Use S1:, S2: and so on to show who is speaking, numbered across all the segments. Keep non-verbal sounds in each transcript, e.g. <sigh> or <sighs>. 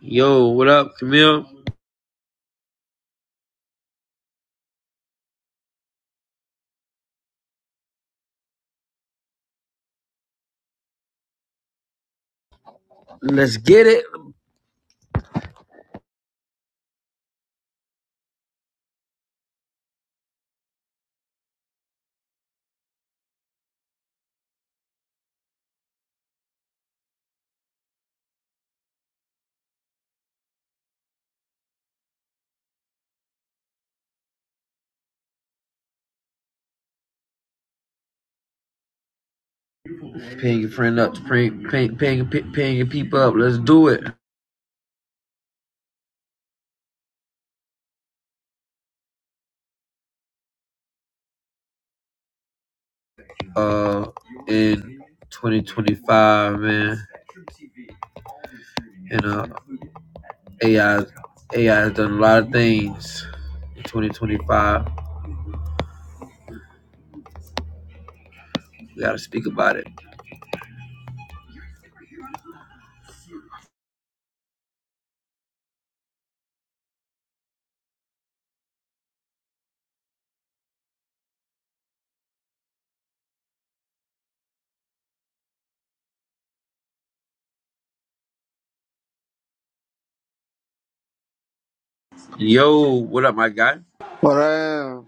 S1: Yo, what up, Camille? Let's get it. Paying your friend up, paying paying paying paying your people up. Let's do it. Uh, in 2025, man, and uh, AI AI has done a lot of things in 2025. We gotta speak about it. Yo, what up, my guy?
S2: What I am?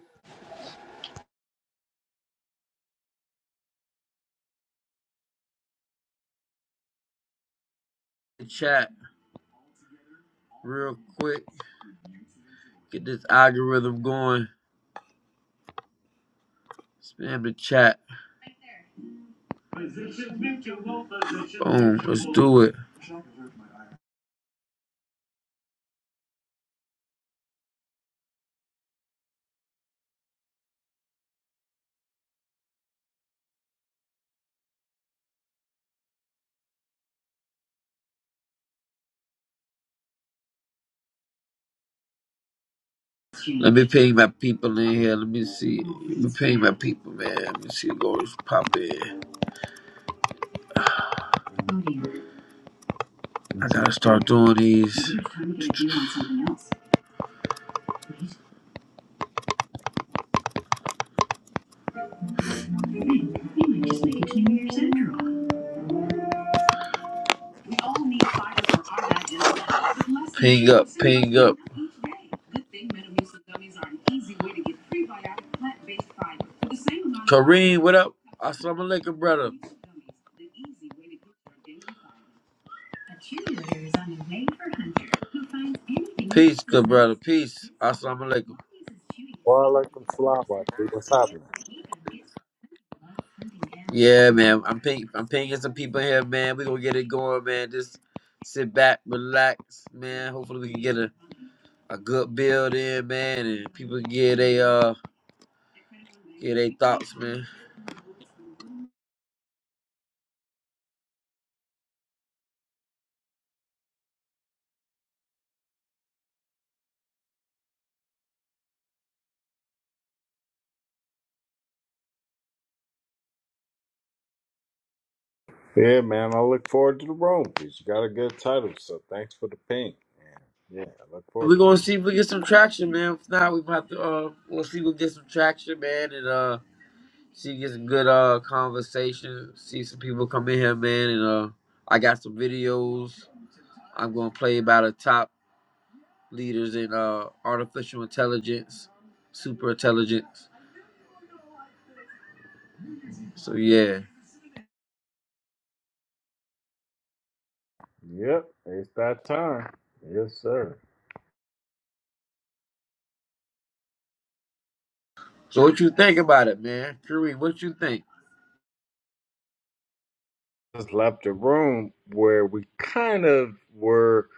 S1: Chat real quick. Get this algorithm going. Spam the chat. Boom. Let's do it. Let me ping my people in here. Let me see. Let me ping my people, man. Let me see. Lord's pop in. I gotta start doing these. Ping up, ping up. Kareem, what up? Assalamu alaikum, brother. Peace, good brother. Peace. Assalamu alaikum.
S3: Walaikum salam, Rocky. What's happening?
S1: Yeah, man. I'm ping I'm pinging some people here, man. we gonna get it going, man. Just sit back, relax, man. Hopefully we can get a, a good build in, man, and people can get a uh get their thoughts, man.
S3: Yeah, man. I look forward to the room because you got a good title. So thanks for the ping. Yeah, I look
S1: We're
S3: forward to it.
S1: gonna see if we get some traction, man. If not, we might have to uh we'll see if we get some traction, man, and uh see if we get some good uh conversation, see some people come in here, man, and uh I got some videos. I'm gonna play about the top leaders in uh artificial intelligence, super intelligence. So yeah.
S3: Yep, it's that time. Yes, sir.
S1: So what you think about it, man? Kareem, what you think?
S3: Just left the room where we kind of were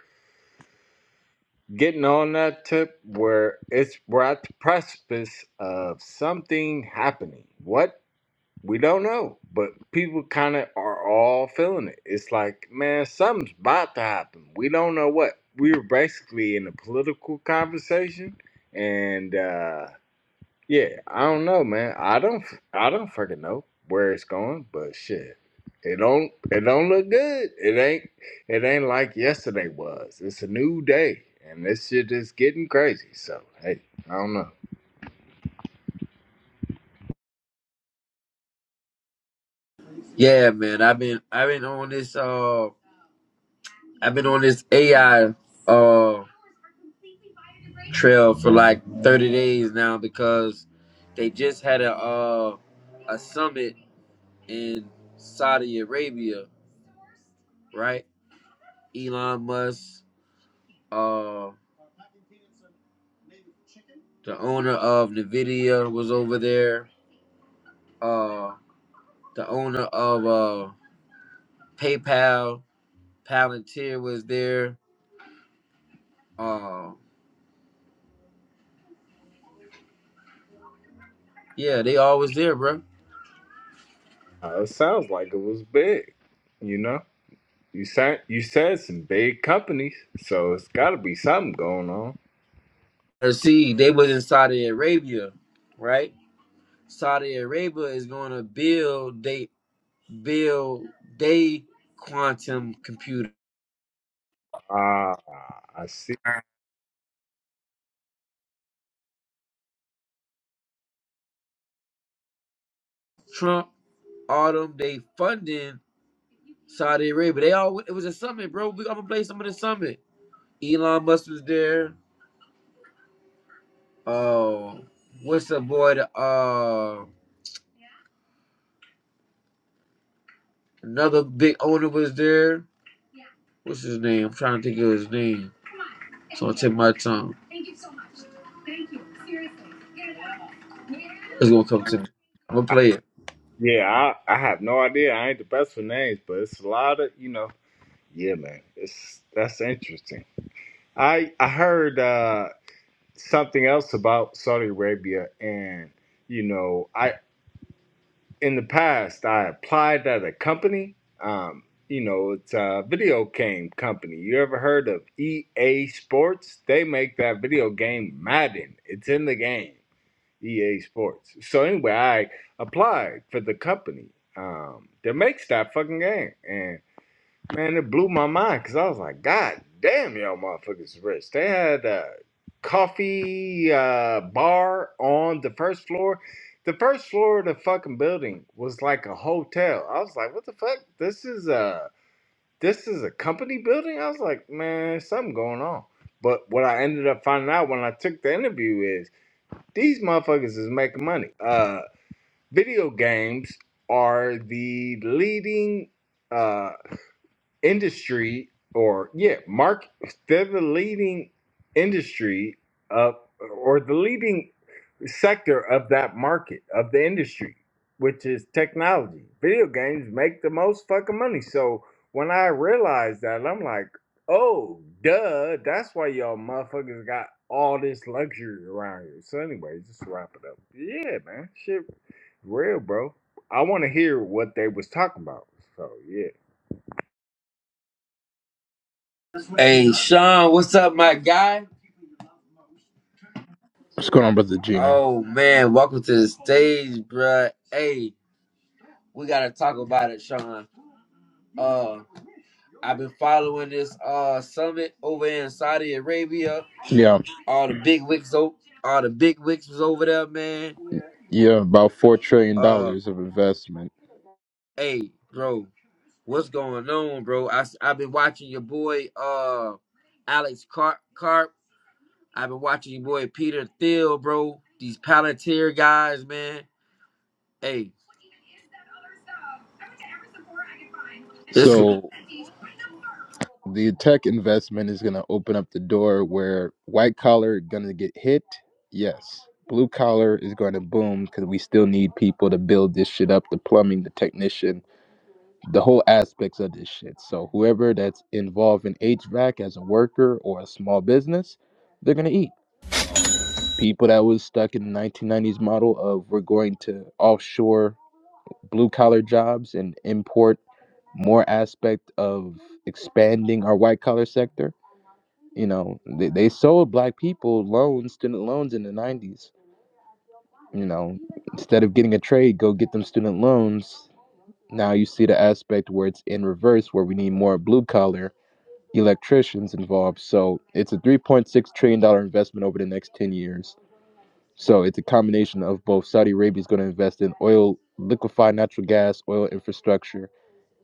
S3: getting on that tip where it's we're at the precipice of something happening. What? We don't know, but people kind of are all feeling it. It's like, man, something's about to happen. We don't know what. We were basically in a political conversation, and uh, yeah, I don't know, man. I don't, I don't freaking know where it's going, but shit, it don't, it don't look good. It ain't, it ain't like yesterday was. It's a new day, and this shit is getting crazy. So hey, I don't know.
S1: Yeah, man. I've been I've been on this uh I've been on this AI uh trail for like 30 days now because they just had a uh a summit in Saudi Arabia, right? Elon Musk, uh the owner of Nvidia was over there. Uh the owner of uh PayPal, Palantir was there. uh, Yeah, they always there, bro.
S3: Uh, it sounds like it was big, you know. You said you said some big companies, so it's got to be something going on.
S1: And see, they was in Saudi Arabia, right? Saudi Arabia is going to build they build they quantum computer.
S3: Ah, I see.
S1: Trump, all them, they funding Saudi Arabia. They all it was a summit, bro. We I'm gonna play some of the summit. Elon Musk was there. Oh, what's the boy? The, uh, another big owner was there. What's his name? I'm trying to think of his name. So I'll take my time. Thank Thank you you. so much. Thank you. Seriously. It's gonna come to me. I'm gonna play it.
S3: Yeah, I, I have no idea. I ain't the best with names, but it's a lot of you know. Yeah, man, it's that's interesting. I I heard uh, something else about Saudi Arabia, and you know, I in the past, I applied at a company. Um, you know, it's a video game company. You ever heard of EA Sports? They make that video game Madden. It's in the game, EA Sports. So anyway, I applied for the company um, that makes that fucking game, and. Man, it blew my mind because I was like, God damn, y'all motherfuckers is rich. They had a coffee uh, bar on the first floor. The first floor of the fucking building was like a hotel. I was like, what the fuck? This is a this is a company building? I was like, man, something going on. But what I ended up finding out when I took the interview is these motherfuckers is making money. Uh video games are the leading uh industry or yeah mark they're the leading industry of or the leading sector of that market of the industry which is technology video games make the most fucking money so when i realized that i'm like oh duh that's why y'all motherfuckers got all this luxury around here so anyway just to wrap it up yeah man shit real bro i want to hear what they was talking about so yeah
S1: Hey Sean, what's up, my guy?
S4: What's going on, brother Gino?
S1: Oh man, welcome to the stage, bruh. Hey, we gotta talk about it, Sean. Uh, I've been following this uh summit over in Saudi Arabia.
S4: Yeah,
S1: All the big wicks, o- all the big wicks was over there, man.
S4: yeah, about four trillion
S1: Uh,
S4: dollars of investment.
S1: hey, bro. What's going on, bro? I i have been watching your boy uh Alex Carp. Carp. I've been watching your boy Peter Thiel, bro. These Palantir guys, man. Hey, this.
S4: So the tech investment is going to open up the door where white collar going to get hit. Yes, blue collar is going to boom because we still need people to build this shit up, the plumbing, the technician, the whole aspects of this shit. So whoever that's involved in HVAC as a worker or a small business, they're going to eat. People that was stuck in the 1990s model of we're going to offshore blue collar jobs and import more aspect of expanding our white collar sector. You know, they, they sold black people loans, student loans in the 90s. You know, instead of getting a trade, go get them student loans. Now you see the aspect where it's in reverse, where we need more blue collar electricians involved. So it's a $3.6 trillion dollars investment over the next 10 years. So it's a combination of both Saudi Arabia is going to invest in oil, liquefied natural gas, oil infrastructure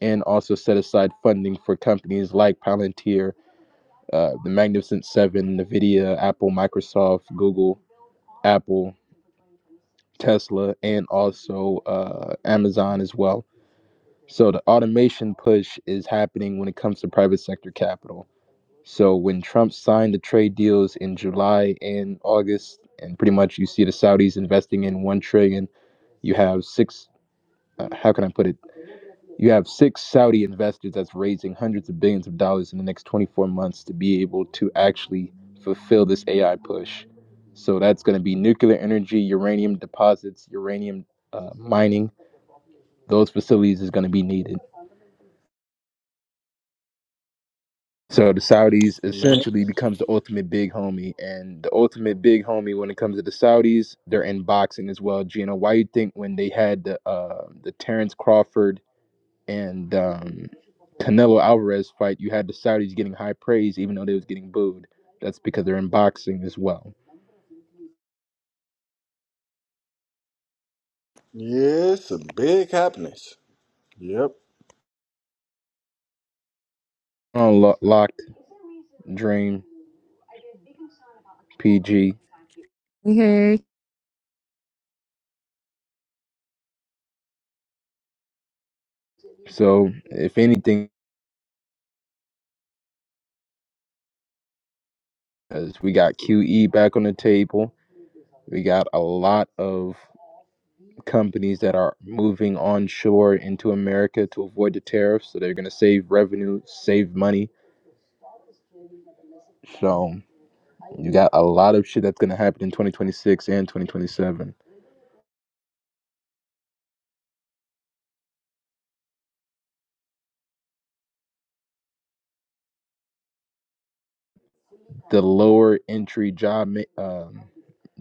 S4: and also set aside funding for companies like Palantir, uh, the Magnificent Seven, NVIDIA, Apple, Microsoft, Google, Apple, Tesla, and also uh, Amazon as well. So the automation push is happening when it comes to private sector capital. So when Trump signed the trade deals in July and August, and pretty much you see the Saudis investing in one trillion, you have six. Uh, how can I put it? You have six Saudi investors that's raising hundreds of billions of dollars in the next 24 months to be able to actually fulfill this AI push. So that's going to be nuclear energy, uranium deposits, uranium uh, mining. Those facilities is going to be needed. So the Saudis essentially becomes the ultimate big homie, and the ultimate big homie when it comes to the Saudis, they're in boxing as well. Gina, why you think when they had the uh, the Terrence Crawford and um, Canelo Alvarez fight, you had the Saudis getting high praise even though they was getting booed. That's because they're in boxing as well.
S3: Yes, some big happiness. Yep.
S4: On locked, Dream, PG.
S5: We heard
S4: So if anything, as we got QE back on the table, we got a lot of companies that are moving onshore into America to avoid the tariffs. So they're gonna save revenue, save money. So you got a lot of shit that's gonna happen in 2026 and 2027. the lower entry job um,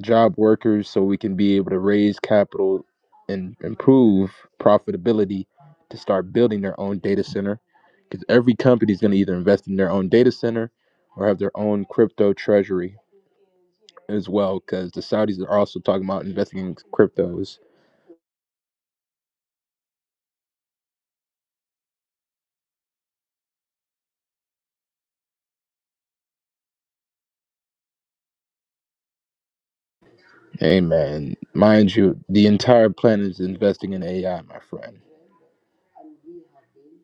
S4: job workers so we can be able to raise capital and improve profitability to start building their own data center because every company is going to either invest in their own data center or have their own crypto treasury as well because the saudis are also talking about investing in cryptos amen mind you the entire planet is investing in ai my friend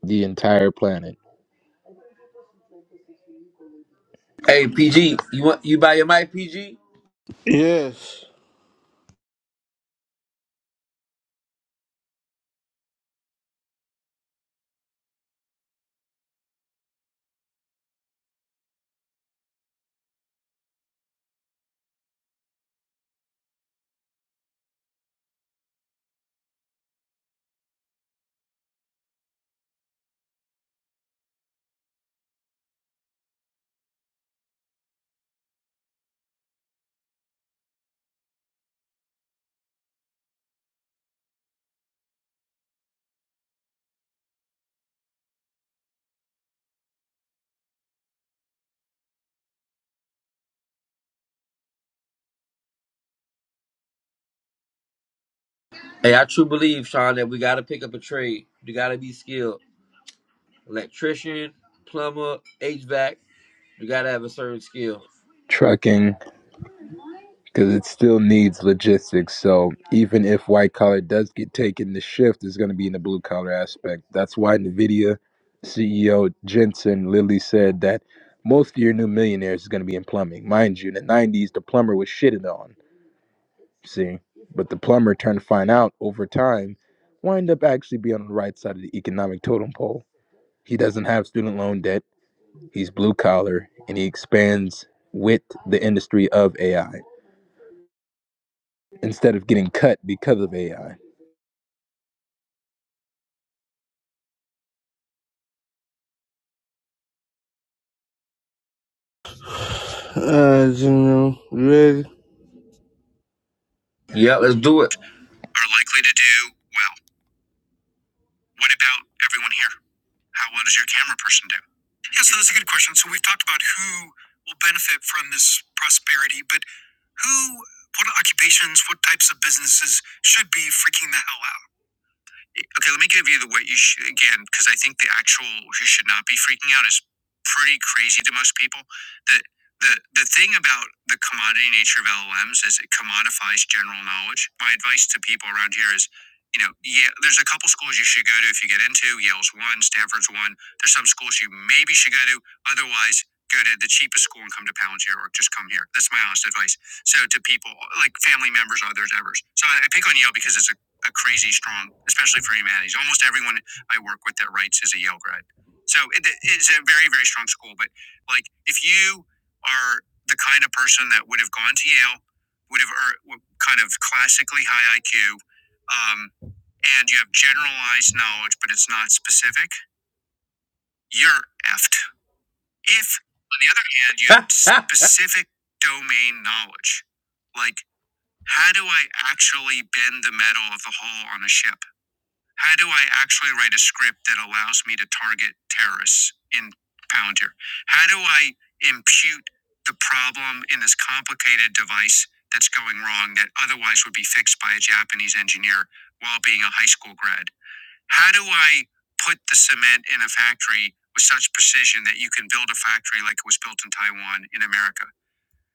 S4: the entire planet
S1: Hey, PG. You want you buy your mic, PG?
S2: Yes.
S1: Hey, I true believe, Sean, that we gotta pick up a trade. You gotta be skilled. Electrician, plumber, HVAC. You gotta have a certain skill.
S4: trucking because it still needs logistics. So even if white collar does get taken, the shift is going to be in the blue collar aspect. That's why NVIDIA CEO Jensen Lilly said that most of your new millionaires is going to be in plumbing. Mind you, in the 90s, the plumber was shitted on, see? But the plumber turned to find out over time, wind up actually being on the right side of the economic totem pole. He doesn't have student loan debt. He's blue collar and he expands with the industry of AI. instead of getting cut because of AI.
S2: Uh, you know, ready?
S1: Yeah, let's do it.
S2: Are likely to do well. What about everyone here? How well does your camera person do? Yeah, so that's a good question. So we've talked about who will benefit from this prosperity, but who, what occupations, what types of businesses should be freaking the hell out? Okay, let me give you the what you should, again, because I think the actual you should not be freaking out is pretty crazy to most people. The, the, the thing about the commodity nature of LLMs is it commodifies general knowledge. My advice to people around here is, you know, yeah, there's a couple schools you should go to if you get into. Yale's one, Stanford's one. There's some schools you maybe should go to. Otherwise, go to the cheapest school and come to Palantir or just come here. That's my honest advice. So to people like family members, others, ever's. So I I pick on Yale because it's a a crazy strong, especially for humanities. Almost everyone I work with that writes is a Yale grad. So it, it's a very, very strong school. But like, if you are the kind of person that would have gone to Yale, would have er, kind of classically high IQ, um, and you have generalized knowledge, but it's not specific, you're effed. If, on the other hand, you
S1: <laughs>
S2: have specific domain knowledge, like how do I actually bend the metal of the hull on a ship? How do I actually write a script that allows me to target terrorists in Palantir? How do I impute the problem in this complicated device that's going wrong that otherwise would be fixed by a Japanese engineer while being a high school grad? How do I put the cement in a factory with such precision that you can build a factory like it was built in Taiwan in America?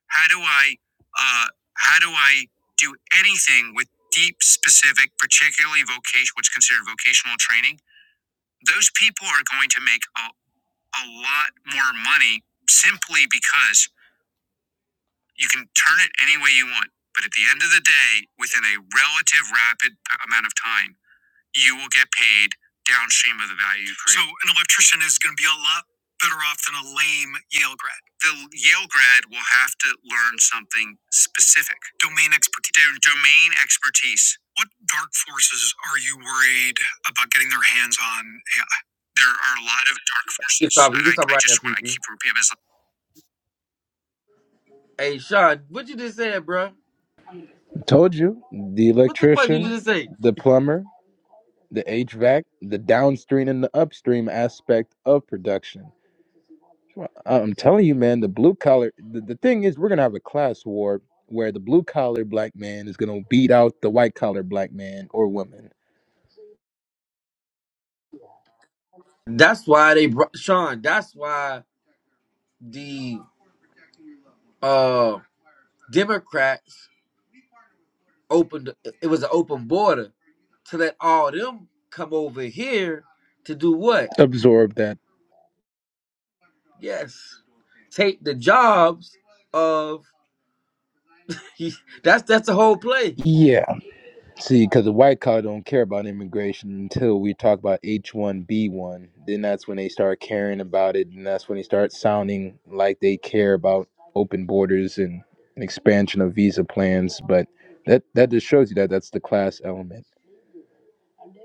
S2: How do I, uh, how do I do anything with deep, specific, particularly vocation, what's considered vocational training? Those people are going to make a, a lot more money simply because you can turn it any way you want. at the end of the day, within a relative rapid amount of time, you will get paid downstream of the value. Are often a lane. The Yale having specific domain. Do- domain expertise. What dark forces are you worried getting their hands on? AI? There are a lot of dark
S1: you can
S2: forces.
S1: stop.
S2: I,
S1: You can
S2: I,
S1: stop right now,
S2: just want to
S1: PG.
S2: keep repeating this.
S1: Hey, Sean, what you just said, bro?
S4: Told you, the
S1: What the fuck you
S4: electrician,
S1: just say?
S4: the plumber, the HVAC, the downstream and the upstream aspect of production. Well, I'm telling you, man, the blue collar. The, the thing is, we're gonna have a class war where the blue collar black man is gonna beat out the white collar black man or woman.
S1: That's why they brought Sean. That's why the uh Democrats opened. It was an open border to let all them come over here to do what?
S4: Absorb that.
S1: Yes, take the jobs of he. That's that's the whole play.
S4: Yeah. See, because the white collar don't care about immigration until we talk about H one B one. Then that's when they start caring about it, and that's when they start sounding like they care about open borders and an expansion of visa plans. But that that just shows you that that's the class element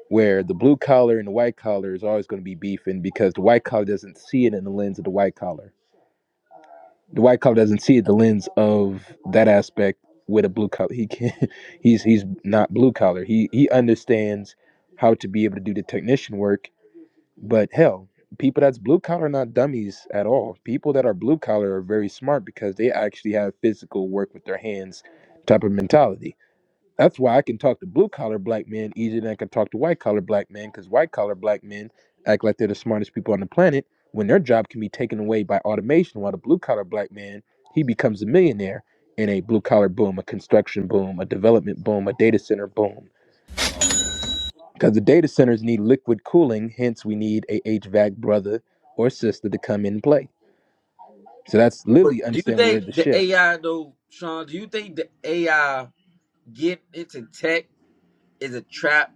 S4: where the blue collar and the white collar is always going to be beefing because the white collar doesn't see it in the lens of the white collar the white cop doesn't see it the lens of that aspect with a blue collar. He can <laughs> he's he's not blue collar. He he understands how to be able to do the technician work, but hell, people that's blue collar are not dummies at all. People that are blue collar are very smart because they actually have physical work with their hands type of mentality that's why I can talk to blue collar black men easier than I can talk to white collar black men because white collar black men act like they're the smartest people on the planet when their job can be taken away by automation. While the blue collar black man, he becomes a millionaire in a blue collar boom, a construction boom, a development boom, a data center boom. Because the data centers need liquid cooling, hence we need a HVAC brother or sister to come in and play. So that's
S1: But
S4: literally
S1: do you
S4: understand where the
S1: think the
S4: shift.
S1: AI though, Sean? Do you think the AI getting into tech is a trap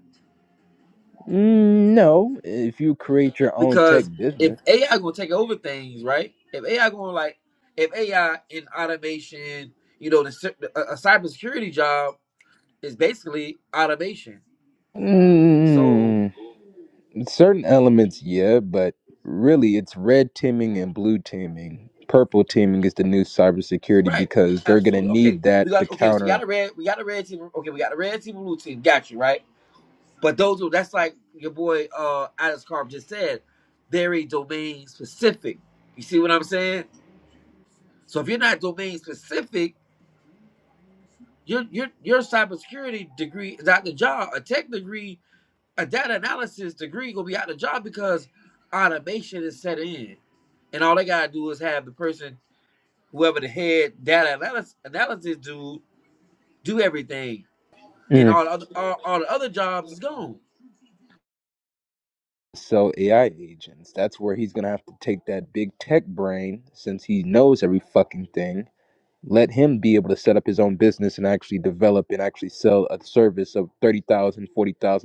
S4: Mm, no, if you create your own tech
S1: because if
S4: business.
S1: AI gonna take over things, right? If AI gonna like, if AI in automation, you know, the, cy- the- a, a cybersecurity job is basically automation. So
S4: Mm, Certain elements, yeah, but really it's red teaming and blue teaming. Purple teaming is the new cybersecurity
S1: right,
S4: because they're going to
S1: absolutely. Okay,
S4: need that
S1: we
S4: to
S1: got okay. So we got
S4: counter
S1: a red, we got a red team. Okay, we got a red team, blue team. Got you right. But those who that's like your boy uh Alex Carp just said, very domain specific. You see what I'm saying? So if you're not domain specific Your your your cybersecurity degree is out the job. A tech degree, a data analysis degree gonna be out the job because automation is set in. And all they gotta do is have the person, whoever the head data analysis analysis dude, do everything. And
S4: Mm.
S1: all the other all, all the other jobs is gone.
S4: sell AI agents. That's where he's going to have to take that big tech brain since he knows every fucking thing. Let him be able to set up his own business and actually develop and actually sell a service of thirty thousand,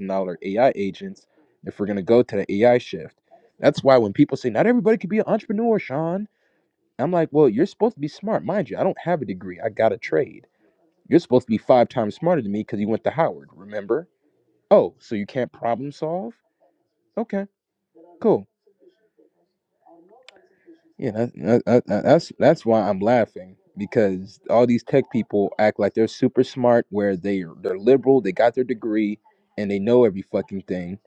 S4: dollars AI agents if we're going to go to the AI shift. That's why when people say, not everybody can be an entrepreneur, Sean I'm like, well, you're supposed to be smart. Mind you, I don't have a degree. I got a trade. You're supposed to be five times smarter than me because you went to Howard, remember? Oh, so you can't problem solve? Okay, cool. Yeah, that, that, that, that's that's why I'm laughing because all these tech people act like they're super smart, where they they're liberal, they got their degree, and they know every fucking thing,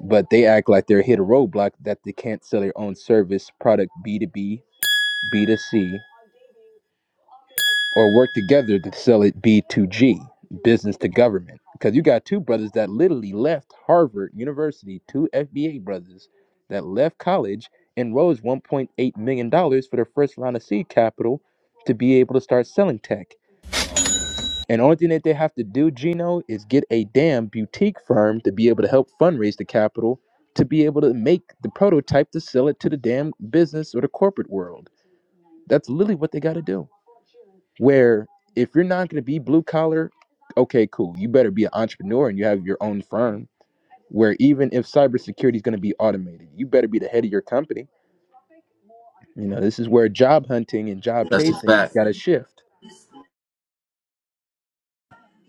S4: but they act like they're hit a roadblock that they can't sell their own service, product B two B, B 2 C. or work together to sell it B2G, business to government. Because you got two brothers that literally left Harvard University, two FBA brothers that left college and rose $1.8 million dollars for their first round of seed capital to be able to start selling tech. And only thing that they have to do, Gino, is get a damn boutique firm to be able to help fundraise the capital to be able to make the prototype to sell it to the damn business or the corporate world. That's literally what they got to do where if you're not going to be blue collar, okay, cool. You better be an entrepreneur and you have your own firm. Where even if cybersecurity is going to be automated, you better be the head of your company. You know, this is where job hunting and job
S1: That's a
S4: chasing
S1: fact.
S4: got to shift.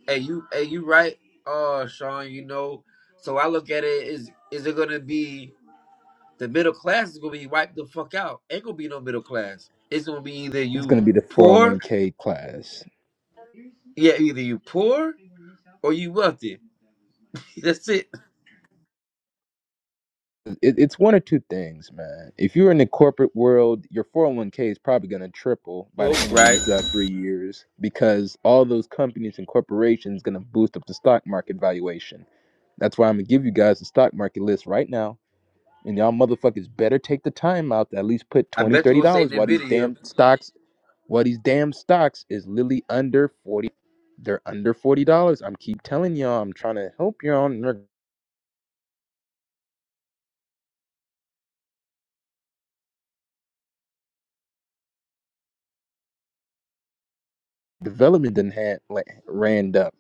S1: Hey you hey you right, uh Sean, you know. So I look at it is is it gonna be the middle class is gonna be wiped the fuck out. Ain't gonna be no middle class. It's gonna be either
S4: It's
S1: you
S4: going to be the
S1: poor
S4: 401k class.
S1: Yeah, either you poor or you wealthy. <laughs> That's it.
S4: It, it's one or two things, man. If you're in the corporate world, your 401k is probably going to triple by the
S1: Well,
S4: end of
S1: Right?
S4: these uh, three years because all those companies and corporations going to boost up the stock market valuation That's why I'm gonna give you guys the stock market list right now. And y'all motherfuckers better take the time out to at least put
S1: I
S4: 20 dollars
S1: bet you're
S4: thirty
S1: gonna say in
S4: dollars
S1: the
S4: while these
S1: video,
S4: damn stocks while these damn stocks is literally under 40. They're under forty dollars. I'm keep telling y'all, I'm trying to help y'all and their development done had like ran up.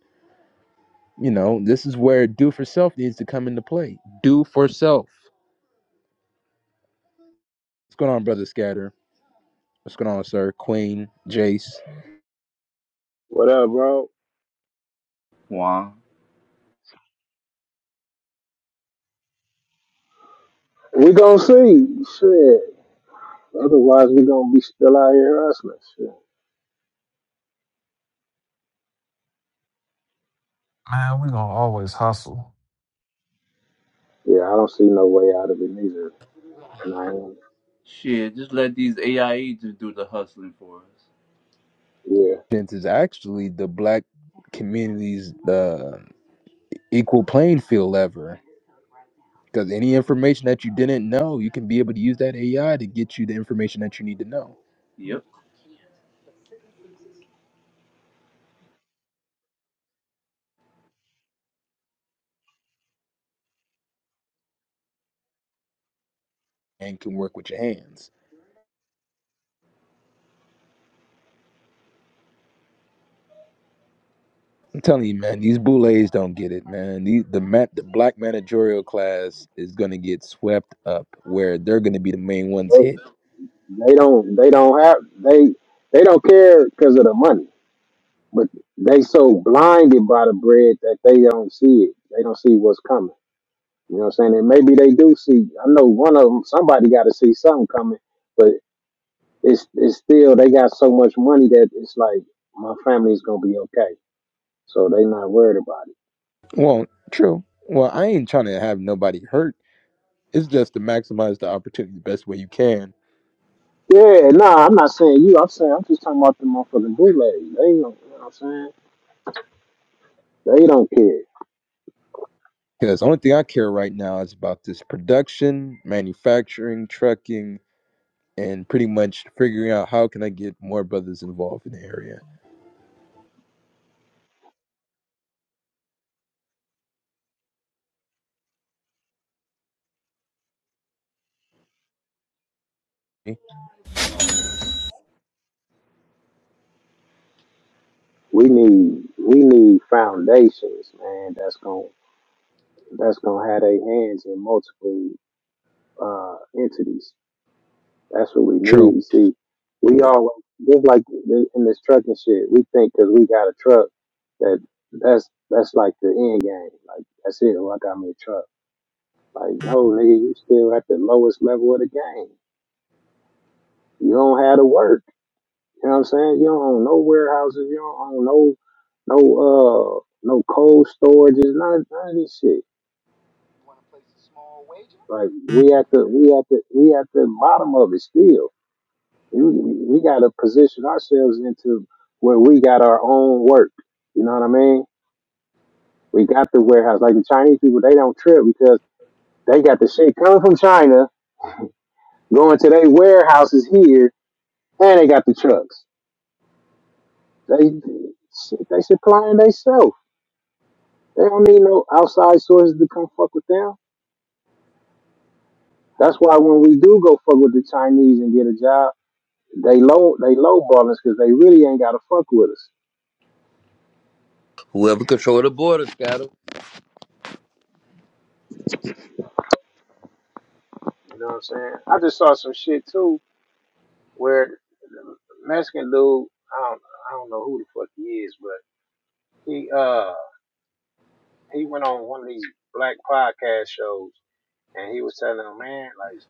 S4: You know, this is where do for self needs to come into play. Do for self. What's going on, brother Scatter? What's going on, sir? Queen, Jace.
S6: What up, bro?
S7: Wow.
S6: We gonna see. Shit. Otherwise, we gonna be still out here hustling. Shit.
S8: Man, we gonna always hustle.
S6: Yeah, I don't see no way out of it neither. And I am.
S7: Shit, just let these AI agents do the hustling for us.
S6: Yeah.
S4: This is actually the black community's uh, equal playing field ever. Because any information that you didn't know, you can be able to use that AI to get you the information that you need to know
S7: Yep.
S4: and can work with your hands. I'm telling you, man, these boulets don't get it, man. These, the ma- the black managerial class is going to get swept up where they're going to be the main ones
S6: They,
S4: hit.
S6: they don't. They don't have. They. They don't care because of the money. But they so blinded by the bread that they don't see it. They don't see what's coming. You know what I'm saying? And maybe they do see. I know one of them. Somebody got to see something coming. But it's it's still they got so much money that it's like my family's gonna be okay. So they not worried about it.
S4: Well, true. Well, I ain't trying to have nobody hurt. It's just to maximize the opportunity the best way you can.
S6: Yeah, nah, I'm not saying you. I'm saying I'm just talking about the motherfucking bootleg. They don't, you know what I'm saying? They don't care.
S4: Because the only thing I care right now is about this production, manufacturing, trucking, and pretty much figuring out how can I get more brothers involved in the area.
S6: We need we need foundations, man. That's gonna that's gonna have their hands in multiple uh entities. That's what we
S4: True.
S6: need. You see, we all just like th- in this trucking shit. We think because we got a truck that that's that's like the end game. Like that's it. Oh, I got me a truck. Like no, nigga, you still at the lowest level of the game. You don't have to work. You know what I'm saying? You don't own no warehouses. You don't own no no uh no cold storages. None of, none of this shit. Like we at the we at the we at the bottom of it still. You, we got to position ourselves into where we got our own work. You know what I mean? We got the warehouse. Like the Chinese people, they don't trip because they got the shit coming from China, going to their warehouses here, and they got the trucks. They shit, they supplying themselves. They don't need no outside sources to come fuck with them. That's why when we do go fuck with the Chinese and get a job, they low they lowball us because they really ain't gotta fuck with us.
S1: whoever control the border, Scatter.
S6: You know what I'm saying? I just saw some shit too where the Mexican dude, I don't I don't know who the fuck he is, but he uh he went on one of these black podcast shows and he was telling them, man, like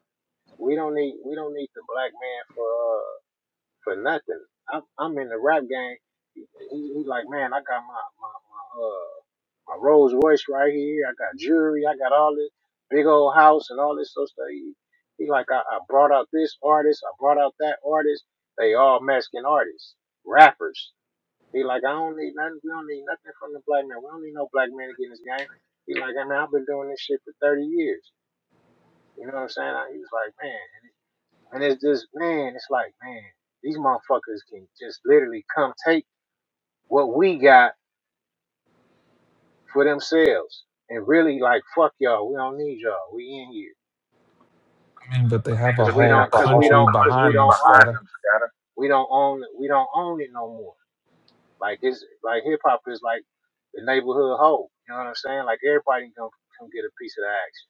S6: we don't need we don't need the black man for uh for nothing. I'm I'm in the rap game. He, he, he like, man, I got my my my uh my Rolls Royce right here. I got jewelry. I got all this big old house and all this sort of stuff. So He, he like, I, I brought out this artist. I brought out that artist. They all Mexican artists, rappers. He like, I don't need nothing. We don't need nothing from the black man. We don't need no black man to get in this game. He like, I mean, I've been doing this shit for 30 years. You know what I'm saying? I, he was like, man. And it's just, man, it's like, man, these motherfuckers can just literally come take what we got for themselves and really like, fuck y'all. We don't need y'all. We in here
S8: I mean, but they have a
S6: because we
S8: whole
S6: don't, because we
S8: country
S6: don't, because we
S8: behind
S6: don't
S8: them,
S6: own
S8: scatter.
S6: them, We don't own it. We don't own it no more. Like it's like hip hop is like the neighborhood hoe. You know what I'm saying? Like everybody can come, come get a piece of the action.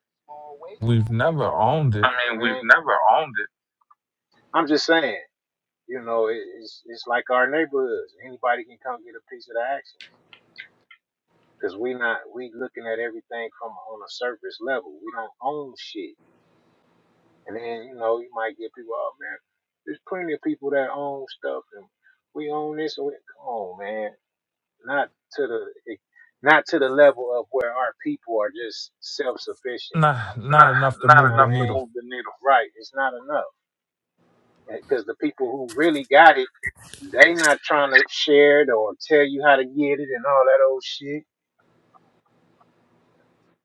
S8: We've never owned it.
S6: I mean, You know mean, what I mean? we've never owned it. I'm just saying, you know, it, it's it's like our neighborhoods. Anybody can come get a piece of the action. Cause we not we looking at everything from on a surface level. We don't own shit. And then, you know, you might get people, oh man, there's plenty of people that own stuff and we own this and we, come on man. Not to the eh, not to the level of where our people are just self sufficient.
S8: Nah, not
S6: Not,
S8: enough
S6: You
S8: to
S6: not know what
S8: move the
S6: enough what I to mean?
S8: needle.
S6: move the needle. Right, it's not enough. Because the people who really got it, they not trying to share it or tell you how to get it and all that old shit.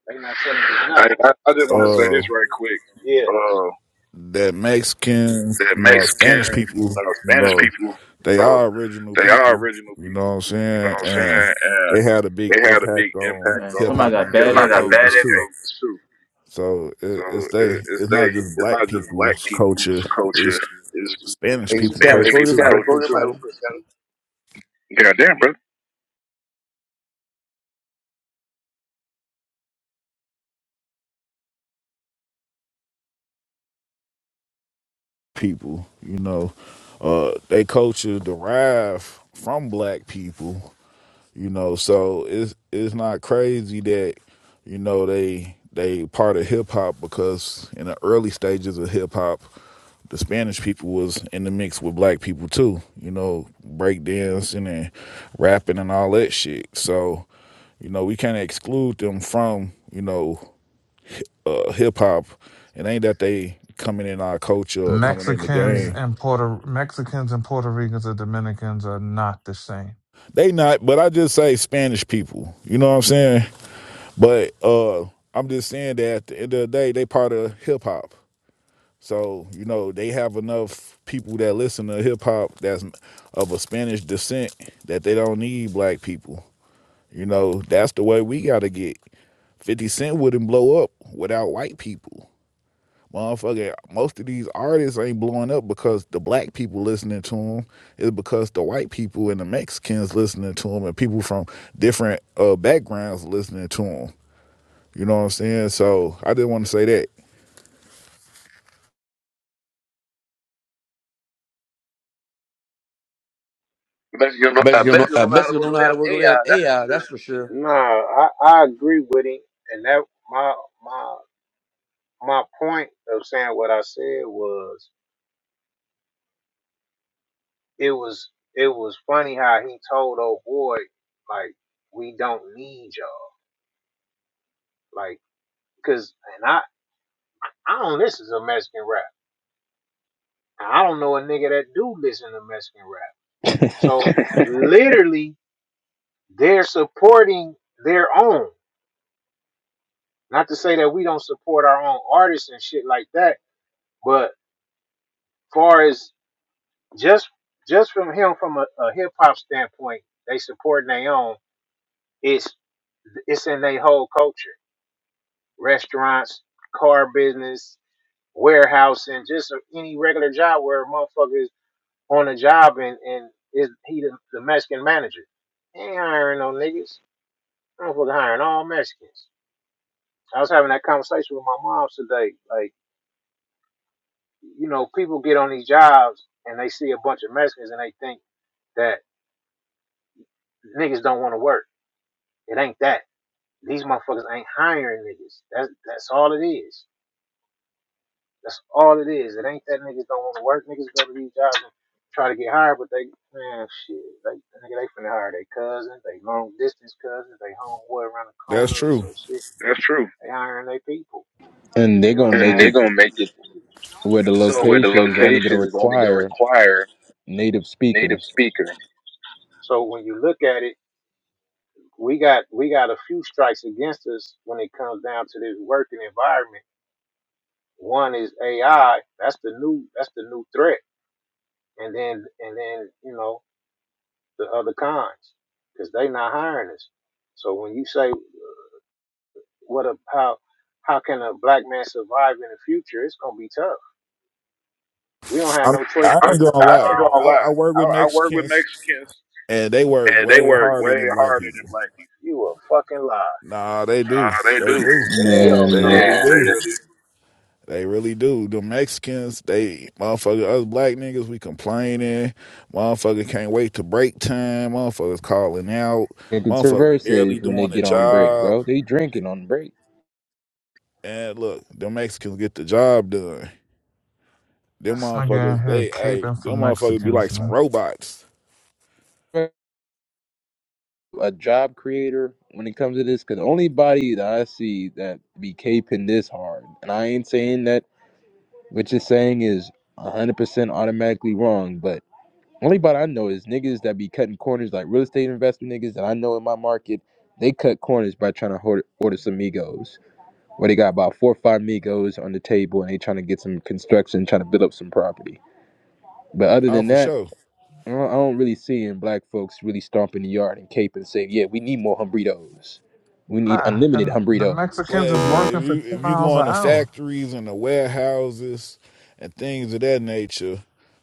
S6: They not selling it I, enough. I, I I just want to say
S9: uh
S6: this right quick. Yeah. Uh,
S9: that Mexican,
S6: that
S9: you know, Spanish
S6: Mexican,
S9: people,
S6: you know,
S9: you
S6: Spanish
S9: know,
S6: people, you
S9: they
S6: know,
S9: are original
S6: they are
S9: people,
S6: original
S9: you know what
S6: people.
S9: I'm
S6: You know
S9: saying?
S6: what I'm
S9: And
S6: saying? And
S9: they had a big
S6: they had a big
S9: impact on
S6: impact
S7: Man,
S6: on
S9: hip
S7: somebody
S9: hop in
S7: got
S9: the
S7: bad
S6: Somebody
S9: early
S6: got
S7: echo.
S6: bad
S9: ages
S6: early
S9: too.
S6: '80s too.
S9: So
S6: So
S9: it, it's they
S6: it, it's
S9: it's
S6: they.
S9: not just
S6: It's
S9: black
S6: not just black
S9: people's
S6: people's
S9: culture,
S6: culture.
S9: it's
S6: It's
S9: Spanish
S1: Hey,
S9: people
S6: Spanish
S1: Scatter,
S6: Hey,
S9: culture
S1: close your
S6: people's
S1: mic
S9: too.
S6: Sally,
S1: real
S6: culture
S1: quick,
S6: close your too.
S1: Scatter.
S6: real quick, Sally. God damn, bro.
S9: People, you know, uh they culture derived from black people you know so it's it's not crazy that you know they they part of hip hop because in the early stages of hip hop the spanish people was in the mix with black people too you know breakdancing and rapping and all that shit so you know we can't exclude them from you know uh, hip hop it ain't that they coming in our culture or coming in the
S8: Mexicans
S9: game
S8: and Puerto Mexicans and Puerto Ricans and Dominicans are not the same.
S9: they not but i just say spanish people you know what i'm saying But uh, I'm just saying that at the end of the day, they part of hip hop. So you know they have enough people that listen to hip hop that's of a Spanish descent that they don't need black people. You know that's the way we gotta get. Fifty Cent wouldn't blow up without white people. Motherfucker, most of these artists ain't blowing up because the black people listening to them. It's because the white people and the Mexicans listening to them and people from different uh, backgrounds listening to them. You know what I'm saying? So I didn't want to say that.
S6: Mexicans
S1: I
S6: know,
S1: bet
S6: uh,
S1: you don't know.
S6: Mexicans
S1: I
S6: don't know how
S1: bet
S6: to
S1: you
S6: work
S1: don't know
S6: on
S1: how to work on
S6: AI,
S1: them
S6: that's for
S1: AI.
S6: sure.
S1: That's for sure.
S6: No, I, I agree with him, and that my my my point of saying what I said was it was it was funny how he told old boy like we don't need y'all like because and I I don't listen to Mexican rap and I don't know a nigga that do listen to Mexican rap
S4: <laughs>
S6: so <laughs> literally they're supporting their own not to say that we don't support our own artists and shit like that but far as just just from him from a, a hip hop standpoint they supporting their own It's It's in their whole culture. Restaurants, car business, warehousing, just any regular job where a motherfucker is on a job and, and is he the, the Mexican manager. He ain't hiring no niggas. Motherfucker hiring all Mexicans. I was having that conversation with my mom today. Like, you know, people get on these jobs and they see a bunch of Mexicans and they think that niggas don't want to work. It ain't that. These motherfuckers ain't hiring niggas. That's that's all it is. That's all it is. It ain't that niggas don't want to work. Niggas go to these jobs and try to get hired, but they, man, shit. They, nigga, they finna hire their cousins, they long distance cousins, they homeboy around the
S9: That's
S6: corner or
S9: true.
S6: some shit. That's true. They hiring their people.
S4: and they're
S6: You know what
S4: gonna
S6: I'm And saying?
S4: make
S6: they're
S4: it
S6: gonna make it to
S4: where the
S6: So, where the
S4: location is only gonna
S6: location is only gonna
S4: require
S6: require
S4: native
S6: native
S4: speaker.
S6: speakers. so when you look at it, we got we got a few strikes against us when it comes down to this working environment. One is AI. That's the new that's the new threat. And then and then you know the other cons because they not hiring us. So when you say what a how how can a black man survive in the future, it's gonna be tough. We don't have
S9: I mean,
S6: no choice
S9: I
S6: but
S9: ain't
S6: to I
S9: gonna
S6: on ain't
S9: lie. I,
S6: gonna lie.
S9: I work
S6: I,
S9: with
S6: I work with
S9: Mexicans,
S6: Mexicans,
S9: and they work
S6: and they
S9: way
S6: work
S9: harder
S6: way
S9: than black
S6: harder than
S9: people.
S6: black people. You a fucking lie.
S9: Nah, they do.
S6: Nah, they
S9: They
S6: do.
S9: do.
S6: They do. Hell
S9: They
S6: no.
S4: Man,
S9: really
S6: They
S9: do.
S6: really do.
S9: They really do. The Mexicans, they motherfucker. Us black niggas, we complaining. Motherfucker can't wait to break time. Motherfuckers calling out.
S4: they can
S9: Motherfucker
S4: traverse
S9: barely
S4: it when they
S9: doing the
S4: get on break,
S9: job.
S4: bro. They drinking on break.
S9: And look, the Mexicans get the job done. Them
S8: This nigga in
S9: motherfuckers,
S8: here
S9: they hey,
S8: caping for
S9: them motherfuckers be
S8: Mexicans,
S9: like some
S8: man.
S9: robots.
S4: a job creator when it comes to this because the only body that I see that be caping this hard, and I ain't saying that what you're saying is 100% automatically wrong, but only body I know is niggas that be cutting corners like real estate investment niggas that I know in my market. They cut corners by trying to hoard, order some Migos, where they got about four or five Migos on the table and they trying to get some construction, trying to build up some property. But other
S9: Oh,
S4: than
S9: for
S4: that,
S9: sure.
S4: I don't I don't really see in black folks really stomping the yard and cape and say, "Yeah, we need more humbritos. We need
S8: Nah,
S4: unlimited
S8: and the
S4: humbritos."
S9: Well,
S8: Mexicans
S9: if
S8: is
S9: you if
S8: working for
S9: you
S8: ten
S9: if you
S8: miles
S9: go in
S8: an
S9: the
S8: hour.
S9: factories and the warehouses and things of that nature,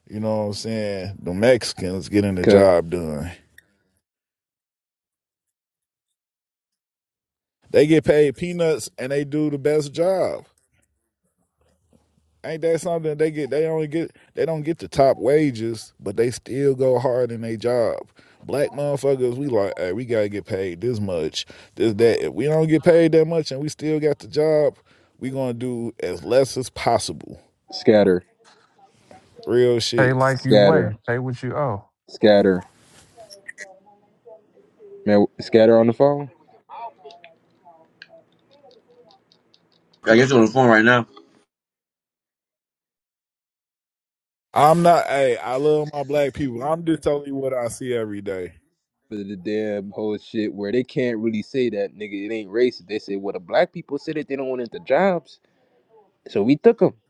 S9: you know what I'm saying. The Mexicans getting the
S4: 'Cause
S9: job done. They get paid peanuts and they do the best job. Ain't that something? They get they only get they don't get the top wages, but they still go hard in their job. Black motherfuckers, we like, hey, we gotta get paid this much, this that. If we don't get paid that much and we still got the job, we gonna do as less as possible.
S4: scatter,
S9: Real shit.
S8: Pay like you weigh.
S4: scatter,
S8: Pay what you owe.
S4: scatter, man, scatter on the phone
S1: I guess you're on the phone right now.
S9: I'm not. Hey, I love my black people. I'm just telling you what I see every day.
S4: for the damn whole shit where they can't really say that nigga. It ain't racist. They say, "Well, the black people said it. They don't want it the jobs, so we took them."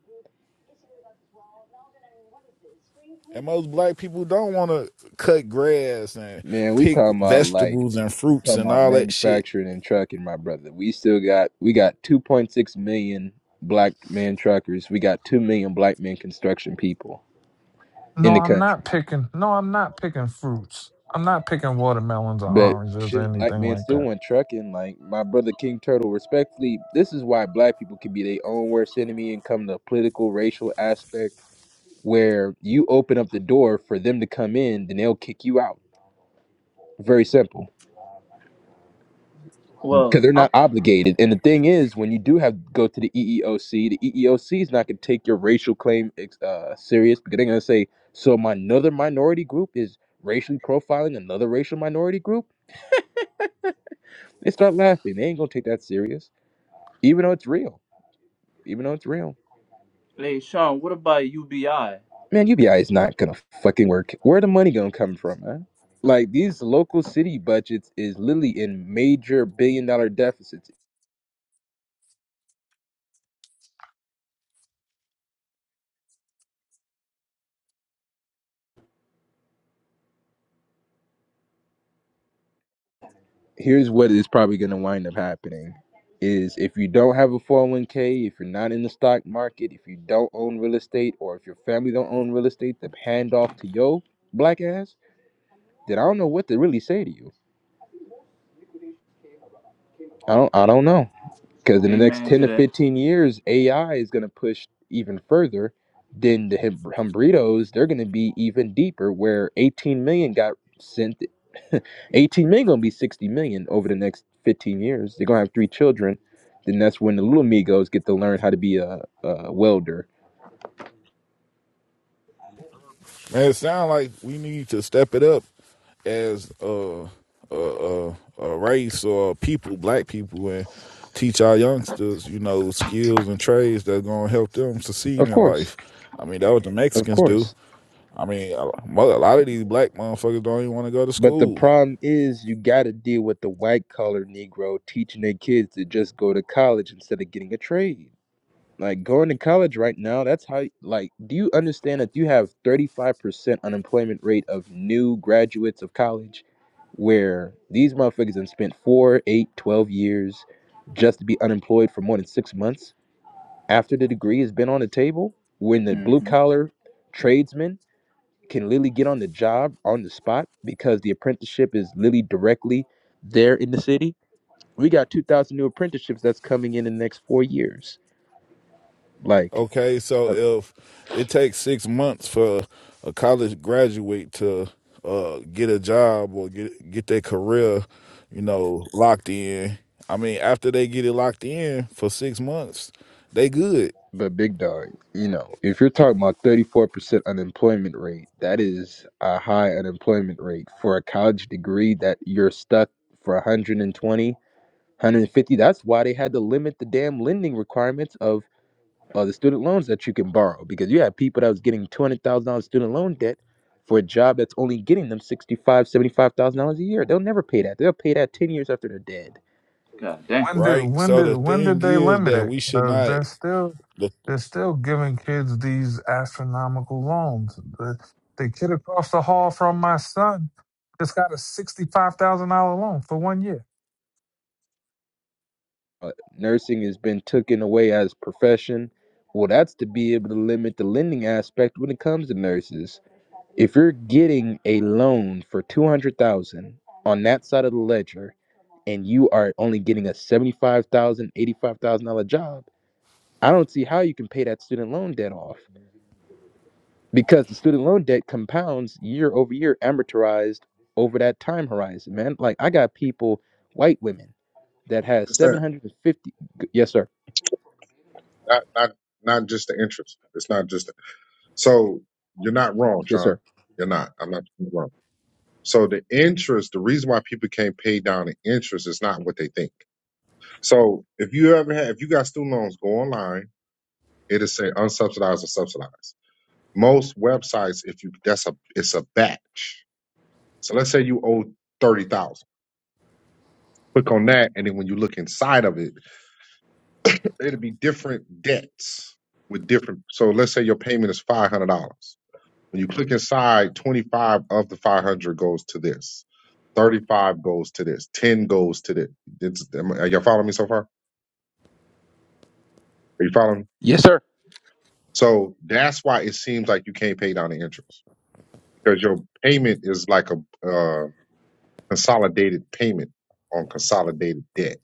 S9: And most black people don't want to cut grass and
S4: Man, we
S9: pick
S4: talking about like
S9: vegetables and fruits
S4: talking
S9: and
S4: about
S9: all that shit.
S4: manufacturing and trucking, my brother. We still got we got 2.6 million black man truckers. We got 2 million black men construction people in
S8: No,
S4: the
S8: I'm
S4: country.
S8: not picking. No, I'm not picking fruits. I'm not picking watermelons or
S4: But
S8: oranges or
S4: shouldn't black
S8: anything
S4: men
S8: like
S4: still
S8: that.
S4: want trucking? Like my brother King Turtle, respectfully, this is why black people can be their own worst enemy and come to political, racial aspect where you open up the door for them to come in, then they'll kick you out. Very simple.
S7: Well,
S4: because they're
S7: I'm.
S4: not obligated. And the thing is, when you do have go to the EEOC, the EEOC is not going to take your racial claim uh, serious because they're going to say, so my another minority group is racially profiling another racial minority group. They start laughing. They ain't going to take that serious, even though it's real. Even though it's real,
S7: Hey, Sean, what about UBI?
S4: man, UBI is not going to fucking work. Where the money going to come from, man? Like these local city budgets is literally in major billion dollar deficits. here's what is probably going to wind up happening is if you don't have a 401k if you're not in the stock market if you don't own real estate or if your family don't own real estate the handoff to your black ass then i don't know what to really say to you i don't i don't know Because in the next
S7: Amen
S4: 10
S7: to
S4: to
S7: that.
S4: 15 years, AI is going to push even further. Then the Hum- Humbritos, they're going to be even deeper, where 18 million got sent. <laughs> 18 million going to be 60 million over the next 15 years. They're going to have three children. Then that's when the little Migos get to learn how to be a, a welder.
S9: Man, it sounds like we need to step it up as a a, a, a race or people, black people, and teach our youngsters, you know, skills and trades that's gonna help them succeed
S4: Of
S9: in life.
S4: course.
S9: I mean, that what the
S4: Of
S9: Mexicans do.
S4: course.
S9: I mean, a a lot of these black motherfuckers don't even want to go to
S4: But the
S9: school.
S4: problem is you got to deal with the white collar Negro teaching their kids to just go to college instead of getting a trade. Like going to college right now, that's how like do you understand that you have 35% unemployment rate of new graduates of college where these motherfuckers have spent 4, 8, 12 years just to be unemployed for more than 6 months after the degree has been on the table when the blue
S7: Mm-hmm.
S4: collar tradesman can literally get on the job on the spot because the apprenticeship is literally directly there in the city. We got 2,000 new apprenticeships that's coming in, in the next 4 years. Like
S9: Okay, so if it takes six months for a college graduate to uh, get a job or get get their career, you know, locked in. I mean, after they get it locked in for six months, they good,
S4: But big dog, you know, if you're talking about 34% unemployment rate, that is a high unemployment rate for a college degree that you're stuck for 120, 150. That's why they had to limit the damn lending requirements of uh, the student loans that you can borrow because you had people that was getting $200,000 student loan debt for a job that's only getting them $65,000, $75,000 a year. They'll never pay that. They'll pay that 10 years after they're dead.
S7: God damn.
S8: When did
S9: right?
S8: when
S9: So
S8: did
S9: the
S8: when
S9: thing
S8: did they
S9: is
S8: limit
S9: that
S8: it?
S9: we should
S8: 'Cause
S9: not.
S8: they're still
S9: The,
S8: they're still giving kids these astronomical loans. The the kid across the hall from my son just got a sixty five thousand dollar loan for one year.
S4: uh, nursing has been taken away as a profession well that's to be able to limit the lending aspect when it comes to nurses if you're getting a loan for 200,000 on that side of the ledger and you are only getting a 75,000 85,000 dollar job I don't see how you can pay that student loan debt off because the student loan debt compounds year over year amortized over that time horizon man like I got people white women that has
S10: understand.
S4: 750 Yes, sir.
S10: Not not not just the interest. It's not just the, so you're not wrong,
S4: yes
S10: Sean.
S4: sir
S10: You're not. I'm not wrong. So the interest, the reason why people can't pay down the interest is not what they think. So if you ever have, if you got student loans, go online. It'll say unsubsidized or subsidized. Most websites, if you that's a it's a batch. So let's say you owe thirty thousand. Click on that, and then when you look inside of it, it'll be different debts with different. So let's say your payment is five hundred dollars When you click inside, 25 of the 500 goes to this. 35 goes to this. 10 goes to this. It's, am- are y'all following me so far? Are you following? me?
S4: yes sir
S10: So that's why it seems like you can't pay down the interest because your payment is like a uh, consolidated payment on consolidated debt.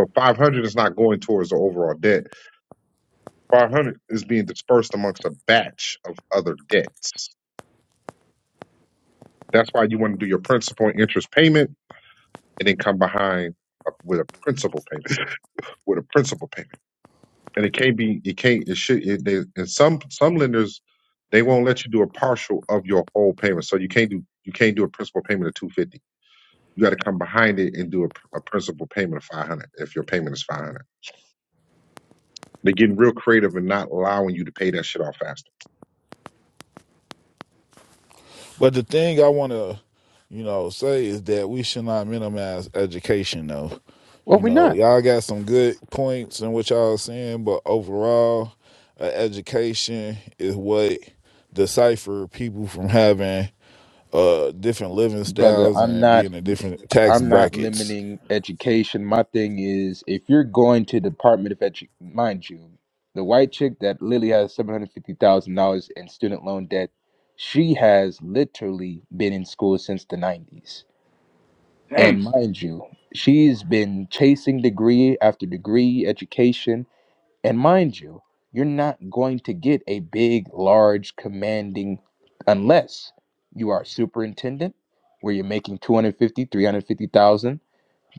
S10: So 500 is not going towards the overall debt. 500 is being dispersed amongst a batch of other debts. That's why you want to do your principal and interest payment and then come behind a- with a principal payment. with a principal payment, and it can't be. It can't. It should. It, they, and some some lenders they won't let you do a partial of your whole payment, so you can't do you can't do a principal payment of two fifty. You got to come behind it and do a, a principal payment of five hundred if your payment is five hundred. They're getting real creative and not allowing you to pay that shit off faster.
S9: but the thing I want to, you know, say is that we should not minimize education, though.
S4: Well,
S9: You
S4: we're
S9: know,
S4: not,
S9: y'all got some good points in what y'all saying, but overall, uh, education is what decipher people from having uh different living
S4: brother.
S9: styles
S4: I'm
S9: and
S4: not.
S9: being in different tax
S4: I'm not
S9: brackets.
S4: limiting education. My thing is, if you're going to Department of Edu, mind you, the white chick that Lily has seven hundred fifty thousand dollars in student loan debt, she has literally been in school since the nineties.
S7: Damn.
S4: And mind you, she's been chasing degree after degree education And mind you, you're not going to get a big, large, commanding unless you are a superintendent where you're making 250, 350,000,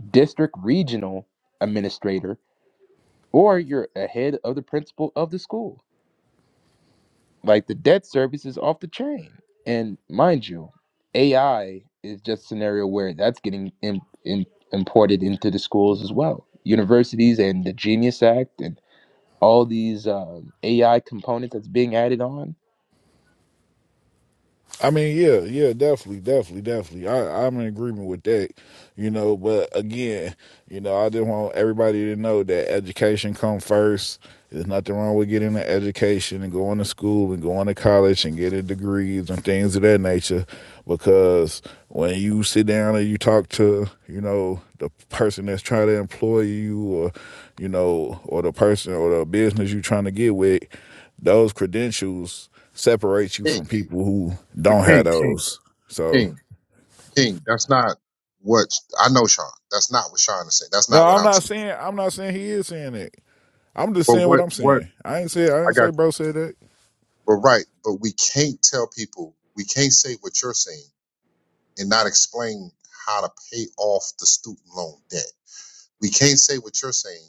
S4: district regional administrator, or you're a head of the principal of the school. Like the debt service is off the chain. And mind you, AI is just a scenario where that's getting im im imported into the schools as well. Universities and the Genius Act and all these um, AI components that's being added on.
S9: I mean, yeah, yeah, definitely, definitely, definitely. I, I'm in agreement with that, you know. But again, you know, I just want everybody to know that education come first. There's nothing wrong with getting an education and going to school and going to college and getting degrees and things of that nature. Because when you sit down and you talk to, you know, the person that's trying to employ you or, you know, or the person or the business you're trying to get with, those credentials separate you
S10: King,
S9: from people who
S10: but
S9: don't have
S10: King, King,
S9: those. So
S10: King, King. That's not what I know, Sean. That's not what Sean is saying. That's
S9: no,
S10: not what
S9: I'm
S10: I'm
S9: not
S10: saying.
S9: saying I'm not saying he is saying that. I'm just
S10: But
S9: saying what
S10: what
S9: I'm
S10: what
S9: saying. I ain't say I
S10: I
S9: ain't say
S10: got.
S9: bro said that.
S10: But right. But we can't tell people. We can't say what you're saying and not explain how to pay off the student loan debt. We can't say what you're saying.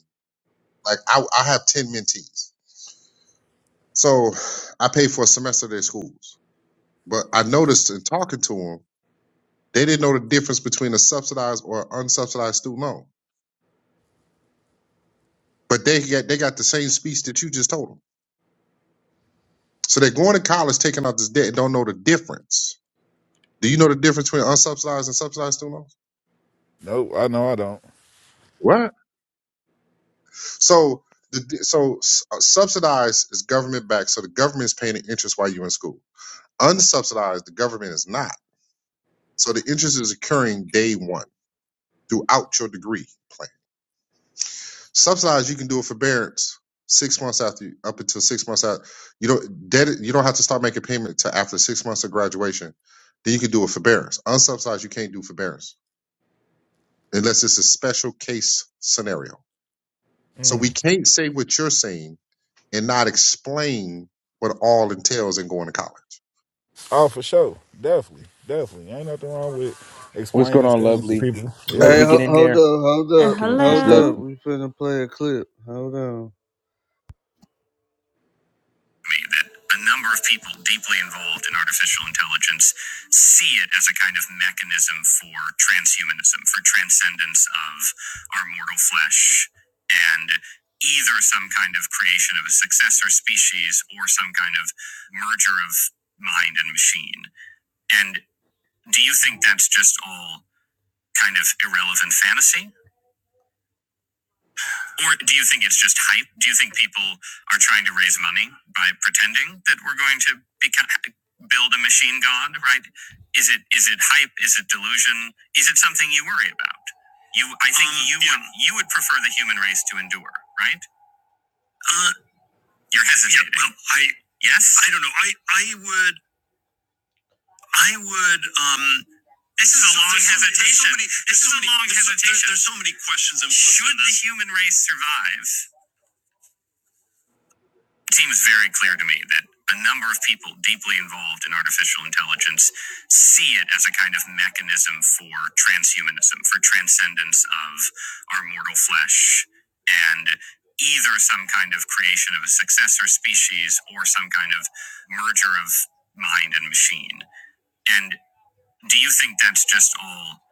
S10: Like I, I have 10 mentees. So I paid for a semester of their schools. But I noticed in talking to them, they didn't know the difference between a subsidized or unsubsidized student loan. But they got, they got the same speech that you just told them. So they're going to college, taking out this debt, and don't know the difference. Do you know the difference between unsubsidized and subsidized student loans?
S9: Nope, I know I don't.
S10: What? So the so s- uh, subsidized is government backed, so the government is paying the interest while you're in school. Unsubsidized, the government is not. So the interest is occurring day one throughout your degree plan. Subsidized, you can do a forbearance six months after you, up until six months out. You don't debt. You don't have to start making payment till after six months of graduation. Then you can do a forbearance. Unsubsidized, you can't do forbearance unless it's a special case scenario. So we
S9: Mm.
S10: can't say what you're saying and not explain what all entails in going to college.
S9: Oh, for sure, definitely, definitely. Ain't nothing wrong with
S4: What's going
S9: explaining
S4: on,
S9: things to
S4: Lovely?
S9: people.
S4: Can
S2: Hey,
S9: Yeah.
S4: Lovely get
S2: ho-
S4: in
S2: hold
S4: there?
S2: up, hold
S11: Uh,
S2: up,
S4: Can Miss
S2: hold up.
S11: hello.
S4: Lovely?
S2: We finna play a clip. Hold on. me that a number of people deeply involved in artificial intelligence see it as a kind of mechanism for transhumanism, for transcendence of our mortal flesh, and either some kind of creation of a successor species or some kind of merger of mind and machine. And do you think that's just all kind of irrelevant fantasy? Or do you think it's just hype? Do you think people are trying to raise money by pretending that we're going to become, build a machine god? Right? Is it is it hype? Is it delusion? Is it something you worry about? You, I, you yeah. would you would prefer the human race to endure, right? You're hesitant. No, I yes. As human race survives, It seems very clear to me that a number of people deeply involved in artificial intelligence see it as a kind of mechanism for transhumanism, for transcendence of our mortal flesh, and either some kind of creation of a successor species or some kind of merger of mind and machine. And do you think that's just all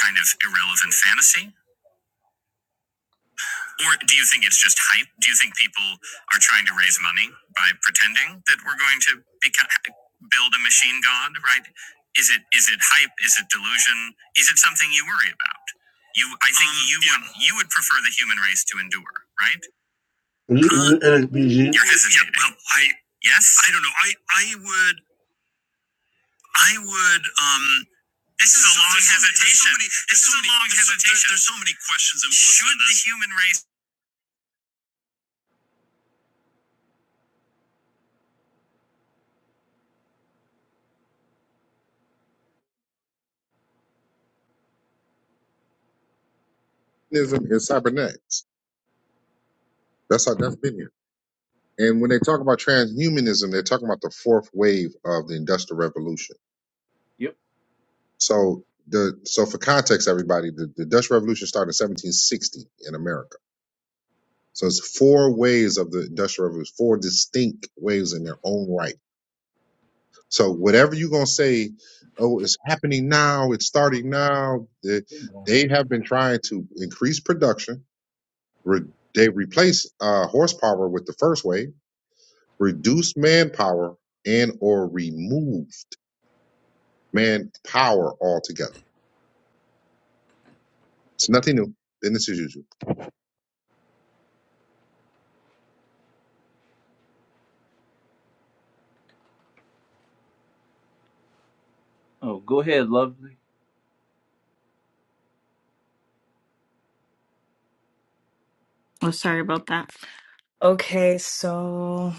S2: kind of irrelevant fantasy? Or do you think it's just hype? Do you think people are trying to raise money by pretending that we're going to become, build a machine god, right? Is it is it hype? Is it delusion? Is it something you worry about? You I you yeah. would, you would prefer the human race to endure, right?
S1: You- you- uh, PG.
S2: You're hesitating. Yeah, well, I yes, I, human race.
S10: Humanism is cybernetics. That's how death been here. And when they talk about transhumanism, they're talking about the fourth wave of the Industrial Revolution.
S7: Yep.
S10: So the so for context, everybody, the, the Industrial Revolution started in 1760 in America. So it's four waves of the Industrial Revolution, four distinct waves in their own right. So whatever you're gonna say, oh, it's happening now, it's starting now. They,
S7: Been going.
S10: they have been trying to increase production Re- they replace uh, horsepower with the first way, reduce manpower, and or removed manpower altogether. It's nothing new. Business as usual.
S7: Oh, go ahead, lovely.
S11: Oh, sorry about that. Okay, so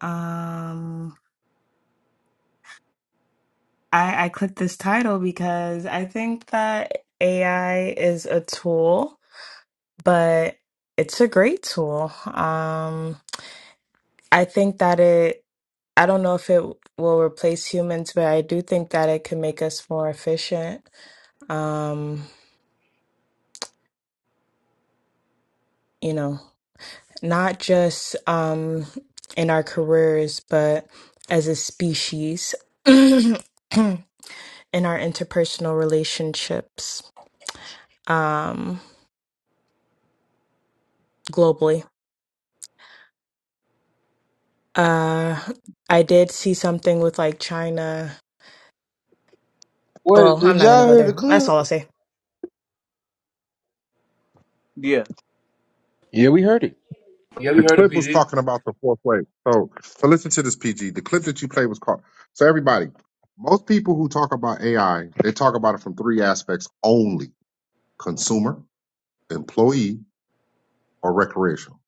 S11: um I I clicked this title because I think that AI is a tool, but it's a great tool. Um I think that it I don't know if it will replace humans, but I do think that it can make us more efficient. Um, you know. not just um, in our careers, but as a species <clears throat> in our interpersonal relationships um, globally. Uh, I did see something with like China.
S2: Wait,
S11: Well,
S2: did
S11: I'm not going to
S2: y'all
S11: go
S2: hear the
S11: there. That's
S2: clip?
S11: all I'll say.
S7: Yeah.
S4: Yeah, we heard it.
S1: You ever
S10: The
S1: heard of
S10: clip was
S1: PG?
S10: talking about the fourth wave. So, so listen to this, PG. The clip that you played was called. So everybody, most people who talk about AI, they talk about it from three aspects only: consumer, employee, or recreational.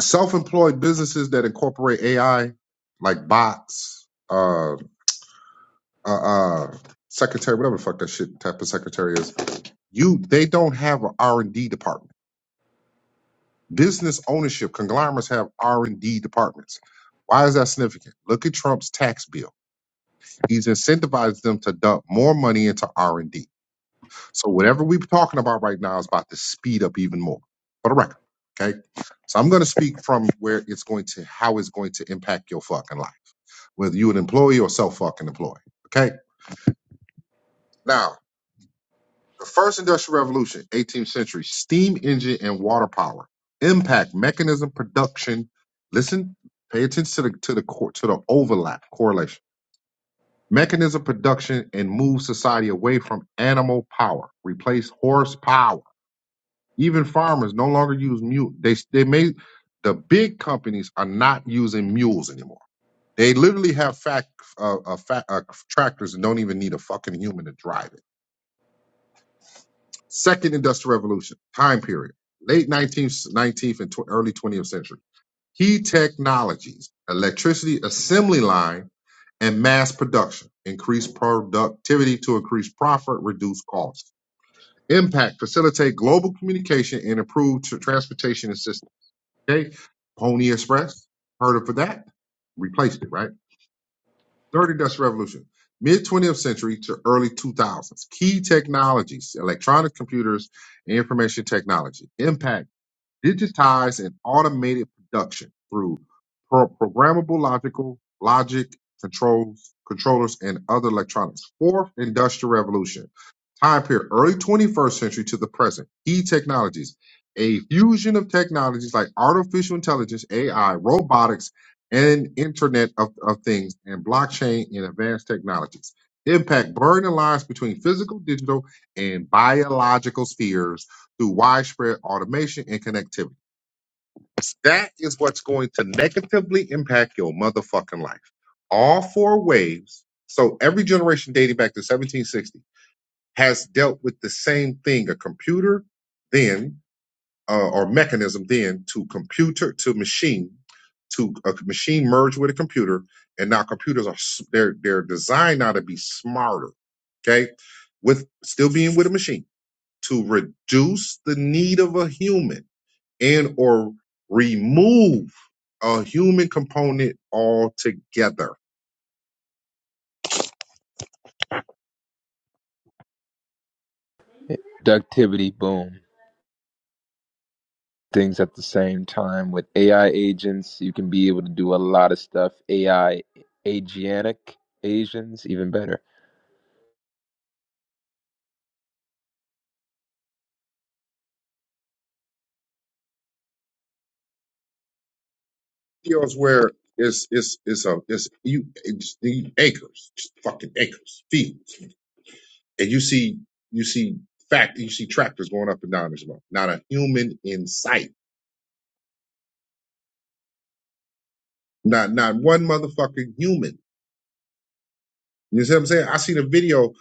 S10: Self-employed businesses that incorporate AI, like bots. uh, uh, uh secretary, whatever the fuck that shit type of secretary is, you they don't have an R and D department. Business ownership conglomerates have R and D departments. Why is that significant? Look at Trump's tax bill. He's incentivized them to dump more money into R and D. So whatever we're talking about right now is about to speed up even more. For the record, okay. So I'm going to speak from where it's going to, how it's going to impact your fucking life, whether you're an employee or self fucking employee. Okay. Now The first industrial revolution, 18th century, steam engine and water power, impact mechanism production. Listen, pay attention to the to the cor- to the overlap correlation. Mechanism production and move society away from animal power, replace horsepower. Even farmers no longer use mule. They they may the big companies are not using mules anymore. They literally have fact, uh, uh, fa uh, tractors and don't even need a fucking human to drive it Second Industrial Revolution time period, late 19th, 19th and tw- early 20th century. Key technologies, electricity assembly line and mass production, increase productivity to increase profit, reduce costs. Impact, facilitate global communication and improve tr- transportation and systems. Okay. Pony Express, heard of for that? Replaced it, right? Third Industrial Revolution, mid 20th century to early 2000s. Key technologies, electronic computers, and information technology. Impact digitized and automated production through pro- programmable logical logic controls controllers and other electronics fourth industrial revolution time period early 21st century to the present key technologies a fusion of technologies like artificial intelligence ai robotics and internet of, of things and blockchain and advanced technologies impact blurring the lines between physical digital and biological spheres through widespread automation and connectivity. That is what's going to negatively impact your motherfucking life. All four waves, so every generation dating back to 1760 has dealt with the same thing a computer then, uh, or mechanism then to computer to machine to a machine merged with a computer and now computers are s- they're they're designed now to be smarter okay with still being with a machine to reduce the need of a human and or remove a human component altogether.
S4: Productivity boom. Things at the same time with AI agents, you can be able to do a lot of stuff. AI agianic Asians, even better.
S10: Deals where it's it's it's a it's you it's the acres, just fucking acres, fields, and you see you see fact you see tractors going up and down this road. Not a human in sight. Not not one motherfucking human. You see what I'm saying? I seen a video.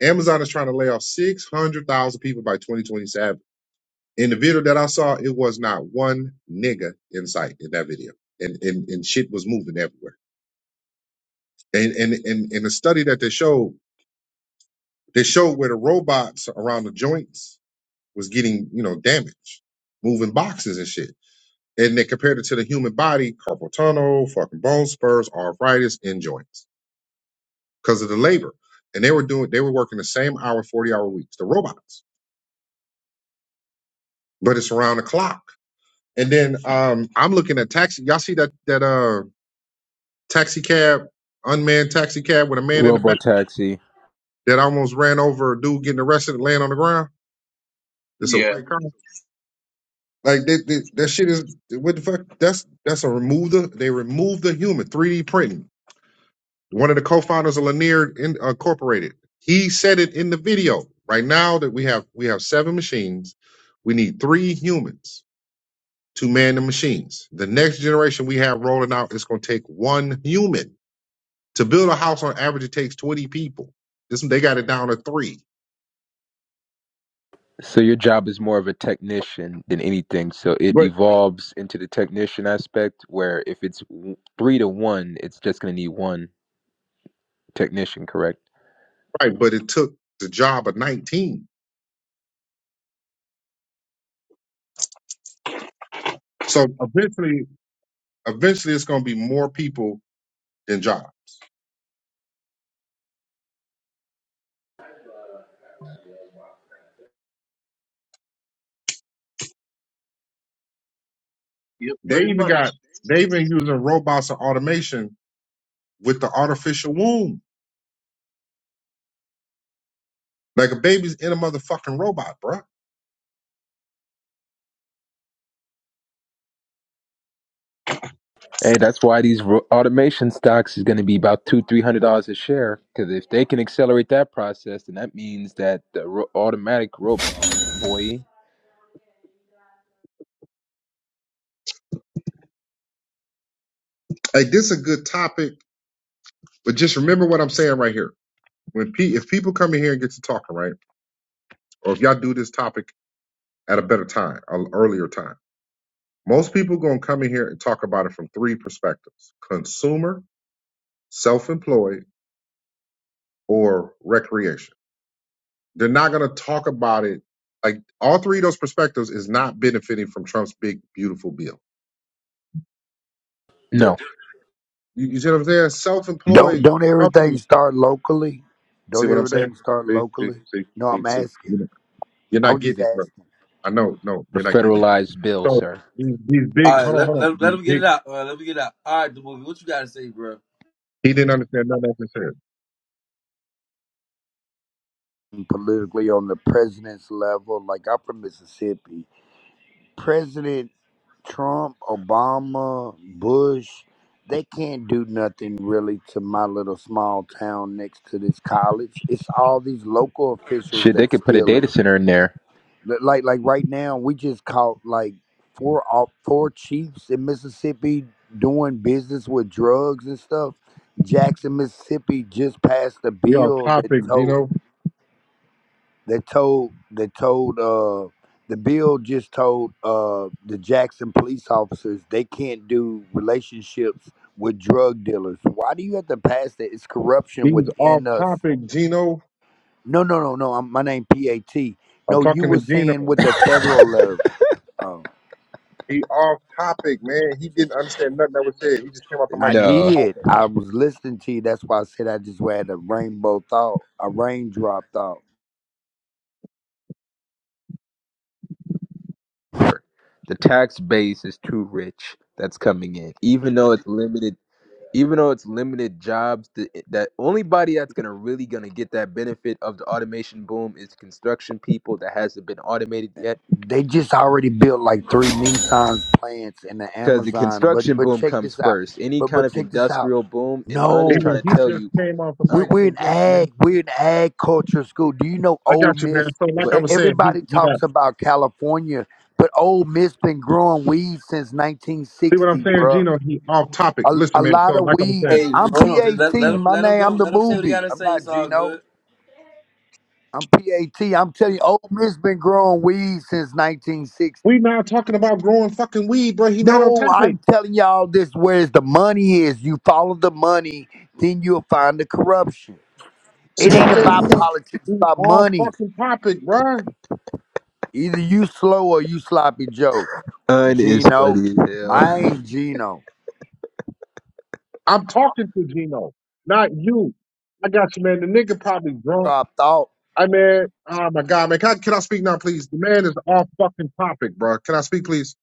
S10: Amazon is trying to lay off six hundred thousand people by 2027 In the video that I saw, it was not one nigga in sight in that video. And and, and shit was moving everywhere. And and and and the study that they showed, they showed where the robots around the joints was getting, you know, damaged, moving boxes and shit. And they compared it to the human body, carpal tunnel, fucking bone spurs, arthritis, and joints. Because of the labor. And they were doing they were working the same hour, 40 hour weeks, the robots. But it's around the clock. And then um I'm looking at taxi. Y'all see that that uh taxi cab, unmanned taxi cab with a man in the back
S4: Robotaxi.
S10: that almost ran over a dude getting arrested and laying on the ground. It's a
S7: Yeah.
S10: white car. Like that, that, that shit is what the fuck? That's that's a remove the they removed the human 3D printing. One of the co-founders of Lanier in, Incorporated. He said it in the video. Right now that we have we have seven machines, we need three humans to man the machines. The next generation we have rolling out is going to take one human To build a house on average, it takes 20 people. This they got it down to three.
S4: So your job is more of a technician than anything. So it
S10: But
S4: evolves into the technician aspect where if it's w- three to one, it's just going to need one technician, correct?
S10: right, but it took the job of 19. So eventually, eventually it's gonna be more people than jobs.
S7: Yep,
S10: They
S7: pretty
S10: even
S7: much.
S10: got they've been using robots and automation with the artificial womb. Like a baby's in a motherfucking robot, bruh.
S4: Hey, that's why these ro- automation stocks is going to be about two, three hundred dollars a share. Because if they can accelerate that process, then that means that the ro- automatic rope boy,
S10: Like this is a good topic, but just remember what I'm saying right here. When pe- if people come in here and get to talking, right? Or if y'all do this topic at a better time, an earlier time Most people gonna come in here and talk about it from three perspectives: consumer, self-employed, or recreation. They're not gonna talk about it like all three of those perspectives is not benefiting from Trump's big beautiful bill. They're,
S4: no,
S10: you, you see what I'm saying?
S12: Don't
S10: Self-employed
S12: don't everything
S10: company.
S12: start locally?
S10: See
S12: Don't
S10: what I'm saying?
S12: everything start
S10: See, see,
S12: locally?
S10: see,
S12: No,
S10: see,
S12: I'm
S10: see.
S12: asking.
S10: You know, You're
S12: I
S10: not
S12: was just
S10: getting it, bro.
S12: asking
S10: I know, no,
S4: the
S10: you're not getting it.
S4: federalized bill,
S10: So
S4: sir.
S10: these, these
S1: All
S10: big,
S1: right,
S10: hold on,
S1: let
S10: hold on,
S1: let, let
S10: these
S1: him get it
S10: big.
S1: out. All right, let me get it out. All right, the movie. What you gotta say, bro?
S10: He didn't understand nothing I said.
S12: politically on the president's level. Like I'm from Mississippi. President Trump, Obama, Bush, they can't do nothing really to my little small town next to this college. It's all these local officials
S4: Shit, they
S12: that
S4: could put a
S12: steal
S4: data
S12: it.
S4: center in there.
S12: Li- Like like right now, we just caught like four au- four chiefs in Mississippi doing business with drugs and stuff. Jackson, Mississippi, just passed a
S10: We off
S12: bill that
S10: topic,
S12: told
S10: Gino.
S12: that told that told uh the bill just told uh the Jackson police officers they can't do relationships with drug dealers. Why do you have to pass that? It's corruption
S10: These off
S12: within us.
S10: topic, Gino.
S12: No, no, no, no. I'm, my name PAT.
S10: I'm
S12: No, you
S10: talking to
S12: were
S10: Gino.
S12: saying with the federal level. Oh.
S10: He off topic, man. He didn't understand nothing that was said. He just came off the
S12: I
S10: mic to be
S4: No,
S12: did.
S10: talking.
S12: I was listening to you. That's why I said I just had a rainbow thought, a raindrop thought.
S4: the tax base is too rich. That's coming in, even though it's limited. Even though it's limited jobs, the, that only body that's gonna really gonna get that benefit of the automation boom is construction people that hasn't been automated yet
S12: They just already built like three Nissan's plants in the
S4: because the
S12: Amazon. But
S4: construction
S12: but
S4: boom
S12: check
S4: comes
S12: this out.
S4: first. Any
S12: But
S4: kind
S12: but
S4: of
S12: check this out.
S4: industrial boom, and Un is
S12: No,
S10: Gino,
S4: trying
S10: he
S4: to
S12: I,
S4: tell
S10: just
S4: you,
S10: came off the
S4: uh,
S12: we,
S10: mic
S12: we're
S10: for
S12: in
S10: what, man?
S12: ag. We're in ag culture school. Do you know
S10: I
S12: Ole
S10: got you, man.
S12: Miss?
S10: So like
S4: but
S10: I
S12: E-
S10: was saying, he
S12: Everybody
S10: he not
S12: talks about California, but Ole Miss been growing weed since
S10: see what I'm
S12: 1960,
S10: saying,
S12: bruh.
S10: Gino, he off topic.
S12: A, a
S10: Listen, man,
S12: lot
S10: so
S12: of
S10: like I was
S12: weed.
S1: Hey,
S10: saying,
S12: I'm
S1: hold on. Just
S12: PAT.
S1: let let him
S12: My
S1: let him
S12: name.
S1: go.
S12: I'm the
S1: Let him say what he
S12: movie.
S1: gotta
S12: I'm
S1: say.
S12: not
S1: It's all
S12: Gino.
S1: good.
S12: I'm PAT. I'm telling you, Ole Miss been growing weed since
S10: we
S12: 1960.
S10: not talking about growing fucking weed, bro. He not on
S12: No,
S10: topic.
S12: I'm telling y'all this where the money is. You follow the money, then you'll find the corruption.
S10: See
S12: It
S10: what I'm
S12: ain't
S10: saying,
S12: about
S10: Gino?
S12: politics, it's
S10: He
S12: about
S10: off
S12: money.
S10: fucking topic, bro.
S12: Either you slow or you sloppy Joe.
S4: Un is
S12: Gino.
S4: funny as hell. <laughs>
S12: Mine Gino.
S10: I'm talking to Gino, not you. I got you, man. The nigga probably drunk.
S12: Drop thought.
S10: I mean, oh my God, man, can I, can I speak now, please? The man is off fucking topic, bro. Can I speak, please?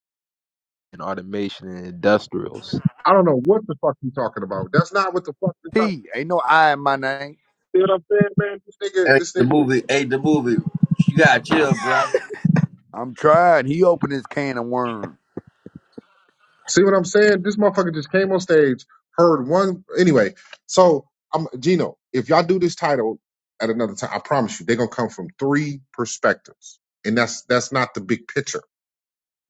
S4: And automation and industrials.
S10: I don't know what the fuck you talking about. That's not what the fuck you talking.
S12: P. Ain't no I in my name.
S10: See what I'm saying, man? This nigga,
S1: Hey,
S10: this
S1: the
S10: nigga.
S1: movie. Hey, the movie. You gotta chill, bro.
S12: I'm trying. He opened his can of worms.
S10: See what I'm saying? This motherfucker just came on stage, heard one. Anyway, so I'm Gino. If y'all do this title at another time, I promise you, they're gonna come from three perspectives, and that's that's not the big picture.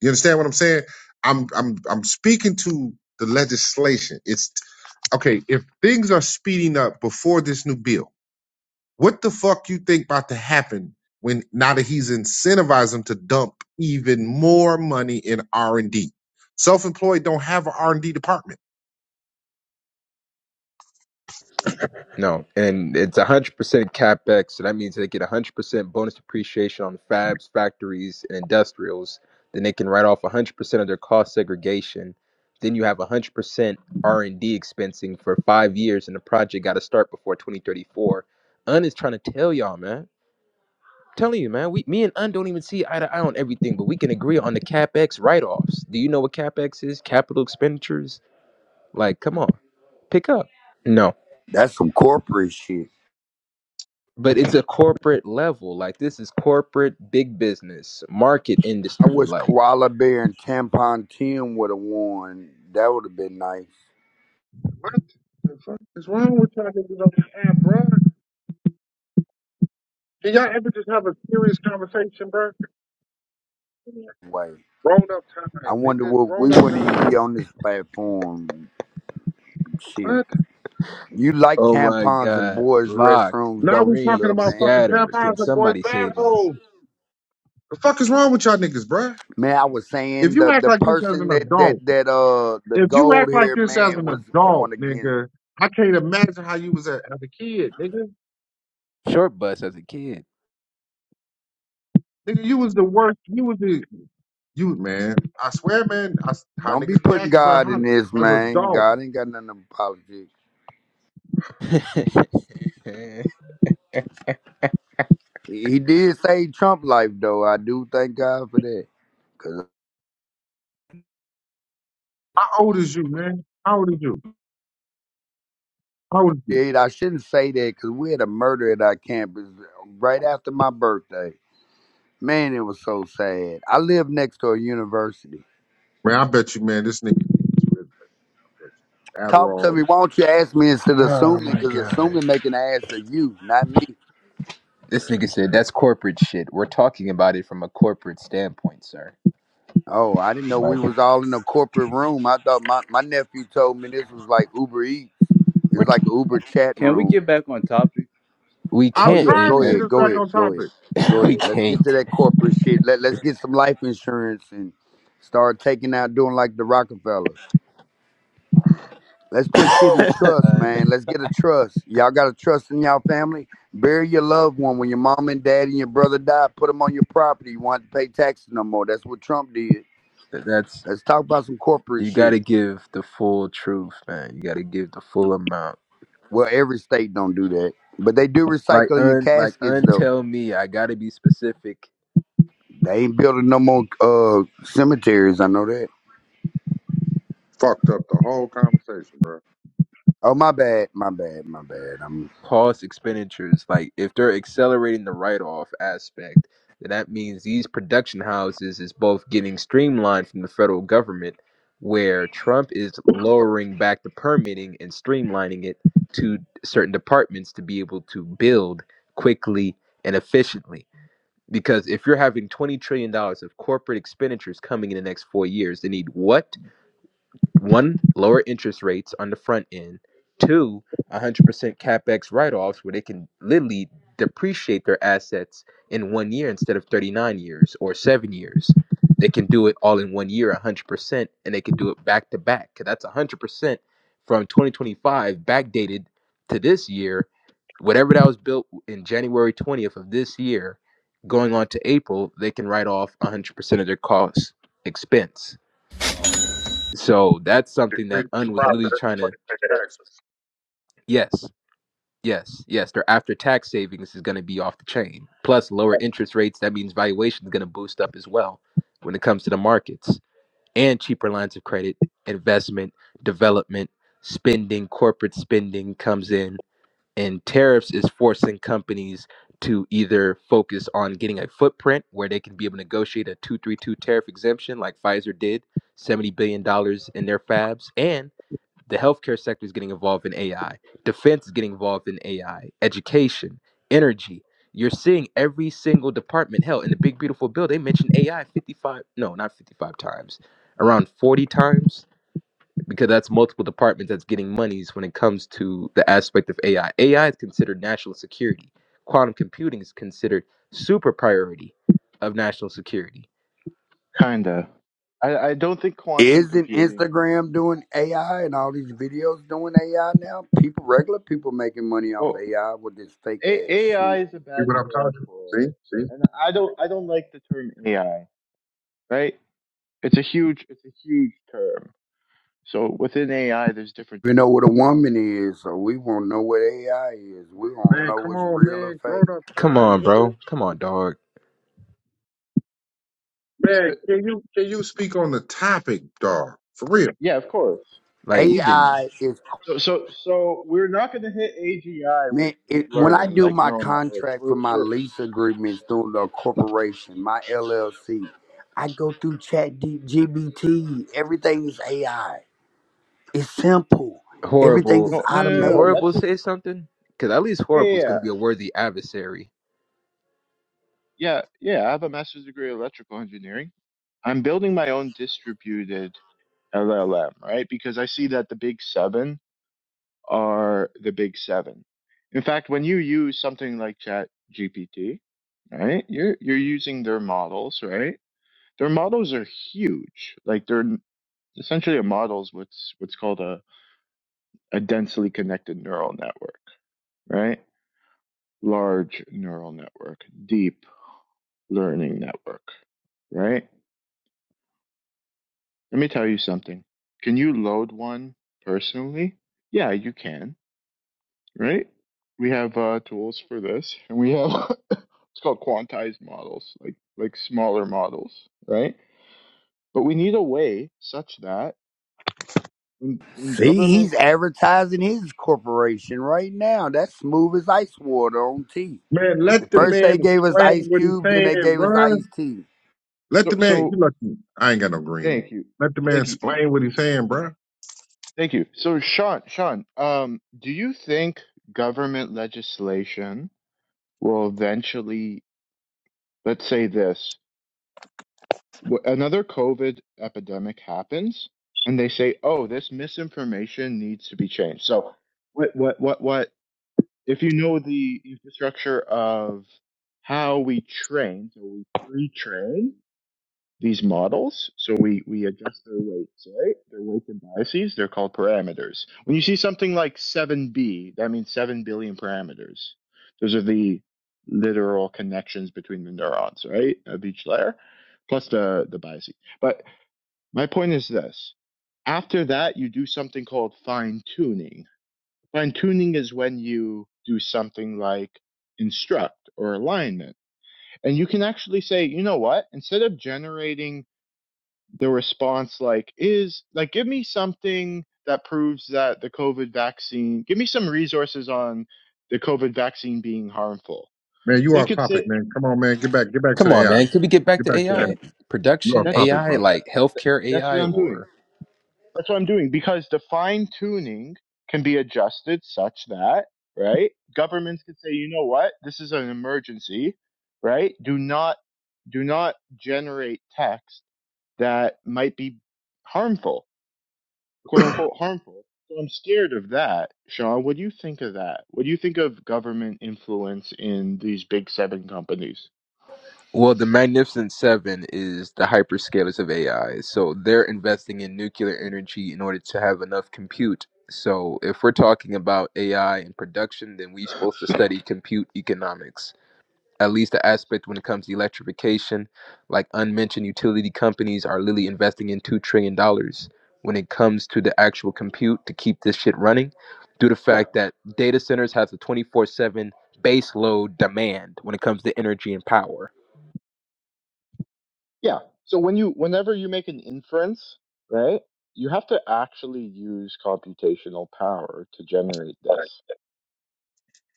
S10: You understand what I'm saying? I'm I'm I'm speaking to the legislation. It's okay, if things are speeding up before this new bill, what the fuck you think about to happen when now that he's incentivized them to dump even more money in R and D? Self-employed don't have an R and D department.
S4: No, and it's one hundred percent capex, so that means they get one hundred percent bonus depreciation on fabs, factories, and industrials. Then they can write off one hundred percent of their cost segregation. Then you have one hundred percent R and D expensing for five years, and the project got to start before twenty thirty four. Un is trying to tell y'all, man. telling you, man, we me and Un don't even see eye to eye on everything, but we can agree on the CapEx write-offs. Do you know what CapEx is? Capital expenditures? Like, come on. Pick up. No.
S12: That's some corporate shit.
S4: But it's a corporate level. Like this is corporate big business, market
S12: I
S4: industry.
S12: wish
S4: Like,
S12: Koala Bear and Tampon Tim would have won. That would have been nice.
S10: What the fuck is wrong with y'all niggas on the app, bro? Can y'all ever just have a serious conversation, bro?
S12: Way.
S10: Grown up
S12: I
S10: time,
S12: wonder
S10: nigga.
S12: what
S10: Grown
S12: we
S10: up
S12: wouldn't
S10: time.
S12: even be on this platform. Shit.
S10: What?
S12: You like
S4: oh my
S12: tampons in
S4: God.
S12: boys'
S4: Locked,
S12: restrooms,
S10: Now
S12: don't
S10: we
S12: you,
S10: talking
S4: dream,
S12: little
S10: about
S12: man?
S10: fucking tap
S4: scatter. Can
S10: and boys'
S4: somebody save us?
S10: bathholes. The fuck is wrong with y'all niggas, bro?
S12: Man, I was
S10: If
S12: saying
S10: you
S12: the
S10: act
S12: the
S10: like this as
S12: person
S10: an
S12: that
S10: adult.
S12: that that uh the
S10: if you
S12: gold
S10: act like
S12: haired
S10: this as
S12: man
S10: an
S12: was going
S10: adult,
S12: against.
S10: nigga, I can't imagine how you was a, as a kid, nigga.
S4: Short bus as a kid.
S10: Nigga, you was the worst. You was the you man. I swear, man. I, s- how
S12: Don't be
S10: niggas be
S12: putting
S10: acting, bro?
S12: God
S10: How
S12: in this,
S10: as an
S12: man.
S10: adult?
S12: God ain't got nothing to politics.
S4: <laughs>
S12: He he did save Trump life though. I do thank God for that. 'Cause
S10: How old is you, man? How old is you? How old is you,
S12: Dude, I shouldn't say that because we had a murder at our campus right after my birthday. Man, it was so sad. I live next to a university.
S10: man? I bet you, man. This nigga needs to admit, I bet you.
S12: Talk to
S10: Adderall. Or
S12: me. Why
S10: something.
S12: don't you ask me instead of
S4: oh
S12: assuming?
S4: my
S12: Because
S4: god.
S12: assuming make an ass of you, not me.
S4: This nigga said that's corporate shit. We're talking about it from a corporate standpoint, sir.
S12: Oh, I didn't know we
S4: Like
S12: was all in a corporate room. I thought my, my nephew told me this was like Uber Eats.
S4: we're
S12: It's
S4: t-
S12: like an Uber chat
S7: Can we
S12: room.
S7: get back on topic?
S4: we
S10: I'm
S12: Oh
S4: can't
S12: yeah,
S4: i-
S10: trying
S12: go
S10: to get
S4: and
S12: ahead,
S10: us
S12: go
S10: back
S12: ahead,
S10: on
S12: go ahead,
S10: topic.
S4: <coughs>
S12: go
S4: <laughs> we
S12: ahead. Let's get to
S4: can't.
S12: that corporate shit. Let Let's get some life insurance and start taking out doing like the Rockefellers. Let's put shit in
S4: <laughs>
S12: trust,
S4: and
S12: man. Let's get a trust. Y'all got to trust in y'all family. Bury your loved one when your mom and dad and your brother die. Put them on your property. You want to pay taxes no more. That's what Trump did.
S4: that's
S12: Let's talk about some corporate
S4: you got
S12: shit.
S4: to give the full truth, man. You got to give the full amount.
S12: Well, every state don't do that, but they do
S4: Like
S12: recycle your
S4: un like
S12: caskets
S4: untell
S12: though.
S4: me I got to be specific
S12: They ain't building no more uh cemeteries. I know that.
S10: Fucked up the whole conversation, bro.
S12: Oh my bad, my bad, my bad. I'm.
S4: cost expenditures, like if they're accelerating the write-off aspect, then that means these production houses is both getting streamlined from the federal government, where Trump is lowering back the permitting and streamlining it to certain departments to be able to build quickly and efficiently. Because if you're having $20 trillion dollars of corporate expenditures coming in the next four years, they need what? one, lower interest rates on the front end. Two, 100% capex write-offs where they can literally depreciate their assets in one year instead of 39 years or seven years. They can do it all in one year, 100%, and they can do it back to back. 'cause that's 100% from 2025 backdated to this year. Whatever that was built in January 20th of this year, going on to April, they can write off 100% of their cost expense. So that's
S10: It's
S4: something
S10: been-
S4: that Un was
S10: process,
S4: literally trying
S10: but
S4: to.
S10: it's making access.
S4: Yes, yes, yes. Their after tax savings is going to be off the chain. Plus, lower interest rates. That means valuation is going to boost up as well when it comes to the markets and cheaper lines of credit, investment, development, spending, corporate spending comes in, and tariffs is forcing companies to either focus on getting a footprint where they can be able to negotiate a 232 tariff exemption like Pfizer did, $70 billion dollars in their fabs, and the healthcare sector is getting involved in AI. Defense is getting involved in AI. Education, energy. You're seeing every single department. Hell, in the big beautiful bill, they mentioned AI 55, no, not 55 times, around 40 times, because that's multiple departments that's getting monies when it comes to the aspect of AI. AI is considered national security. Quantum computing is considered super priority of national security.
S13: Kinda. I, I don't think quantum
S12: Isn't
S13: computing.
S12: Instagram doing AI and all these videos doing AI now? People, regular people making money off
S13: Well,
S12: AI with this fake
S13: A-
S12: ass
S13: AI
S12: shit.
S13: is a
S10: See
S13: bad
S10: what I'm
S13: term
S10: talking?
S13: for
S10: See,
S13: it,
S10: see,
S13: and I don't I don't like the term AI. Right? It's a huge it's a huge term. So within AI, there's different
S12: We know what a
S13: disciplines.
S12: woman is, so we won't know what AI is. We won't
S10: man.
S12: know
S10: Come
S12: what's
S10: on,
S12: real or
S10: man. Grown
S12: fake.
S10: up
S4: Come
S10: time,
S4: on,
S10: nigga.
S4: bro. Come on, dog.
S13: Uh,
S10: Man, can you can you speak on the topic, dog? For real.
S13: yeah, of course.
S4: Like you've been
S12: AI is
S13: So so so we're not going to hit AGI with
S12: man.
S13: deep
S12: It, when I
S13: learning
S12: do
S13: like
S12: my
S13: neural networks.
S12: contract
S13: We're
S12: for my
S13: we're
S12: lease agreements through the corporation, my LLC, I go through Chat GBT. Everything is AI. It's simple. Everything
S4: horrible.
S12: is
S13: no no
S4: Can
S13: no no.
S12: automated.
S13: That's
S4: horrible
S13: it.
S4: say something? Because at least
S13: Yeah yeah.
S4: horrible is
S13: yeah.
S4: going to be a worthy adversary.
S13: Yeah, yeah, I have a master's degree in electrical engineering. I'm building my own distributed LLM, right? Because I see that the big seven are the big seven. In fact, when you use something like Chat GPT, right, you're you're using their models, right? Their models are huge. Like they're essentially a model's what's what's called a, a densely connected neural network, right? Large neural network, deep learning network, right? Let me tell you something. Can you load one personally? Yeah, you can, right? We have uh, tools for this, and we have <laughs> it's called quantized models, like like smaller models, right? But we need a way such that when, when
S12: See,
S13: government
S12: he's advertising his corporation right now. That's smooth as ice water on tea.
S10: Man, let the
S13: thank-
S12: First they
S10: man
S12: gave us
S10: explain
S12: Ice
S10: what he's
S12: Cube, then they
S10: saying,
S12: gave us
S10: bruh.
S12: Ice Tea.
S10: Let
S13: so,
S10: the man you
S13: so
S10: lucky. I ain't got no green.
S13: thank you,
S10: Let the man
S13: thank you,
S10: explain what he's saying, bruh.
S13: thank you. So Sean, Sean, um, do you think government legislation will eventually, let's say this? wh- another COVID epidemic happens, and they say, "Oh, this misinformation needs to be changed." So, what, what, what, what? If you know the infrastructure of how we train, so we pre-train these models. So we, we adjust their weights, right? Their weights and biases, they're called parameters. When you see something like 7b, that means 7 billion parameters. Those are the literal connections between the neurons, right? Of each layer, plus the, the biases. But my point is this. After that, you do something called fine tuning. Fine tuning is when you do something like instruct or alignment. And you can actually say, you know what? Instead of generating the response like is like give me something that proves that the covid vaccine give me some resources on the covid vaccine being harmful
S10: Man, you
S13: they
S10: off
S13: could
S10: topic,
S13: say
S10: man. Come on, man. Get back, get back to
S4: Come
S10: the
S4: on,
S10: AI.
S4: man. Could
S10: Bro.
S4: we get back
S10: Get
S4: to
S10: back to the AI.
S4: AI
S10: You off
S4: production,
S13: that's
S10: topic,
S4: AI
S10: bro.
S4: like
S13: that,
S4: healthcare
S13: that's what
S4: AI,
S13: i'm doing
S4: or
S13: that's what i'm doing because the fine tuning can be adjusted such that right governments could say you know what this is an emergency right do not do not generate text that might be harmful quote unquote harmful. So I'm scared of that. Sean, what do you think of that? What do you think of government influence in these big seven companies?
S4: well, the Magnificent Seven is the hyperscalers of AI, so they're investing in nuclear energy in order to have enough compute. So if we're talking about AI and production, then we're supposed to study compute economics. at least the aspect when it comes to electrification, like unmentioned utility companies are literally investing in $2 trillion dollars when it comes to the actual compute to keep this shit running, due to the
S13: Yeah,
S4: fact that data centers have the 24 7 base load demand when it comes to energy and power.
S13: yeah. So when you, whenever you make an inference, right, you have to actually use computational power to generate this.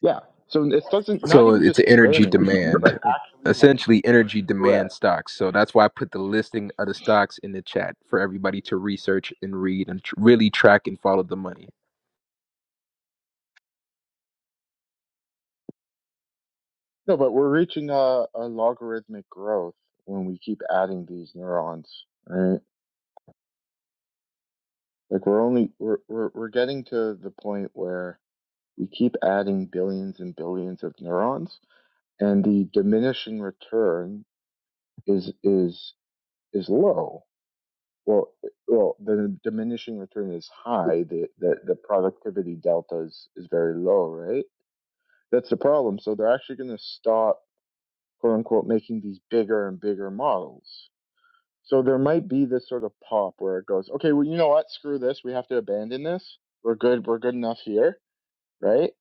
S13: Yeah. So it doesn't, not
S4: So
S13: even
S4: it's
S13: just
S4: an energy
S13: training them, but
S4: demand,
S13: actually having
S4: essentially energy demand
S13: correct.
S4: stocks. So that's why I put the listing of the stocks in the chat for everybody to research and read and tr- really track and follow the money.
S13: No, but we're reaching a, a logarithmic growth when we keep adding these neurons. right? Like we're only we're we're we're getting to the point where we keep adding billions and billions of neurons, and the diminishing return is is is low. Well, well, the diminishing return is high. The the, the productivity delta is, is very low, right? That's the problem. So they're actually going to stop, quote unquote, making these bigger and bigger models. So there might be this sort of pop where it goes, okay, well, you know what? Screw this. We have to abandon this. We're good. We're good enough here right?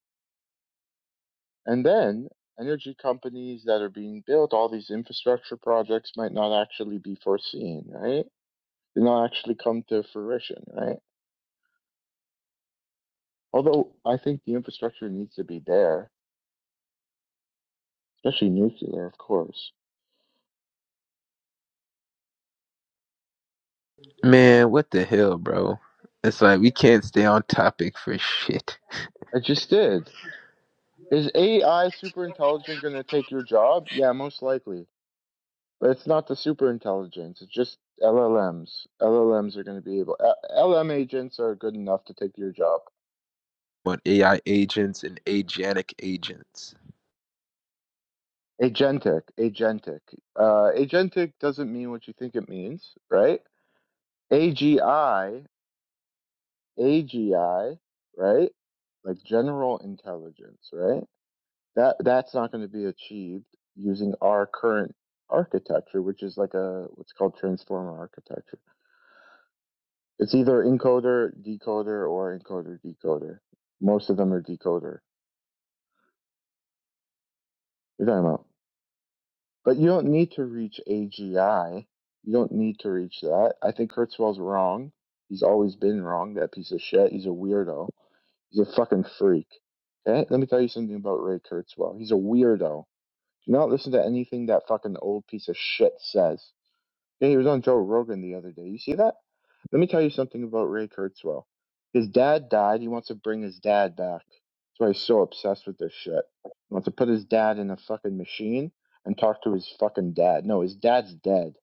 S13: And then energy companies that are being built, all these infrastructure projects might not actually be foreseen, right? They not actually come to fruition, right? Although I think the infrastructure needs to be there, especially nuclear, of course.
S4: Man, what the hell, bro? It's like we can't stay on topic for shit.
S13: I just did. Is AI super intelligent going to take your job? Yeah, most likely. But it's not the super intelligence. It's just LLMs. LLMs are going to be able. LM agents are good enough to take your job.
S4: On AI agents and agentic agents.
S13: Agentic, agentic. Uh, agentic doesn't mean what you think it means, right? AGI, AGI, right? Like general intelligence, right? That that's not going to be achieved using our current architecture, which is like a what's called transformer architecture. It's either encoder, decoder, or encoder, decoder. Most of them are decoder. you are talking about? But you don't need to reach AGI. You don't need to reach that. I think Kurzweil's wrong. He's always been wrong, that piece of shit. He's a weirdo. He's a fucking freak. Okay? Let me tell you something about Ray Kurzweil. He's a weirdo. Do not listen to anything that fucking old piece of shit says. Yeah, he was on Joe Rogan the other day. You see that? Let me tell you something about Ray Kurzweil. His dad died. He wants to bring his dad back. That's why he's so obsessed with this shit. He wants to put his dad in a fucking machine and talk to his fucking dad. No, his dad's dead.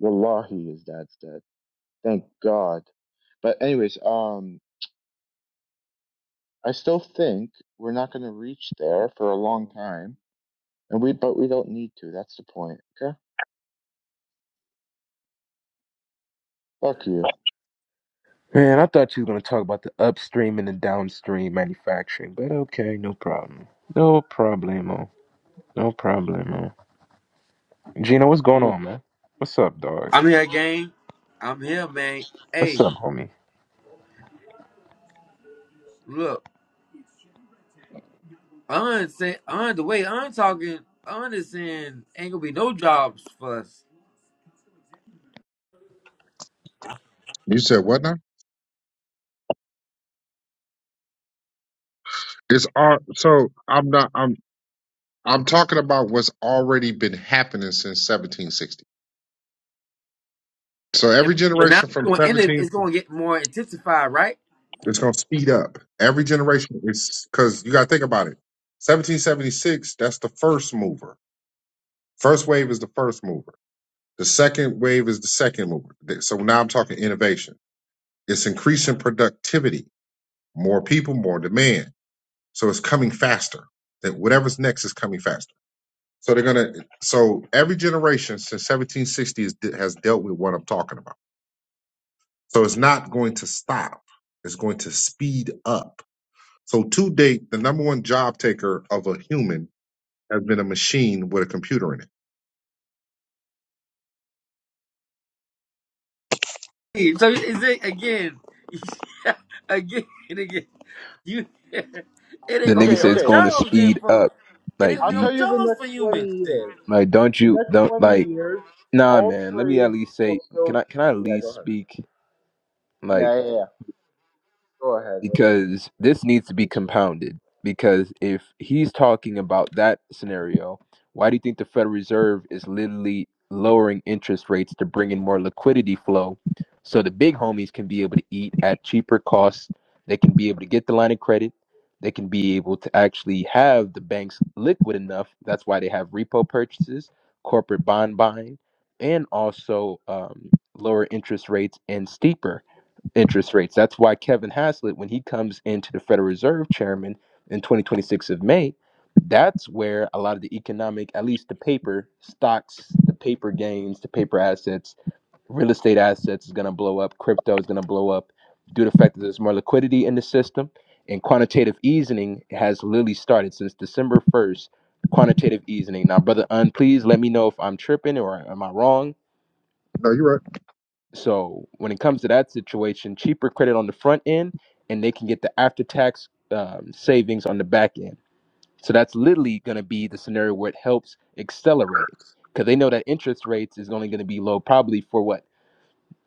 S13: Wallahi, his dad's dead. Thank God. But anyways, um, I still think we're not going to reach there for a long time, and we but we don't need to. That's the point. Okay. Fuck you.
S4: Man, I thought you were gonna talk about the upstream and the downstream manufacturing, but okay, no problem. No problemo. No problemo. Gino, what's
S13: You
S4: going
S13: mean-
S4: on, man? What's up, dog?
S1: I'm here, gang. I'm here, man.
S4: What's
S1: Hey,
S4: up, homie?
S1: look, Un say Un the way Un talking, Un is saying ain't gonna be no jobs for us.
S10: You said what now? It's all so I'm not I'm I'm talking about what's already been happening since 1760. So
S1: Yeah,
S10: every
S1: But now
S10: generation
S1: it's
S10: from
S1: gonna end it,
S10: 17
S1: it's gonna get more intensified, right?
S10: it's going to speed up. Every generation is because you got to think about it. 1776, that's the first mover. First wave is the first mover. The second wave is the second mover. Th- So now I'm talking innovation. It's increasing productivity, more people, more demand. So it's coming faster. That whatever's next is coming faster. So they're gonna. So every generation since 1760 is, has dealt with what I'm talking about. So it's not going to stop. It's going to speed up So to date, the number one job taker of a human has been a machine with a computer in it.
S1: Hey, So is it again, <laughs> again and again? You, <laughs> it
S4: The
S1: ain't gonna
S4: nigga
S1: be
S13: Okay.
S4: said
S1: no
S4: it's
S13: okay.
S4: going to
S1: jobs then
S4: speed
S1: for
S4: up.
S1: it ain't
S4: Like,
S13: I'll
S4: do
S1: gonna be no
S13: tell
S4: you
S13: you the
S1: jobs for
S13: next 20
S1: humans then.
S13: years.
S4: like? Don't
S13: The
S4: you
S13: next
S4: don't
S13: 20
S4: like?
S13: years,
S4: Nah,
S13: all
S4: man. Let me at
S13: trades
S4: least
S13: will
S4: say. Can
S13: still.
S4: I? Can I at
S13: Yeah, go
S4: least
S13: ahead.
S4: speak? Like.
S13: Yeah, yeah, yeah. Go ahead. Whatever.
S4: because this needs to be
S13: Loser.
S4: compounded. Because if he's talking about that scenario, why do you think the Federal Reserve is literally lowering interest rates to bring in more liquidity flow so the big homies can be able to eat at cheaper costs? They can be able to get the line of credit. They can be able to actually have the banks liquid enough. That's why they have repo purchases, corporate bond buying, and also um, lower interest rates and steeper interest rates. That's why Kevin Haslett, when he comes into the Federal Reserve chairman in 2026 of May, that's where a lot of the economic, at least the paper stocks, the paper gains, the paper assets, real estate assets is going to blow up. Crypto is going to blow up due to the fact that there's more liquidity in the system. And quantitative easing has literally started since December 1st. Quantitative easing. Now, brother Un, please let me know if I'm tripping or am I wrong
S10: No, you're right.
S4: so when it comes to that situation, cheaper credit on the front end, and they can get the after tax um, savings on the back end. So that's literally going to be the scenario where it helps accelerate it because they know that interest rates is only going to be low probably for what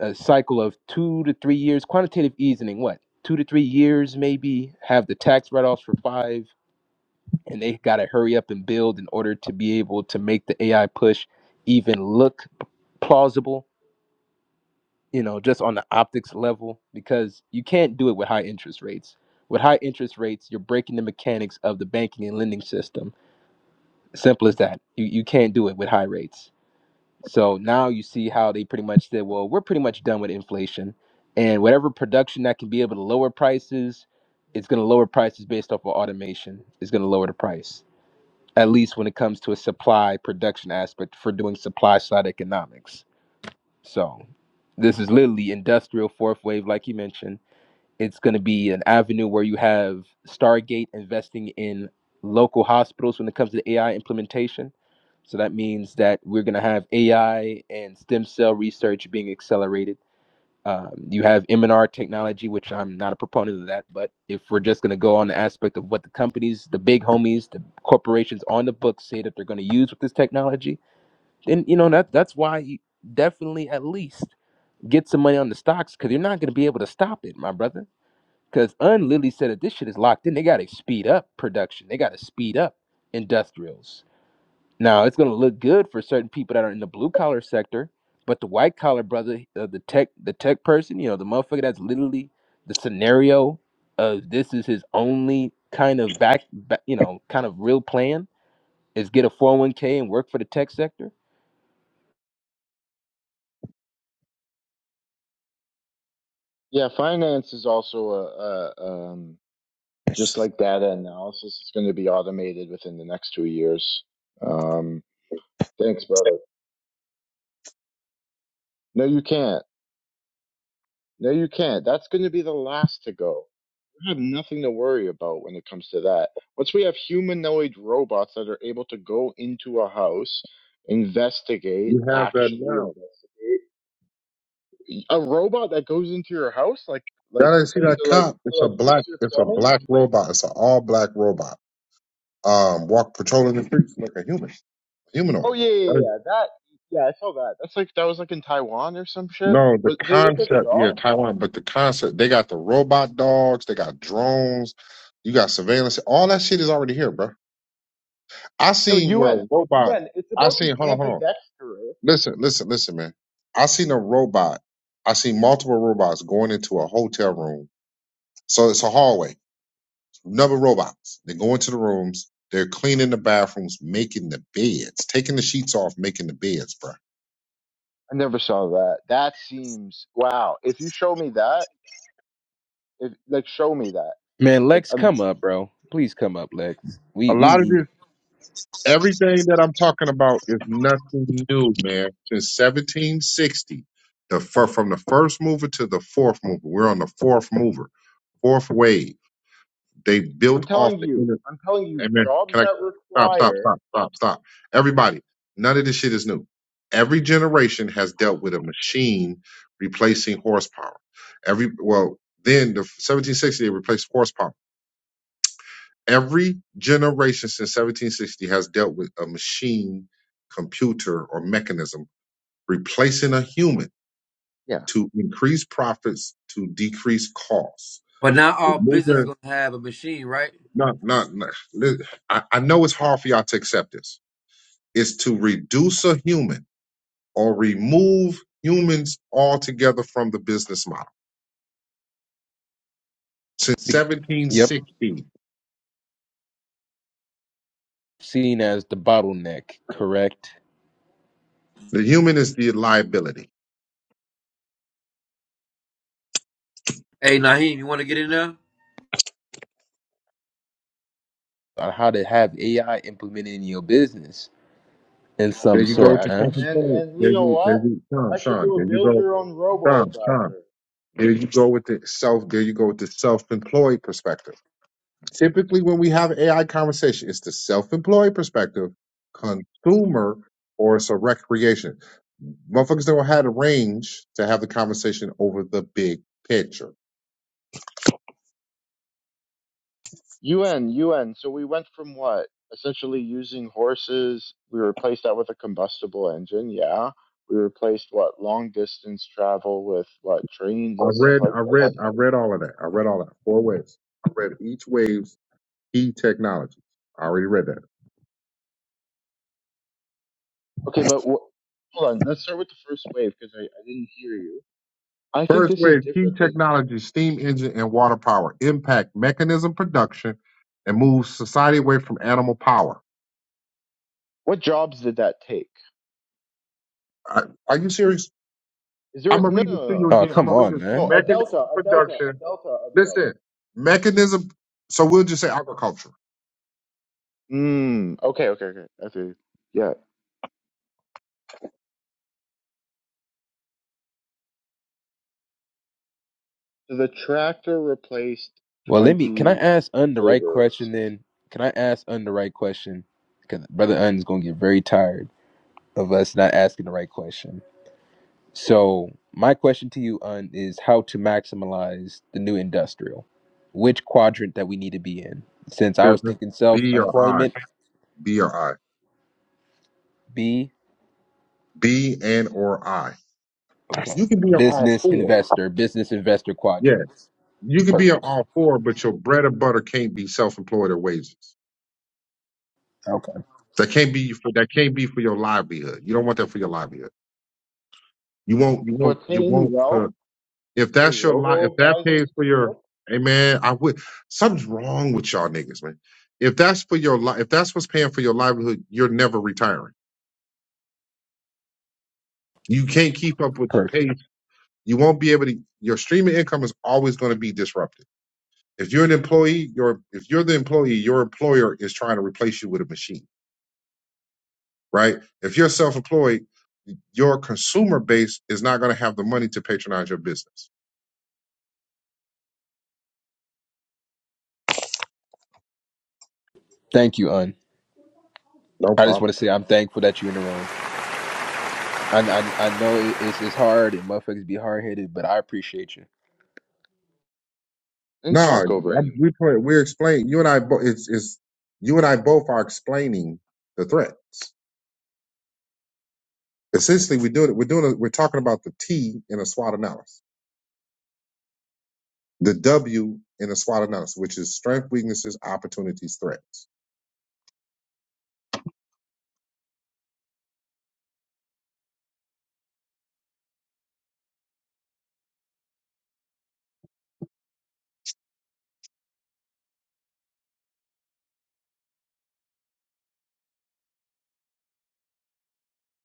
S4: a cycle of two to three years. Quantitative easing, what two to three years maybe. Have the tax write offs for five, and they got to hurry up and build in order to be able to make the AI push even look plausible you know, just on the optics level, because you can't do it with high interest rates. With high interest rates, you're breaking the mechanics of the banking and lending system. Simple as that. You, you can't do it with high rates. So now you see how they pretty much said, well, we're pretty much done with inflation. And whatever production that can be able to lower prices, it's going to lower prices based off of automation. It's going to lower the price, at least when it comes to a supply production aspect for doing supply side economics. So this is literally industrial fourth wave, like you mentioned it's going to be an avenue where you have Stargate investing in local hospitals when it comes to AI implementation. So that means that we're going to have AI and stem cell research being accelerated. Um, you have M&R technology, which I'm not a proponent of that, but if we're just going to go on the aspect of what the companies, the big homies, the corporations on the books say that they're going to use with this technology, then you know that that's why you definitely at least get some money on the stocks because you're not going to be able to stop it, my brother because Unlily said that this shit is locked in. They got to speed up production. They got to speed up industrials. Now it's gonna look good for certain people that are in the blue collar sector, but the white collar brother, uh, the tech, the tech person, you know, the motherfucker that's literally the scenario of this is his only kind of back, back you know, kind of real plan is get a 401k and work for the tech sector.
S13: Yeah, finance is also a, a um, just like data analysis. It's going to be automated within the next two years. Um, thanks, brother. No, you can't. No, you can't. That's going to be the last to go. I have nothing to worry about when it comes to that. Once we have humanoid robots that are able to go into a house, investigate,
S10: You have that
S13: actually
S10: now.
S13: investigate, a robot that goes into your house, like like
S10: Y'all didn't see that
S13: to like
S10: cop.
S13: to
S10: It's a
S13: like fix
S10: black.
S13: your
S10: It's a
S13: plumbing.
S10: black robot. It's an all black robot. Um, walk patrolling the streets like a human, humanoid.
S13: Oh yeah, yeah, yeah.
S10: Right.
S13: yeah, That yeah, I saw that. That's like that was like in Taiwan or some shit.
S10: No, the
S13: But they look like a
S10: concept.
S13: dog.
S10: Yeah, Taiwan. But the concept. They got the robot dogs. They got drones. You got surveillance. All that shit is already here, bro. I
S13: No,
S10: seen where a
S13: UN,
S10: robot.
S13: UN. It's
S10: I
S13: about the
S10: seen. Hold on, hold on.
S13: ambidextrous.
S10: Listen, listen, listen, man. I seen a robot. I seen multiple robots going into a hotel room. So it's a hallway. Number of robots. They go into the rooms. They're cleaning the bathrooms, making the beds, taking the sheets off, making the beds, bro.
S13: I never saw that. That seems wow. If you show me that, if like show me that.
S4: Man,
S13: Like,
S4: Lex,
S13: I'm
S4: come up, bro. Please come up, Lex. We
S10: A
S4: we
S10: lot of
S4: need.
S10: this, everything that I'm talking about is nothing new, man. Since 1760, the fir- from the first mover to the fourth mover, we're on the fourth mover, fourth wave. They
S13: I'm
S10: built off
S13: telling
S10: the internet.
S13: you, I'm telling you,
S10: Amen.
S13: jobs
S10: Can I
S13: that
S10: stop, stop,
S13: require,
S10: stop, stop, stop? Everybody, none of this shit is new. Every generation has dealt with a machine replacing horsepower. Every well, then the 1760 it replaced horsepower. Every generation since 1760 has dealt with a machine, computer, or mechanism replacing a human
S13: yeah,
S10: to increase profits to decrease costs.
S1: But now
S10: The
S1: all business
S10: movement,
S1: gonna have a machine, right?
S10: not, not, not. li- I, I know it's hard for y'all to accept this is to reduce a human or remove humans altogether from the business model. Since
S4: Yep,
S10: 1760,
S4: seen as the bottleneck. Correct.
S10: the human is the liability.
S1: Hey, Naheem, you wanna get in there?
S4: on how to have AI implemented in your business in
S10: There
S4: some
S10: you go with
S4: sort,
S10: the
S13: correct.
S4: man.
S10: self-employed.
S13: And and
S10: There
S13: you know
S10: you, there
S13: what?
S10: you, Sean,
S13: I should
S10: Sean.
S13: do a
S10: There you
S13: build
S10: go,
S13: your own robo
S10: Sean, Sean.
S13: advisor.
S10: There you go with the self. There you go with the self-employed perspective. Typically, when we have AI conversation, it's the self-employed perspective, consumer, or it's a recreation. Motherfuckers don't have the range to have the conversation over the big picture
S13: UN, UN. So we went from what? Essentially using horses, we replaced that with a combustible engine, yeah. We replaced what? Long distance travel with what? Trains
S10: I
S13: and stuff
S10: read,
S13: like
S10: I
S13: this.
S10: read, I
S13: yeah.
S10: read all of that. I read all that. Four waves. I read each wave's key technologies. I already read that.
S13: Okay, but wh- hold on. Let's start with the first wave because I, I didn't hear you. I think
S10: First
S13: this is
S10: wave key
S13: different than
S10: technology: steam engine and water power impact mechanism production and move society away from animal power.
S13: what jobs did that take?
S10: I, are you serious?
S13: Is there
S10: I'm
S13: a,
S10: gonna
S13: no,
S10: read
S13: no,
S10: this
S13: no,
S10: to
S13: no.
S10: you
S4: Oh,
S10: again. I'm
S4: come
S10: gonna read
S4: on,
S10: this
S13: No,
S4: man.
S13: a
S10: mechanism
S13: delta, a delta, a
S10: production.
S13: delta, a delta.
S10: Listen, mechanism. So we'll just say agriculture,
S13: Mm, okay, okay, okay. I see. Yeah. So the tractor replaced
S4: Well, let me. Can I
S13: 20
S4: ask Un the right
S13: laborers.
S4: question then? Can I ask Un the right question? Because Brother Un is going to get very tired of us not asking the right question. So, my question to you, Un, is how to maximize the new industrial? Which quadrant that we need to be in? Since I was
S10: business,
S4: thinking self
S10: B or I,
S4: employment,
S10: B or I,
S4: B,
S10: B and or I.
S4: okay,
S10: You can be on all
S4: business
S10: four.
S4: investor, business investor
S10: Yeah.
S4: quadrant.
S10: You can be an
S4: Perfect.
S10: all four, but your bread and butter can't be self employed or wages.
S4: Okay,
S10: That can't be for that can't be for your livelihood. You don't want that for your livelihood. You won't. You
S13: So
S10: won't. You
S13: attain
S10: won't. Uh,
S13: wealth
S10: if
S13: so
S10: that's your li if
S13: robo
S10: that pays
S13: advisors
S10: for
S13: can
S10: your,
S13: help?
S10: hey man, I would. Something's wrong with y'all niggas, man. If that's for your life, if that's what's paying for your livelihood, you're never retiring. You can't keep up with
S4: perfect.
S10: the pace. You won't be able to. Your streaming income is always going to be disrupted. If you're an employee, your if you're the employee, your employer is trying to replace you with a machine right? If you're self-employed, your consumer base is not going to have the money to patronize your business.
S4: Thank you, Un.
S10: No
S4: I just
S10: problem.
S4: want to say I'm thankful that you're in the room. I I, I know it- it's it's hard and motherfuckers be hard headed, but I appreciate you.
S13: I didn't
S10: No,
S13: talk over anyone.
S10: we play, we're explaining. You and I, bo- it's, it's you and I both are explaining the threats. Essentially, we do it. We're doing. A, we're talking about the T in a SWOT analysis, the W in a SWOT analysis, which is strength, weaknesses, opportunities, threats.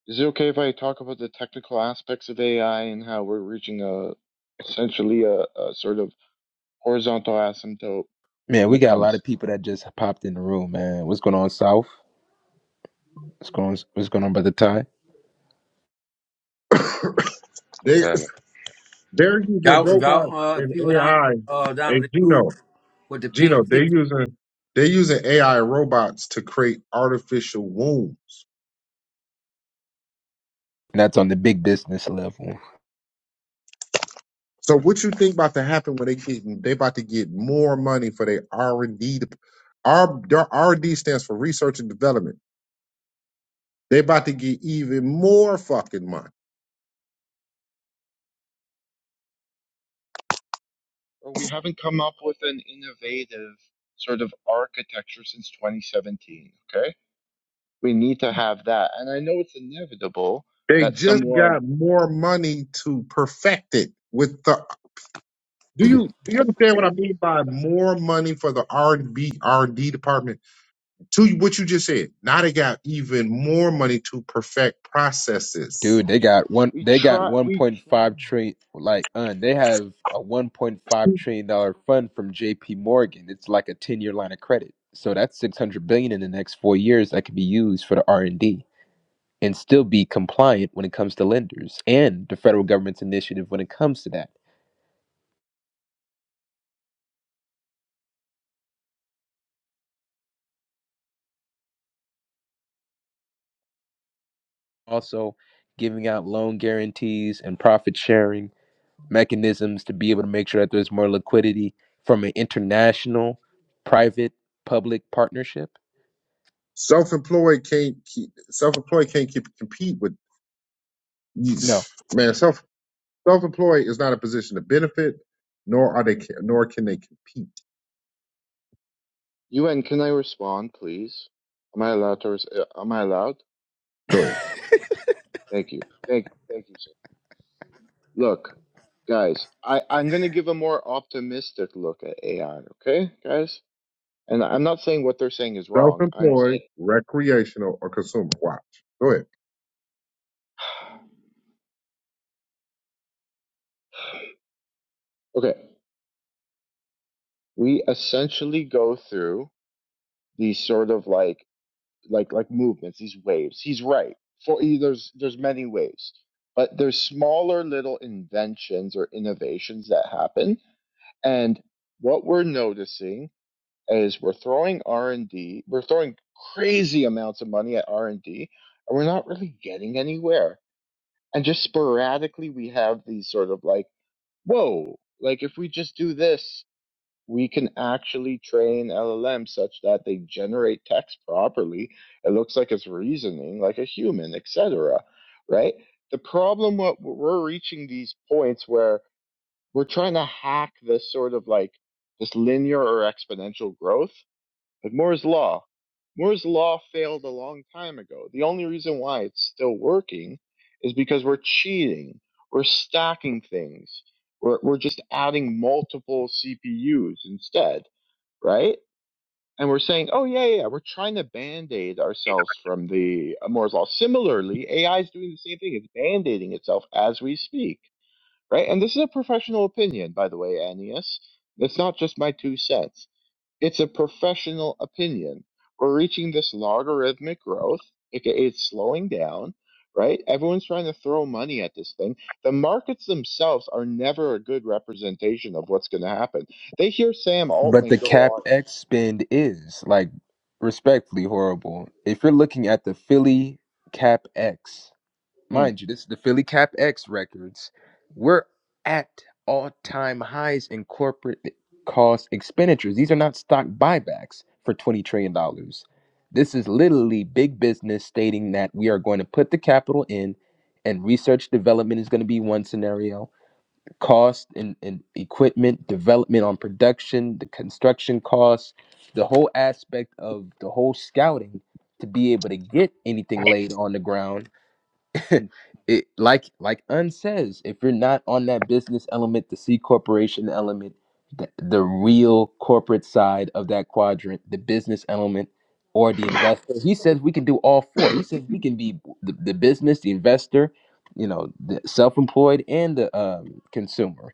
S13: Is it okay if I talk about the technical aspects of AI and how we're reaching a essentially a, a sort of horizontal asymptote
S4: Man,
S13: when
S4: we
S13: it
S4: got a lot
S13: comes?
S4: of people that just popped in the room, man. What's going on, South? What's going on, what's going on, Brother Ty? And
S10: <coughs>
S14: What's
S10: they
S14: happening?
S10: they're using
S1: Y'all,
S10: robots
S1: y'all uh,
S10: and
S1: people down
S10: AI
S1: uh, down in
S10: and
S1: the
S10: Geno.
S1: group with the pink
S10: Gino, they're
S1: ticket.
S10: using they're using AI robots to create artificial wombs.
S4: that's on the big business level.
S10: So what you think about to happen when they get they about to get more money for their R and D? R their R and D stands for research and development. They about to get even more fucking money.
S13: Well, we haven't come up with an innovative sort of architecture since 2017. Okay We need to have that. And I know it's inevitable
S10: They
S13: that
S10: just
S13: someone
S10: got more money to perfect it with the. Do you do you understand what I mean by more money for the R and B R and D department? to what you just said, now they got even more money to perfect processes.
S4: Dude, they got one
S13: we
S4: they got
S13: try
S4: one
S13: we
S4: point
S13: try.
S4: five trillion like un, they have a one point five trillion dollar fund from JP Morgan. It's like a ten year line of credit. So that's six hundred billion in the next four years that could be used for the R and D and still be compliant when it comes to lenders and the federal government's initiative when it comes to that. Also, giving out loan guarantees and profit sharing mechanisms to be able to make sure that there's more liquidity from an international private public partnership.
S10: Self-employed can't keep, self-employed can't keep, compete with
S4: No,
S10: man. Self self-employed is not a position to benefit, nor are they nor can they compete.
S13: UN, can I respond, please? Am I allowed to? Res- uh, am I allowed?
S10: Go ahead.
S13: Thank you. Thank thank you, sir. Look, guys, I I'm gonna give a more optimistic look at AI. Okay, guys. And I'm not saying what they're saying is wrong. I'm saying,
S10: Self-employed, recreational, or consumer. Watch. Go ahead.
S13: <sighs> okay, we essentially go through these sort of like like like movements, these waves. He's right. For there's there's many waves, but there's smaller little inventions or innovations that happen. And what we're noticing is we're throwing R and D, we're throwing crazy amounts of money at R and D, and we're not really getting anywhere. And just sporadically, we have these sort of like, whoa, like if we just do this we can actually train LLM such that they generate text properly. It looks like it's reasoning like a human, etc. Right? The problem what we're reaching these points where we're trying to hack this sort of like this linear or exponential growth. Like Moore's law. Moore's law failed a long time ago. The only reason why it's still working is because we're cheating. We're stacking things. We're, we're just adding multiple CPUs instead right? And we're saying, oh, yeah, yeah, yeah, we're trying to band aid ourselves from the Moore's Law. Similarly, AI is doing the same thing, it's band aiding itself as we speak, right? And this is a professional opinion, by the way, Annius. It's not just my two cents, it's a professional opinion. We're reaching this logarithmic growth, aka it's slowing down. Right? Everyone's trying to throw money at this thing. The markets themselves are never a good representation of what's going to happen. They hear Sam
S4: but
S13: Altman
S4: the
S13: go on.
S4: CapEx spend is like respectfully horrible. If you're looking at the Philly CapEx,
S13: Hmm. hmm.
S4: Mind you, this is the Philly Cap X records. We're at all time highs in corporate cost expenditures. These are not stock buybacks for $20 trillion. dollars. This is literally big business stating that we are going to put the capital in, and research development is going to be one scenario, cost and, and equipment, development on production, the construction costs, the whole aspect of the whole scouting to be able to get anything laid on the ground <laughs> it like like Un says, if you're not on that business element, the C corporation element, the, the real corporate side of that quadrant, the business element or the
S13: <coughs>
S4: investor, he says we can do all four. He says we can be the, the business, the investor, you know, the self-employed and the um, consumer.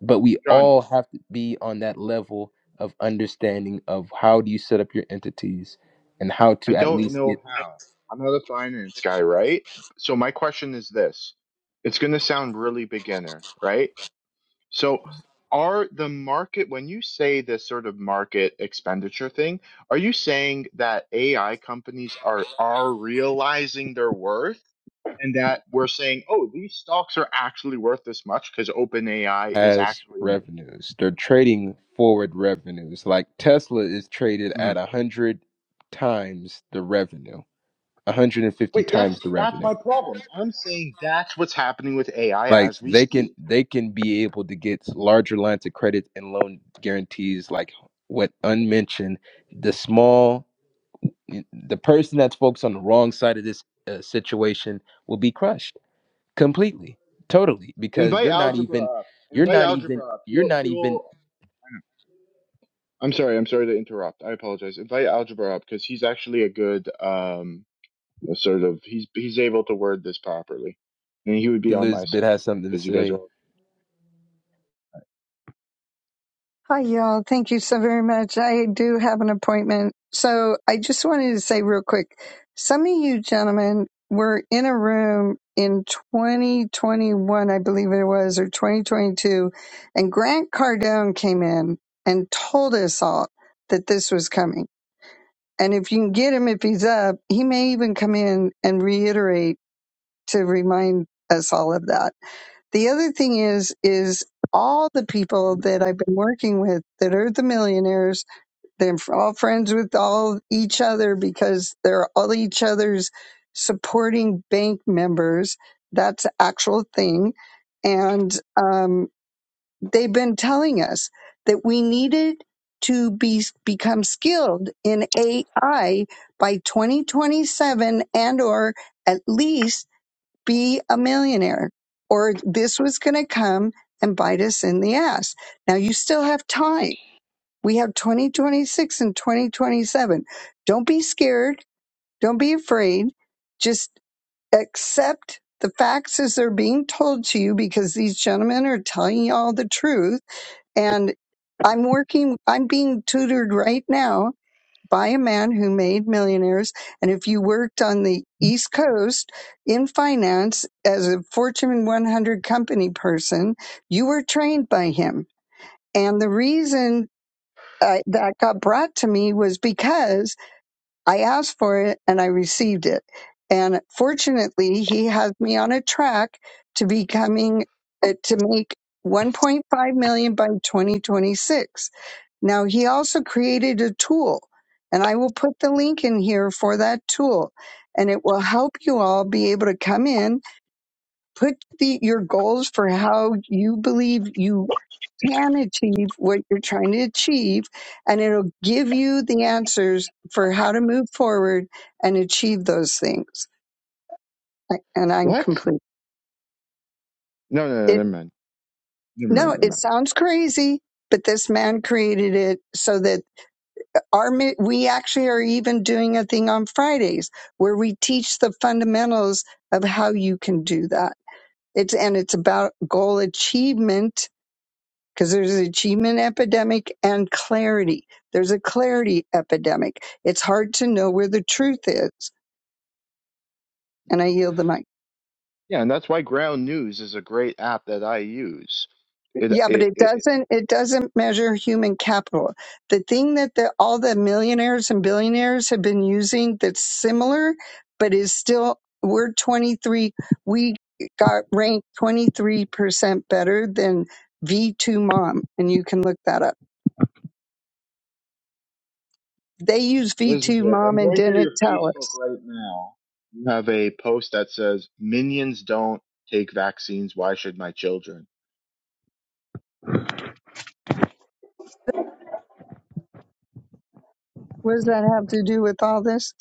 S4: But we
S13: John,
S4: all have to be on that level of understanding of how do you set up your entities and how
S13: I
S4: to at
S13: don't
S4: least get
S13: know how. I'm not a finance guy, right? So my question is this. It's going to sound really beginner, right? So are the market, when you say this sort of market expenditure thing, are you saying that AI companies are are realizing their worth and that we're saying, oh, these stocks are actually worth this much because OpenAI is
S4: has
S13: actually new?
S4: revenues. They're trading forward revenues. Like Tesla is traded
S13: Mhm.
S4: at a hundred times the revenue, one hundred and fifty
S13: Wait, that's
S4: times the
S13: that's
S4: revenue.
S13: my problem. I'm saying that's what's happening with AI
S4: Like
S13: as we
S4: they can
S13: speak.
S4: they can be able to get larger lines of credit and loan guarantees. Like what unmentioned, the small, the person that's focused on the wrong side of this uh, situation will be crushed completely, totally, because
S13: Invite
S4: you're not
S13: algebra
S4: even,
S13: up.
S4: you're
S13: Invite
S4: not even,
S13: algebra up.
S4: you're
S13: He'll
S4: not
S13: he'll.
S4: even.
S13: I know. I'm sorry. I'm sorry to interrupt. I apologize. Invite algebra up because he's actually a good um sort of he's he's able to word this properly, and he would be on my
S4: Elizabeth
S13: side
S4: has something to
S13: because you guys are
S4: say.
S13: all
S15: Hi, y'all. Thank you so very much. I do have an appointment. So I just wanted to say real quick some of you gentlemen were in a room in 2021, I believe it was, or 2022, and Grant Cardone came in and told us all that this was coming. And if you can get him, if he's up, he may even come in and reiterate to remind us all of that. The other thing is, is all the people that I've been working with that are the millionaires, they're all friends with all each other because they're all each other's supporting bank members. That's an actual thing. And um, they've been telling us that we needed to be become skilled in AI by 2027 and or at least be a millionaire or this was going to come and bite us in the ass. Now you still have time. We have 2026 and 2027. Don't be scared. Don't be afraid. Just accept the facts as they're being told to you because these gentlemen are telling you all the truth. And I'm working, I'm being tutored right now by a man who made millionaires. And if you worked on the East Coast in finance as a Fortune 100 company person, you were trained by him. And the reason uh, that got brought to me was because I asked for it and I received it. And fortunately, he has me on a track to becoming uh, to make 1.5 million by 2026. Now, he also created a tool, and I will put the link in here for that tool. And it will help you all be able to come in, put the, your goals for how you believe you can achieve what you're trying to achieve and it'll give you the answers for how to move forward and achieve those things I- and i'm
S13: what?
S15: complete
S13: No, no, no.
S15: it
S13: Never mind. Never mind.
S15: no
S13: Never
S15: it
S13: mind.
S15: sounds crazy but this man created it so that our mi- we actually are even doing a thing on fridays where we teach the fundamentals of how you can do that it's and it's about goal achievement because there's an achievement epidemic and clarity. There's a clarity epidemic. It's hard to know where the truth is. And I yield the mic.
S13: Yeah, and that's why Ground News is a great app that I use.
S15: Yeah, but
S13: it
S15: it
S13: it. it
S15: doesn't. It doesn't measure human capital. The thing that the, all the millionaires and billionaires have been using that's similar, but is still we're 23. We got ranked 23 percent better than V2 Mom, and you can look that up. They use V2
S13: Elizabeth,
S15: Mom
S13: I'm
S15: and
S13: going through
S15: didn't
S13: your
S15: tell
S13: Facebook
S15: us.
S13: right now. You have a post that says, Minions don't take vaccines. Why should my children?
S15: What does that have to do with all this?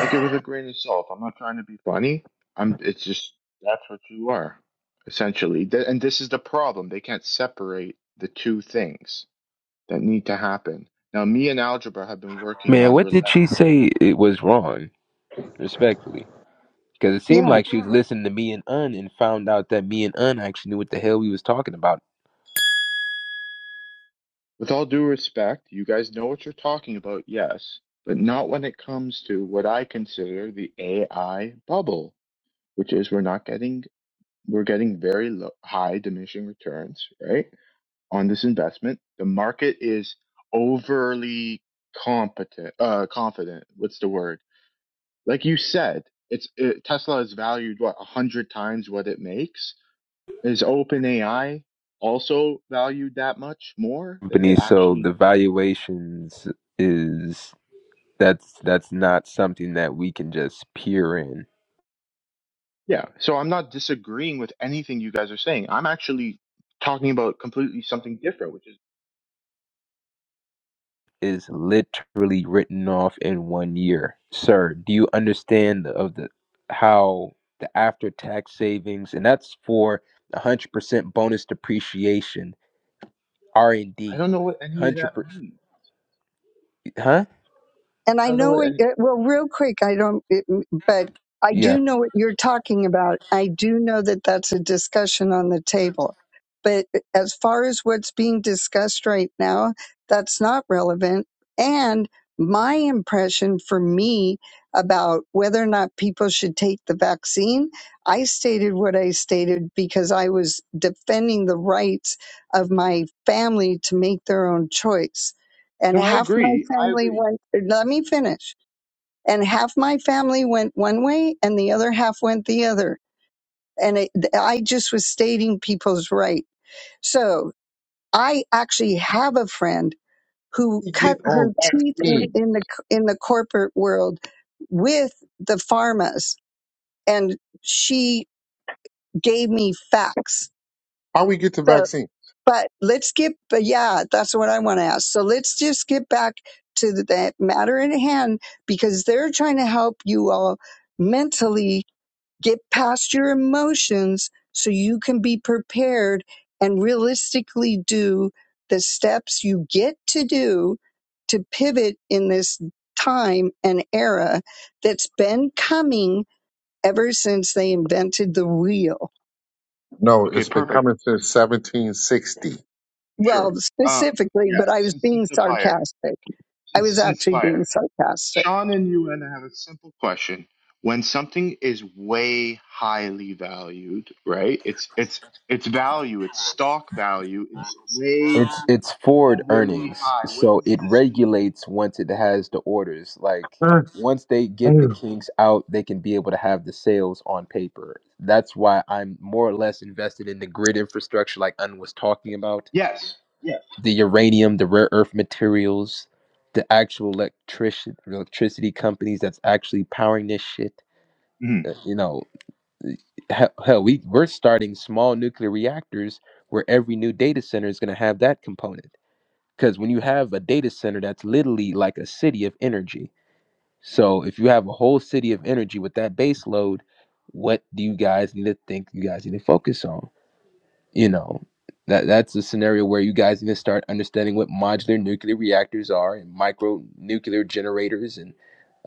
S13: Take it with a grain of salt. I'm not trying to be funny. I'm. It's just that's what you are, essentially. Th- and this is the problem. They can't separate the two things that need to happen. Now, me and algebra have been working
S4: Man,
S13: on
S4: what did she
S13: relentless.
S4: say it was wrong, respectfully? Because it seemed
S15: Yeah.
S4: like she was listening to me and Un and found out that me and Un actually knew what the hell we was talking about.
S13: With all due respect, you guys know what you're talking about, yes, but not when it comes to what I consider the AI bubble, which is we're not getting we're getting very low, high diminishing returns, right? on this investment. The market is overly competent, uh, confident. What's the word? Like you said, it's it, Tesla is valued what a hundred times what it makes. Is OpenAI also valued that much more than
S4: Company,
S13: it
S4: so the
S13: actually?
S4: valuations is that's that's not something that we can just peer in.
S13: Yeah. So I'm not disagreeing with anything you guys are saying. I'm actually talking about completely something different, which is
S4: Is literally written off in one year, sir. Do you understand of the how the after tax savings and that's for hundred percent bonus depreciation R and
S13: I
S4: D
S13: don't know what any of that
S4: hundred percent,
S13: means.
S4: huh?
S15: And
S13: I
S15: I
S13: don't know
S15: know
S13: what
S15: it,
S13: any.
S15: it- well, real quick, I don't, it, but I
S4: Yeah,
S15: do know what you're talking about. I do know that that's a discussion on the table. But uh, as far as what's being discussed right now, that's not relevant. And my impression for me about whether or not people should take the vaccine, I stated what I stated because I was defending the rights of my family to make their own choice and
S13: No, I
S15: half my
S13: agree. I
S15: family
S13: agree.
S15: went let me finish and half my family went one way and the other half went the other and it, i just was stating people's right so i actually have a friend who
S10: We
S15: cut
S10: get on
S15: her teeth in,
S10: vaccine.
S15: in the in the corporate world with the pharmas and she gave me facts
S10: How we get to
S15: So.
S10: vaccine?
S15: But let's get, but yeah, that's what I want to ask. So let's just get back to the, that matter at hand because they're trying to help you all mentally get past your emotions so you can be prepared and realistically do the steps you get to do to pivot in this time and era that's been coming ever since they invented the wheel.
S10: No,
S13: Okay,
S10: it's been
S13: perfect.
S10: coming since 1760.
S13: Sure.
S15: Well,
S13: Uh,
S15: specifically,
S13: yeah.
S15: but I was
S13: Since
S15: being
S13: since the fire,
S15: sarcastic. I
S13: since
S15: was
S13: since
S15: actually
S13: fire,
S15: being sarcastic.
S13: Sean and you and I have a simple question. When something is way highly valued, right? It's it's its value, its stock value is way
S4: it's it's forward
S13: overly
S4: earnings,
S13: high. What
S4: so
S13: does
S4: it
S13: this mean?
S4: regulates once it has the orders. Like
S10: Uh,
S4: once they
S10: hey,
S4: get the kinks out, they can be able to have the sales on paper. That's why I'm more or less invested in the grid infrastructure, like Un was talking about,
S13: Yes. Yes.
S4: the uranium, the rare earth materials, the actual electric electricity companies that's actually powering this shit.
S13: Mhm.
S4: Uh, You know, hell, hell we we're starting small nuclear reactors where every new data center is going to have that component Because when you have a data center, that's literally like a city of energy. So if you have a whole city of energy with that base load, what do you guys need to think you guys need to focus on? You know, that that's a scenario where you guys need to start understanding what modular nuclear reactors are and micro nuclear generators and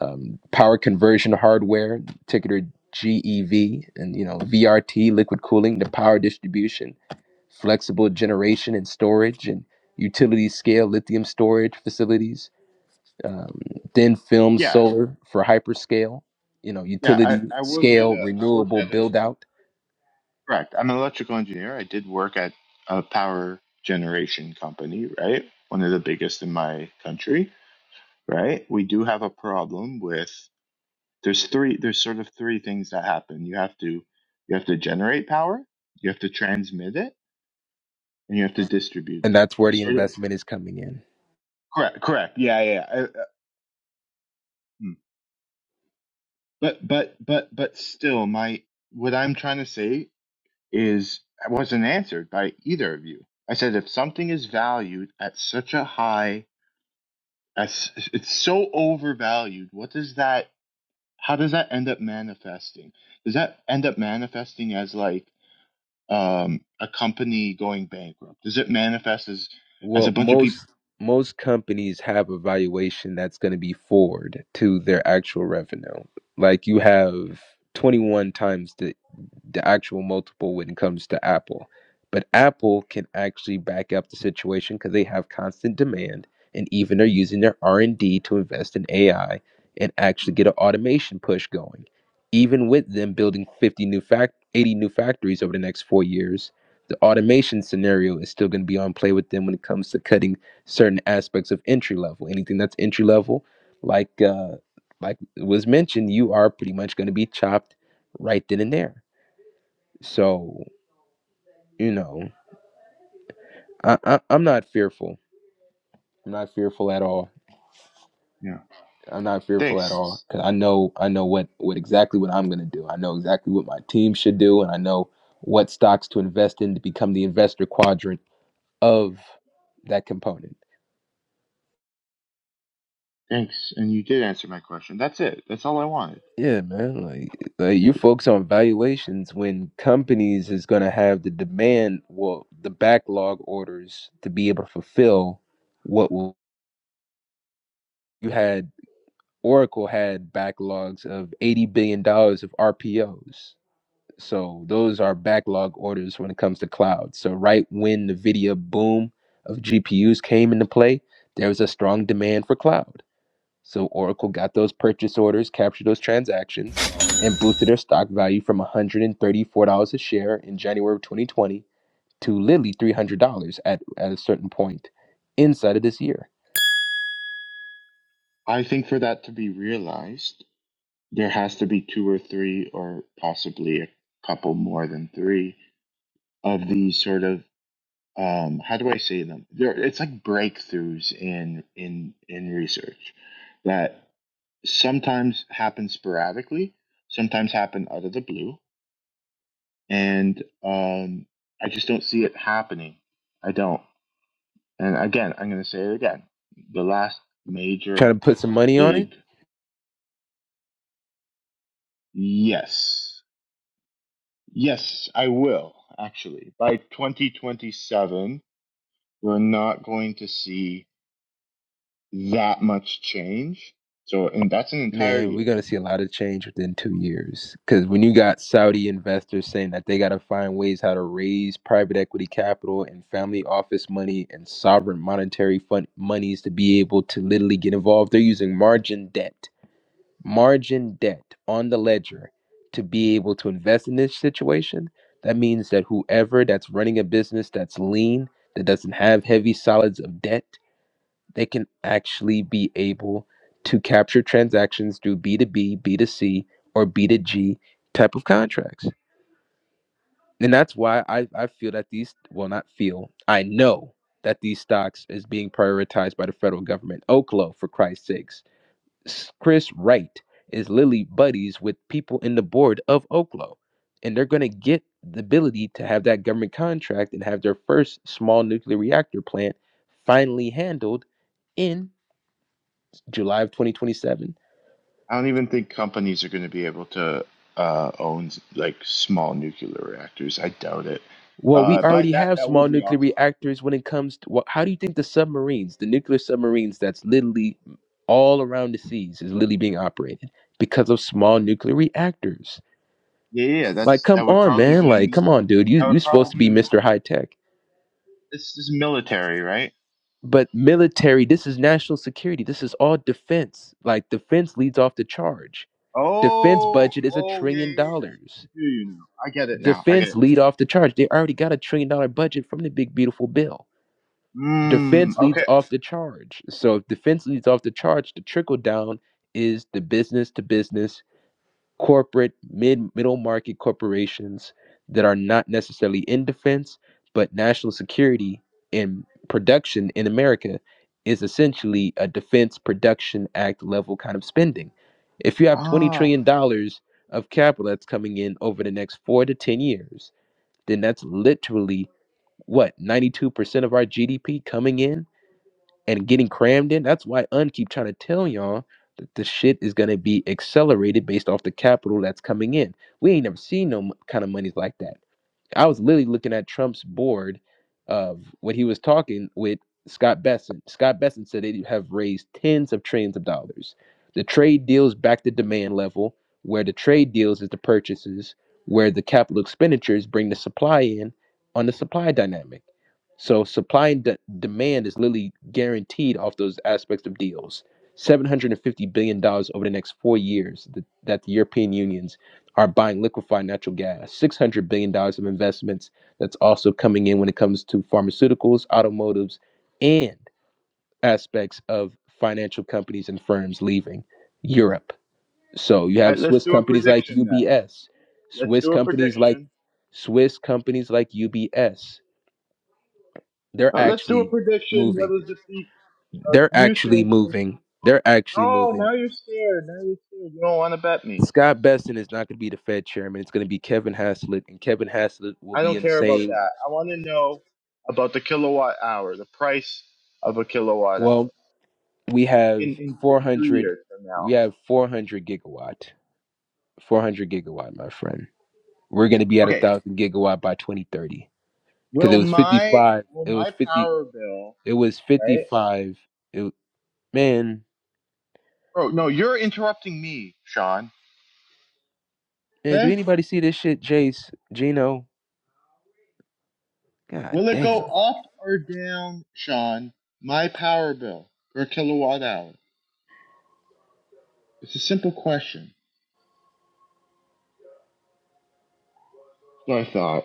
S4: um, power conversion hardware, ticker GEV, and you know VRT, liquid cooling, the power distribution flexible generation and storage and utility scale lithium storage facilities, um, thin film
S13: Yeah.
S4: solar for hyperscale, you know,
S13: Yeah. I
S4: utility
S13: I worked at
S4: scale
S13: a I worked
S4: renewable
S13: at a
S4: build out.
S13: correct. I'm an electrical engineer. I did work at a power generation company, right? One of the biggest in my country right? We do have a problem with there's three there's sort of three things that happen. You have to you have to generate power, you have to transmit it, and you have to distribute
S4: And
S13: it.
S4: that's where the
S13: Sort of,
S4: investment is coming in.
S13: correct, correct. Yeah, yeah. yeah. Uh, uh, hmm. But but but but still my what I'm trying to say is I wasn't answered by either of you. I said if something is valued at such a high as it's so overvalued, what does that how does that end up manifesting? Does that end up manifesting as like um, a company going bankrupt? Does it manifest as as
S4: Well,
S13: a bunch of people?
S4: most most companies have a valuation that's going to be forward to their actual revenue. Like you have 21 times the the actual multiple when it comes to Apple. But Apple can actually back up the situation because they have constant demand and even are using their R&D to invest in AI and actually get an automation push going. Even with them building 50 new fact 80 new factories over the next 4 years, the automation scenario is still going to be on play with them when it comes to cutting certain aspects of entry level. Anything that's entry level, like uh, like was mentioned, you are pretty much going to be chopped right then and there. So you know, I, I I'm not fearful. I'm not fearful at all.
S13: Yeah.
S4: I'm not fearful at
S13: Thanks.
S4: all because I know I know what what exactly what I'm going to do. I know exactly what my team should do, and I know what stocks to invest in to become the investor quadrant of that component.
S13: Thanks. And you did answer my question. That's it. That's all I wanted.
S4: Yeah, man. Like, like you
S13: Okay.
S4: focus on valuations when companies is going to have the demand, well, the backlog orders to be able to fulfill what will you had Oracle had backlogs of eighty billion dollars of RPOs. So those are backlog orders when it comes to cloud. So right when the video boom of GPUs came into play, there was a strong demand for cloud. So Oracle got those purchase orders, captured those transactions, and boosted their stock value from $134 a share in January of 2020 to literally $300 at, at a certain point inside of this year.
S13: I think for that to be realized, there has to be two or three, or possibly a couple more than three of these sort of um, how do I say them? They're. it's like breakthroughs in in in research that sometimes happen sporadically, sometimes happen out of the blue, and um, I just don't see it happening. I don't. And again, I'm going to say it again. The last
S4: Trying
S13: major
S4: to put some money on it?
S13: big yes, yes, I will actually. By 2027, we're not going to see that much change. So, and that's an entire
S4: Man,
S13: year.
S4: we're going to see a lot of change within two years. Because when you got Saudi investors saying that they got to find ways how to raise private equity capital and family office money and sovereign monetary fund monies to be able to literally get involved, they're using margin debt margin debt on the ledger to be able to invest in this situation, that means that whoever that's running a business that's lean, that doesn't have heavy solids of debt, they can actually be able to capture transactions through B2B, B2C, or B2G type of contracts. And that's why I, I feel that these, well, not feel, I know that these stocks is being prioritized by the federal government. Oklo, for Christ's sakes Chris Wright is literally buddies with people in the board of Oklo, and they're going to get the ability to have that government contract and have their first small nuclear reactor plant finally handled in July of 2027.
S13: I don't even think companies are going to be able to uh, own like small nuclear reactors. I doubt it.
S4: Well, we
S13: Uh, but
S4: already
S13: that
S4: have
S13: that
S4: small
S13: would be
S4: nuclear
S13: awesome.
S4: reactors when it comes to well, how do you think the submarines, the nuclear submarines that's literally all around the seas is literally being operated because of small nuclear reactors.
S13: Yeah, yeah, yeah,
S4: Like
S13: that's that
S4: come
S13: would
S4: on,
S13: probably
S4: man.
S13: be a
S4: Like
S13: mil-
S4: come on, dude. You
S13: that
S4: you're
S13: would
S4: supposed to be
S13: probably
S4: Mr. High Tech
S13: this is military, right?
S4: But military, this is national security. This is all defense. Like defense leads off the charge. Defense
S13: Oh,
S4: budget is a
S13: oh yeah,
S4: trillion
S13: yeah, yeah. I
S4: dollars.
S13: feel you now. I get it now. I get
S4: Defense
S13: it.
S4: lead off the charge. They already got a trillion dollar budget from the big beautiful bill.
S13: Mmm.
S4: Defense leads
S13: Okay.
S4: off the charge. So if defense leads off the charge, the trickle down is the business to business corporate mid middle market corporations that are not necessarily in defense but national security and production in america is essentially a defense production act level kind of spending if you have 20
S13: Ah.
S4: trillion
S13: yeah.
S4: dollars of capital that's coming in over the next 4 to 10 years then that's literally what 92% of our gdp coming in and getting crammed in. That's why UN keep trying to tell y'all that the shit is gonna be accelerated based off the capital that's coming in. We ain't never seen no kind of monies like that. I was literally looking at Trump's board of when he was talking with Scott Besson. Scott Besson said they have raised tens of trillions of dollars. The trade deals back to demand level, where the trade deals is the purchases, where the capital expenditures bring the supply in on the supply dynamic. So supply and de- demand is literally guaranteed off those aspects of deals. $750 billion dollars over the next four years that, that the European Union's are buying liquefied natural gas, $600 billion dollars of investments that's also coming in when it comes to pharmaceuticals, automotives, and aspects of financial companies and firms leaving Europe. So you
S13: All
S4: have
S13: right. Let's
S4: Swiss
S13: do a
S4: companies like
S13: prediction then.
S4: UBS,
S13: Let's
S4: Swiss
S13: do a
S4: companies like
S13: prediction.
S4: Swiss companies like UBS. They're
S13: Uh, let's do a
S4: actually
S13: prediction. What
S4: moving.
S13: is the peak? Uh, do
S4: They're
S13: you
S4: actually
S13: think?
S4: moving. They're actually
S13: Oh,
S4: moving.
S13: now you're scared. Now you're scared. You don't want to bet me.
S4: Scott Besson is not going to be the Fed chairman. It's going to be Kevin Haslett, and Kevin Haslett will
S13: I
S4: be
S13: don't
S4: in the
S13: care about
S4: same.
S13: that. I want to know about the kilowatt hour, the price of a kilowatt hour
S4: Well, we
S13: in,
S4: have
S13: in in two
S4: 400
S13: years from now.
S4: we have 400 gigawatt 400 gigawatt my friend we're going to be at a
S13: Okay.
S4: thousand gigawatt by 2030 because
S13: Will
S4: it was
S13: my
S4: 55
S13: will
S4: it was
S13: my
S4: 50
S13: power bill
S4: it was
S13: right?
S4: 55 it, man
S13: Oh no, you're interrupting me, Sean.
S4: man do
S13: Okay.
S4: anybody see this shit jace gino god
S13: Will it
S4: damn
S13: go up or down, Sean? My power bill per kilowatt hour. It's a simple question. That's I thought.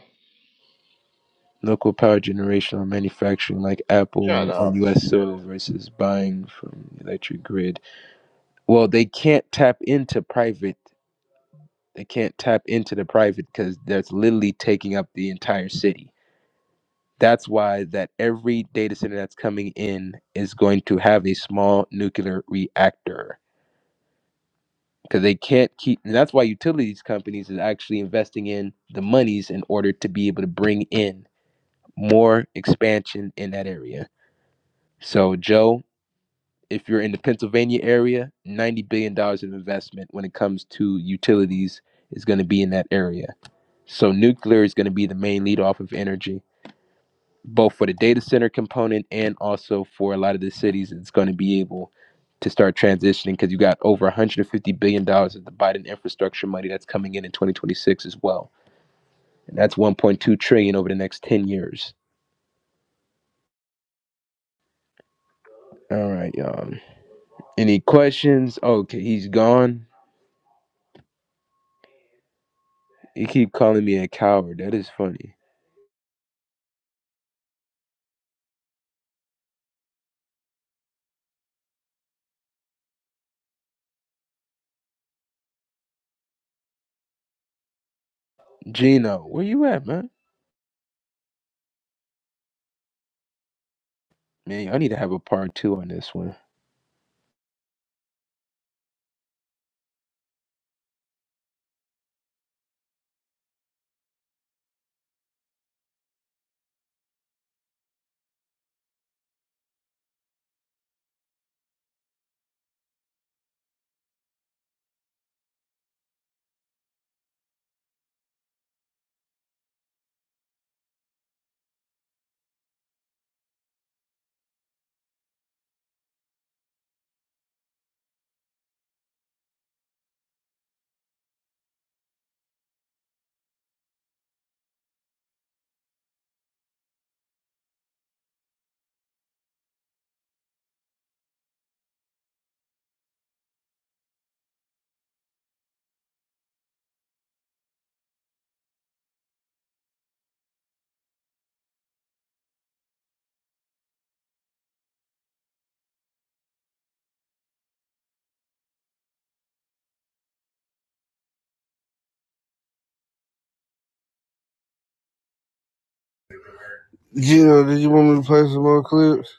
S4: local power generation or manufacturing like
S13: Shut
S4: apple on
S13: up.
S4: us
S13: Shut up.
S4: soil versus buying from electric grid well they can't tap into private They can't tap into the private because that's literally taking up the entire city. That's why that every data center that's coming in is going to have a small nuclear reactor because they can't keep. And that's why utilities companies is actually investing in the monies in order to be able to bring in more expansion in that area. So Joe, if you're in the Pennsylvania area, ninety billion dollars of investment when it comes to utilities is going to be in that area So nuclear is going to be the main lead off of energy, both for the data center component and also for a lot of the cities. It's going to be able to start transitioning because you got over 150 billion dollars of the Biden infrastructure money that's coming in in 2026 as well, and that's 1.2 trillion dollars over the next 10 years. All right, y'all. Any questions? Okay, he's gone. You keep calling me a coward. That is funny. Gino, where you at, man? Man, I need to have a part two on this one.
S2: Gino, did you want me to play some more clips?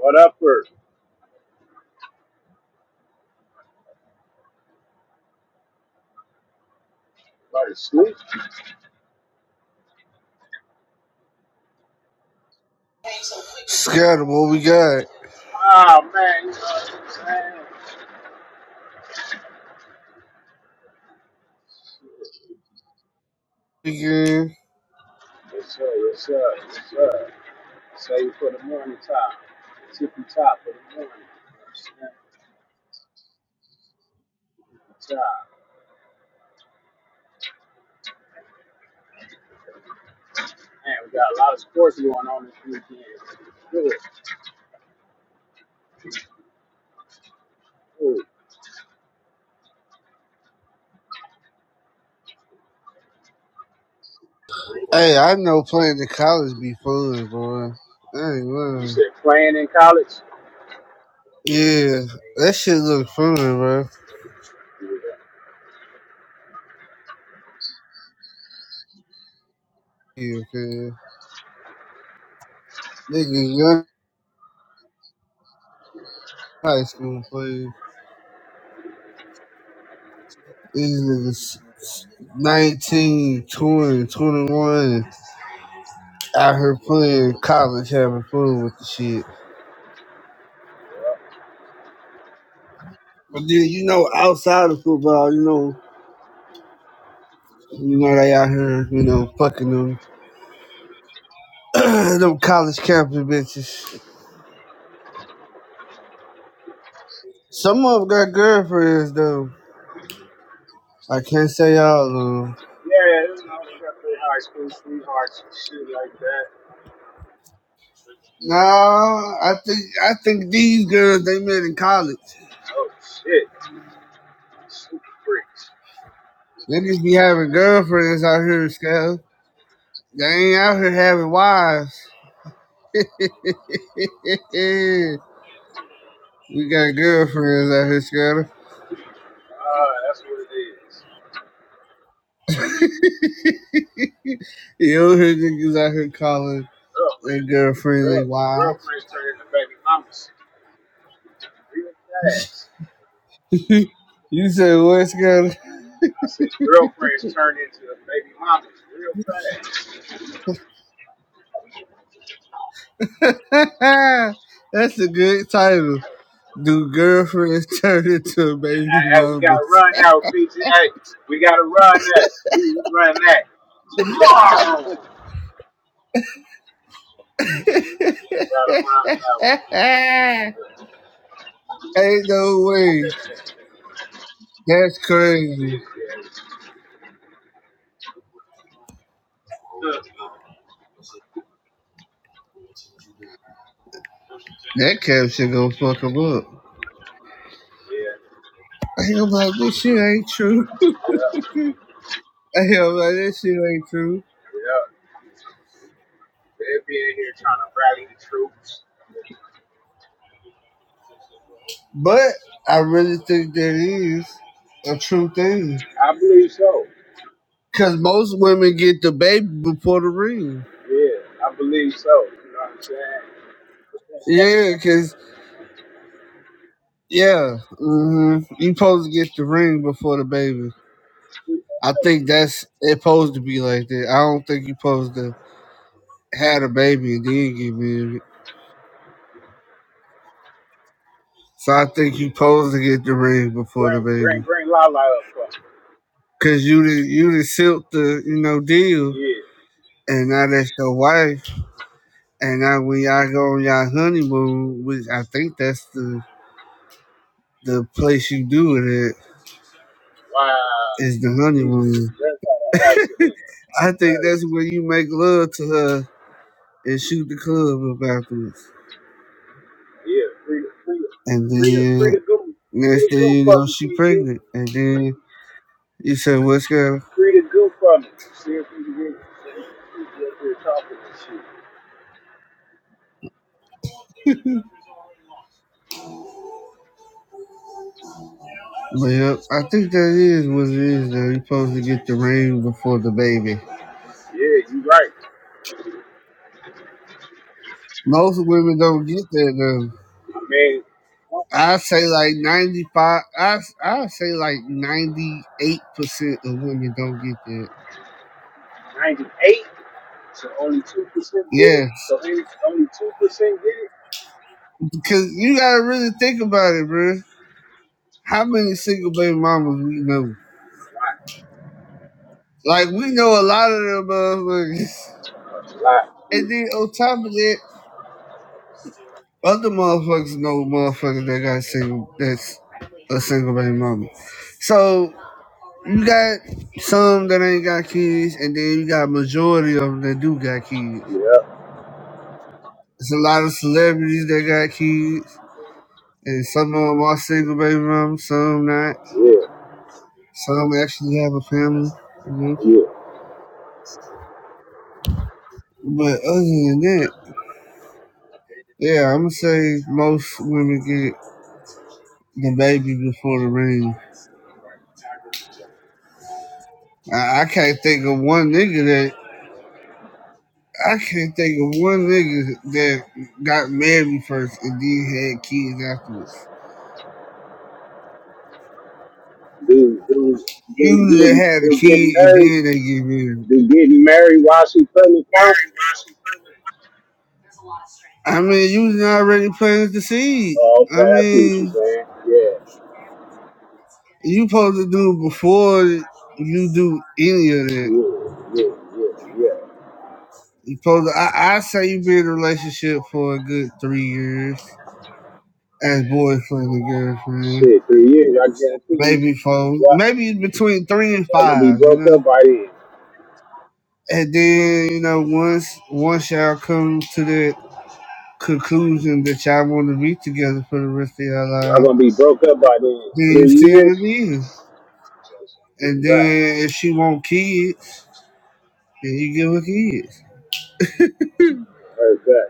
S6: What up, for brother Scoop?
S2: Scatter, what we got?
S6: Ah oh, man, you know what I'm saying?
S2: Again.
S6: What's up? What's up? What's up? Save for the morning time. Tippy top for the morning. You know what I'm saying? Man, we got a lot of sports going on this weekend. Really cool.
S2: Hey, I know playing the college be fun, boy. I ain't
S6: You
S2: lying.
S6: said playing in college?
S2: Yeah, that shit look fun, bro. Yeah, okay. Niggas young high school playing. These niggas 19, twenty, twenty-one out here playing college, having fun with the shit. But then, you know, outside of football, you know, you know they out here, you know, fucking them, <clears throat> them college campus bitches. Some of them got girlfriends, though. I can't say all of them.
S6: Yeah, you know, we got three high school sweethearts and shit like that.
S2: No, I think I think these girls they met in college.
S6: Shit, super freak.
S2: Niggas be having girlfriends out here, Scale. They ain't out here having wives. <laughs> we got girlfriends out here, Scale.
S6: Ah, that's what it is.
S2: <laughs> you don't hear niggas out here calling their
S6: Girlfriends.
S2: girlfriend
S6: Girl,
S2: their wives.
S6: girlfriends turn into baby mamas real fast.
S2: <laughs> you said what, Scale?
S6: I said girlfriends turn into baby mamas real fast.
S2: <laughs> That's a good title. Do girlfriends <laughs> turn into baby
S6: Hey, hey, we gotta
S2: mamas?
S6: run now, PG. Hey, we gotta run that. We we run that tomorrow.
S2: <laughs> Ain't
S6: Gotta run now.
S2: no way. That's crazy.
S6: <laughs>
S2: That caption gonna fuck him up.
S6: Yeah,
S2: Ain't about this shit ain't true. <laughs> Ain't about this shit ain't true.
S6: yeah. They'd be here trying to rally the troops.
S2: But I really think that is a true thing.
S6: I believe so.
S2: Cause most women get the baby before the ring.
S6: Yeah, I believe so. You know what I'm saying?
S2: Yeah, cause yeah, hmm you supposed to get the ring before the baby. I think that's it. Supposed to be like that. I don't think you supposed to. had a baby and then get married. So I think you supposed to get the ring before the
S6: Bring, bring,
S2: baby.
S6: bring Lala up for me.
S2: Cause you did you did silk the, you know, deal
S6: Yeah.
S2: and now that's your wife. And now when y'all go on y'all honeymoon, which I think that's the the place you do it at,
S6: Wow.
S2: is the
S6: These niggas
S2: honeymoon.
S6: just had an
S2: <laughs>
S6: accident.
S2: I think
S6: Crazy.
S2: that's where you make love to her and shoot the club up afterwards.
S6: Yeah. Free the, free the,
S2: And
S6: free the, free
S2: then
S6: the goo. Free
S2: next
S6: the
S2: thing
S6: goo
S2: you
S6: from
S2: know,
S6: me,
S2: she
S6: PG.
S2: pregnant. And then you say, What's going on?
S6: Free the goo from me. See if we can get some people up here talking and shit.
S2: But yep, I think that is what it is. Though you're supposed to get the ring before the baby.
S6: Yeah, you right.
S2: Most women don't get that though.
S6: I mean, what,
S2: I say like ninety five. I I say like ninety eight percent of women don't get that.
S6: 98? So only 2% did it?
S2: Yes,
S6: So only only 2% did it?
S2: because you gotta really think about it, bro. How many single baby mamas we know? Like we know a lot of them motherfuckers,
S6: Wow.
S2: and then on top of that, other motherfuckers know motherfuckers that got single. That's a single baby mama. So You got some that ain't got kids, and then you got majority of them that do got kids. It's a lot of celebrities that got kids, and some of them are single baby moms, some not.
S6: Yeah,
S2: Some actually have a family, you know.
S6: yeah.
S2: But other than that, yeah, I'm gonna say most women get the baby before the ring. I, I can't think of one nigga that I can't think of one nigga that got married first and then had kids afterwards.
S6: Do do do
S2: usually they
S6: get
S2: have a
S6: do get
S2: kid and
S6: married?
S2: then they get married.
S6: Do getting married while she pregnant count?
S2: I mean, you was already planted the seed.
S6: Oh, okay,
S2: I
S6: I see what you're
S2: mean,
S6: saying. Yeah,
S2: you supposed to do it before you do any of that.
S6: yeah, yeah, yeah, yeah.
S2: You supposed to, I, I say you be in a relationship for a good three years as boyfriend and girlfriend.
S6: Shit, three years. I guarantee you,
S2: Maybe four,
S6: y'all,
S2: maybe between three and
S6: y'all gonna be
S2: five, you
S6: broke
S2: know?
S6: up by then.
S2: And then, you know, once, once y'all come to that conclusion that y'all want to be together for the rest of your
S6: Y'all
S2: life,
S6: gonna be broke up by then.
S2: Then you
S6: Three
S2: see him
S6: years.
S2: again. And
S6: Right,
S2: then if she want kids, then you give her kids.
S6: right, right.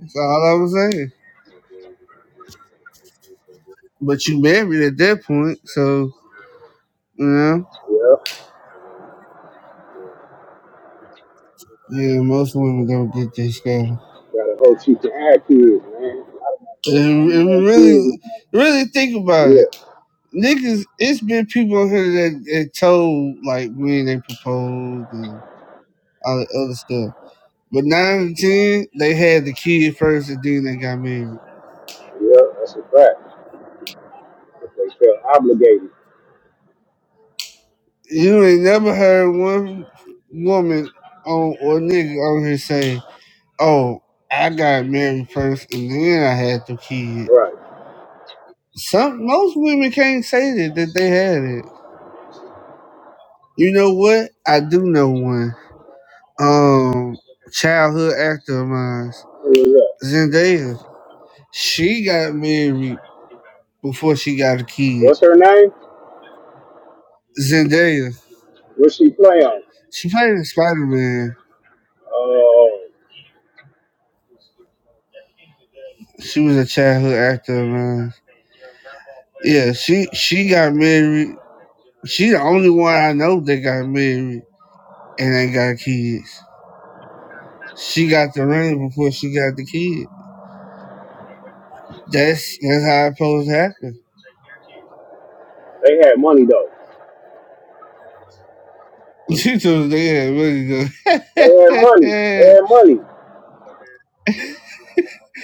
S2: That's all I was saying. But you married at that point, so you know.
S6: Yeah.
S2: Yeah, most women don't get this stuff.
S6: Gotta hope she can have kids, man. A lot of my friends
S2: And if
S6: ain't
S2: you
S6: had kids.
S2: really,
S6: man.
S2: really think about it,
S6: Yeah,
S2: niggas, it's been people on here that, that told like when they proposed and all the other stuff. But nine and ten, they had the kid first, and then they got married.
S6: yeah, that's a fact. If they feel obligated.
S2: You ain't never heard one woman on or nigga on here say, "Oh, I got married first, and then I had the kid."
S6: Right.
S2: Some most women can't say that that they had it. You know what? I do know one. Um, childhood actor of mine,
S6: Who is that?
S2: Zendaya. She got married before she got a kid.
S6: What's her name?
S2: Zendaya.
S6: What she play on?
S2: She played in Spider Man.
S6: Oh,
S2: She was a childhood actor of mine. Yeah, she she got married She the only one I know that got married and ain't got kids. She got the ring before she got the kid. That's that's how it's supposed to happen.
S6: they had money though.
S2: <laughs> She told the dad,
S6: They had
S2: really
S6: money. They
S2: good.
S6: had money.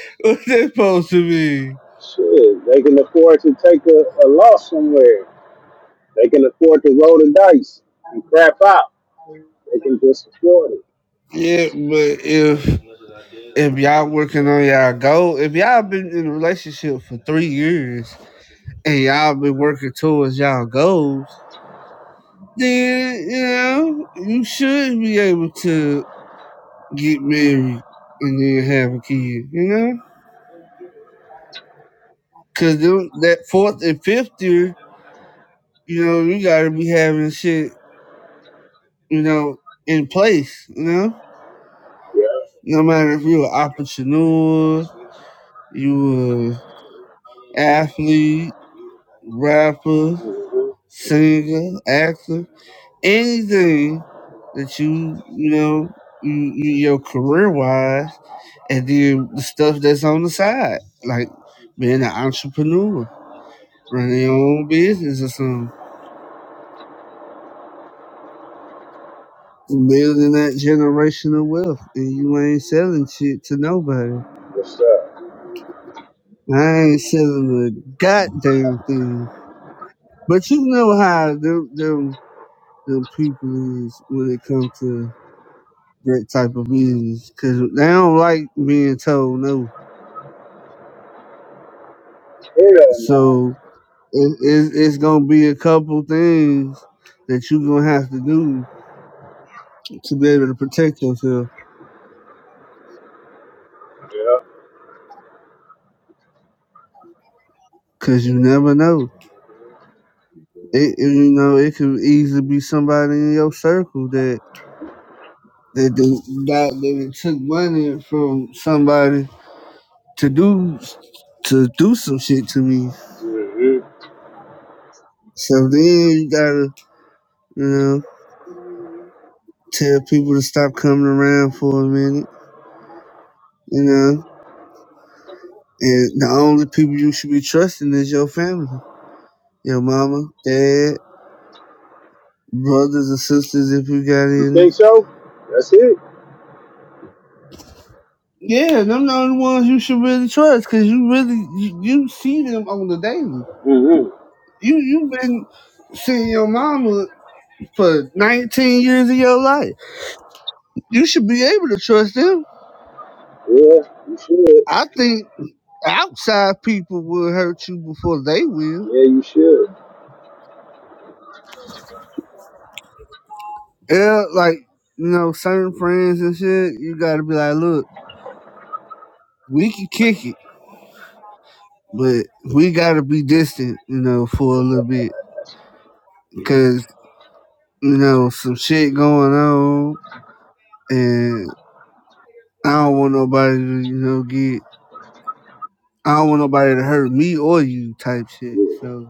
S2: <laughs> What's that supposed to be?
S6: Shit, they can afford to take a, a loss somewhere. They can afford to roll the dice and crap out. They can just afford it.
S2: Yeah, but if if y'all working on y'all goal, if y'all been in a relationship for three years and y'all been working towards y'all goals, then you know you should be able to get married and then have a kid, you know? Cause them, that fourth and fifth year, you know, you gotta be having shit, you know, in place, you know?
S6: Yeah.
S2: No matter if you're an entrepreneur, you a athlete, rapper,
S6: hmm
S2: singer, actor, anything that you, you know, you, you your career wise, and then the stuff that's on the side, like being an entrepreneur Running your own business or something. Building that generational wealth, and you ain't selling shit to nobody.
S6: What's up?
S2: I ain't selling a goddamn thing. But you know how them them, them people is when it comes to that type of business, because they don't like being told no.
S6: Hell no.
S2: So it, it, it's gonna be a couple things that you gonna have to do to be able to protect yourself,
S6: Yeah.
S2: because you never know. It, it- you know, it could easily be somebody in your circle that that that got that took money from somebody to do to do some shit to me.
S6: hmm
S2: So then you gotta, you know, tell people to stop coming around for a minute, you know. And the only people you should be trusting is your family, your mama, dad, brothers and sisters if you got
S6: You
S2: any.
S6: think so? That's it.
S2: Yeah, them the only ones you should really trust because you really you, you see them on the daily.
S6: hmm
S2: You you've been seeing your mama for 19 years of your life. You should be able to trust them.
S6: Yeah, you should.
S2: I think outside people will hurt you before they will.
S6: Yeah, you should.
S2: Yeah, like you know, certain friends and shit. You gotta be like, look, we can kick it, but we gotta be distant, you know, for a little bit because you know some shit going on, and I don't want nobody to you know get. I don't want nobody to hurt me or you type shit.
S6: Yeah.
S2: So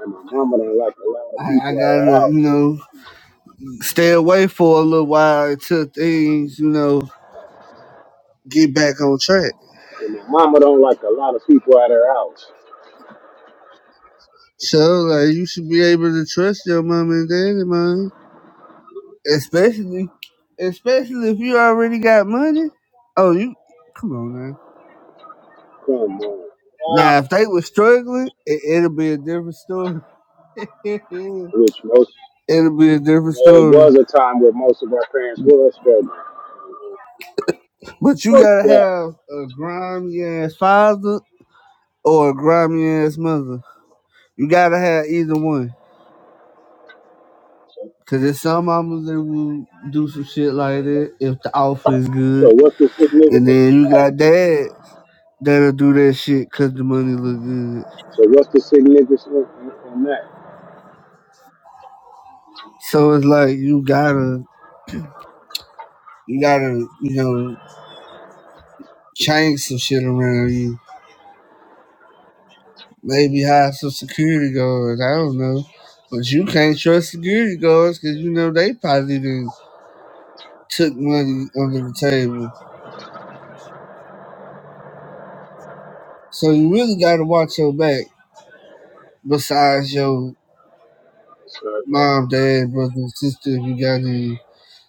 S6: And my mama don't like a lot of
S2: I, I
S6: people out of
S2: gotta,
S6: the
S2: you
S6: house.
S2: know, stay away for a little while until things, you know, get back on track.
S6: And my mama don't like a lot of people at her house.
S2: So, like, you should be able to trust your mom and daddy, man. Especially, especially if you already got money. Oh, you, come on, man.
S6: Come on. now.
S2: Now, if they were struggling, it, it'll be a different story. <laughs> it'll
S6: Which most,
S2: be a different
S6: well, it
S2: story.
S6: was a time where most of our parents was struggling.
S2: But you gotta
S6: Fucked up.
S2: have a grimy ass father or a grimy ass mother. You gotta have either one
S6: So,
S2: Cause there's some mamas that will do some shit like that if the offer is good,
S6: so what's the
S2: and
S6: significance
S2: then
S6: in
S2: you got
S6: that?
S2: dads that'll do that shit cause the money look good.
S6: So what's the significance in, in, in that?
S2: So it's like you gotta, you gotta, you know, change some shit around you. Maybe hire some security guards. I don't know, but you can't trust security guards cause you know they probably done took money under the table. So you really gotta watch your back. Besides your
S6: So,
S2: mom, dad, brother, sister, if you got any.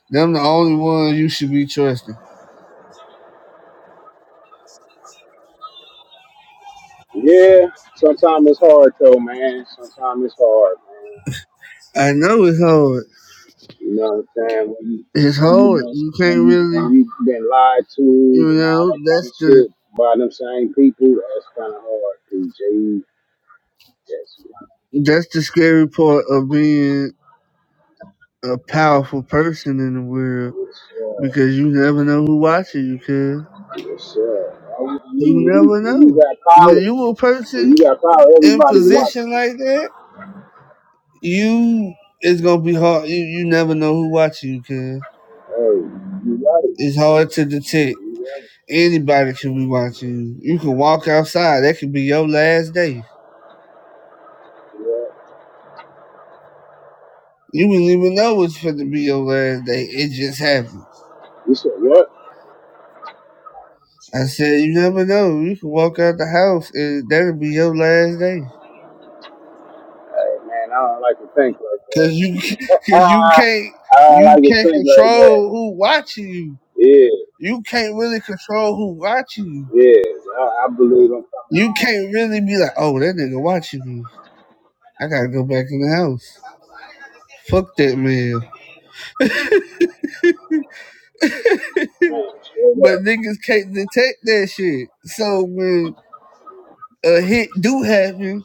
S2: Them the only one you should be trusting.
S6: yeah, sometimes it's hard though, man. Sometimes it's hard, man.
S2: I know it's hard.
S6: You know what I'm saying? When you,
S2: It's
S6: when you,
S2: hard.
S6: been-
S2: You can't
S6: when you,
S2: really,
S6: when you been lied to
S2: you
S6: and all
S2: know,
S6: that kind
S2: that's
S6: of
S2: the
S6: shit by them same people, that's kind of hard, PJ. Yes, yes,
S2: that's the scary part of being a powerful person in the world
S6: sir.
S2: because you never know who watching you, cuz.
S6: Yes, sir. I
S2: You
S6: mean, when you,
S2: never
S6: when you
S2: know.
S6: got
S2: When
S6: power,
S2: you a
S6: when
S2: person
S6: you got power,
S2: in
S6: everybody's watching.
S2: position like that, you it's gonna be hard. You you never know who watching you, cuz.
S6: Hey, you got it.
S2: It's hard to detect.
S6: You got it.
S2: Anybody can be watching you. You can walk outside. That could be your last day.
S6: Yeah.
S2: You wouldn't even know it's going to be your last day. It just happened.
S6: You said what?
S2: I said, you never know. You can walk out the house and that'll be your last day.
S6: Hey, man, I don't like to think
S2: Cause
S6: like
S2: you, <laughs>
S6: that.
S2: cause
S6: <laughs>
S2: you can't,
S6: I don't
S2: you
S6: like to
S2: can't
S6: think like that.
S2: control who watching you.
S6: Yeah,
S2: You can't really control who watching you.
S6: yeah. I, I believe I'm coming
S2: You
S6: home,
S2: can't really be like, oh, that nigga watching me. I gotta go back in the house. Fuck that man. <laughs>
S6: man. Straight
S2: But
S6: up.
S2: niggas can't detect that shit. So when a hit do happen,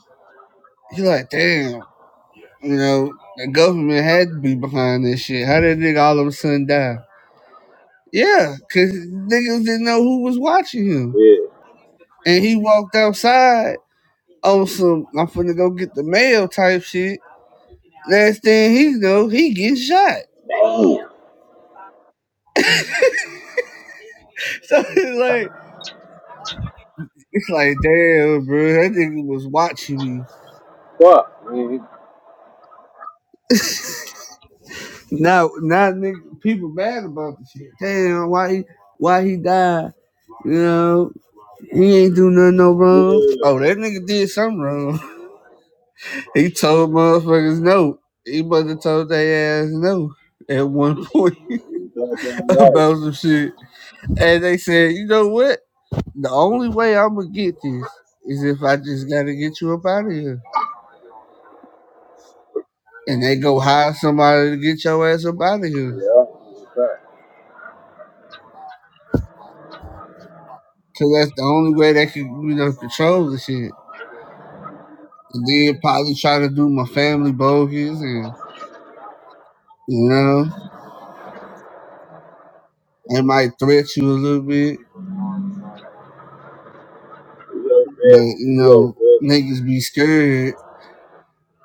S2: you're like, damn. You know, the government had to be behind this shit. How did nigga all of a sudden die? Yeah, cause niggas didn't know who was watching him.
S6: Yeah.
S2: And he walked outside on some I'm finna go get the mail type shit. Last thing he know, he getting shot.
S6: Damn.
S2: <laughs> So it's like it's like damn bro, that nigga was watching me.
S6: Fuck, man.
S2: Now now nigga people mad about the shit. Damn, why he why he died? You know, he ain't do nothing no wrong.
S6: Yeah.
S2: Oh, that nigga did something wrong. He told motherfuckers no. He must have told their ass no at one point
S6: You
S2: <laughs>
S6: goddamn right.
S2: about some shit. And they said, you know what? The only way I'm gonna get this is if I just gotta get you up out of here. And they go hire somebody to get your ass up out of here.
S6: Yeah. It's a fact.
S2: Cause that's the only way they can, you know, control the shit. And then probably try to do my family bogus and, you know, they might threat you a little bit.
S6: A little
S2: But,
S6: bit.
S2: you
S6: A little
S2: know,
S6: bit.
S2: niggas be scared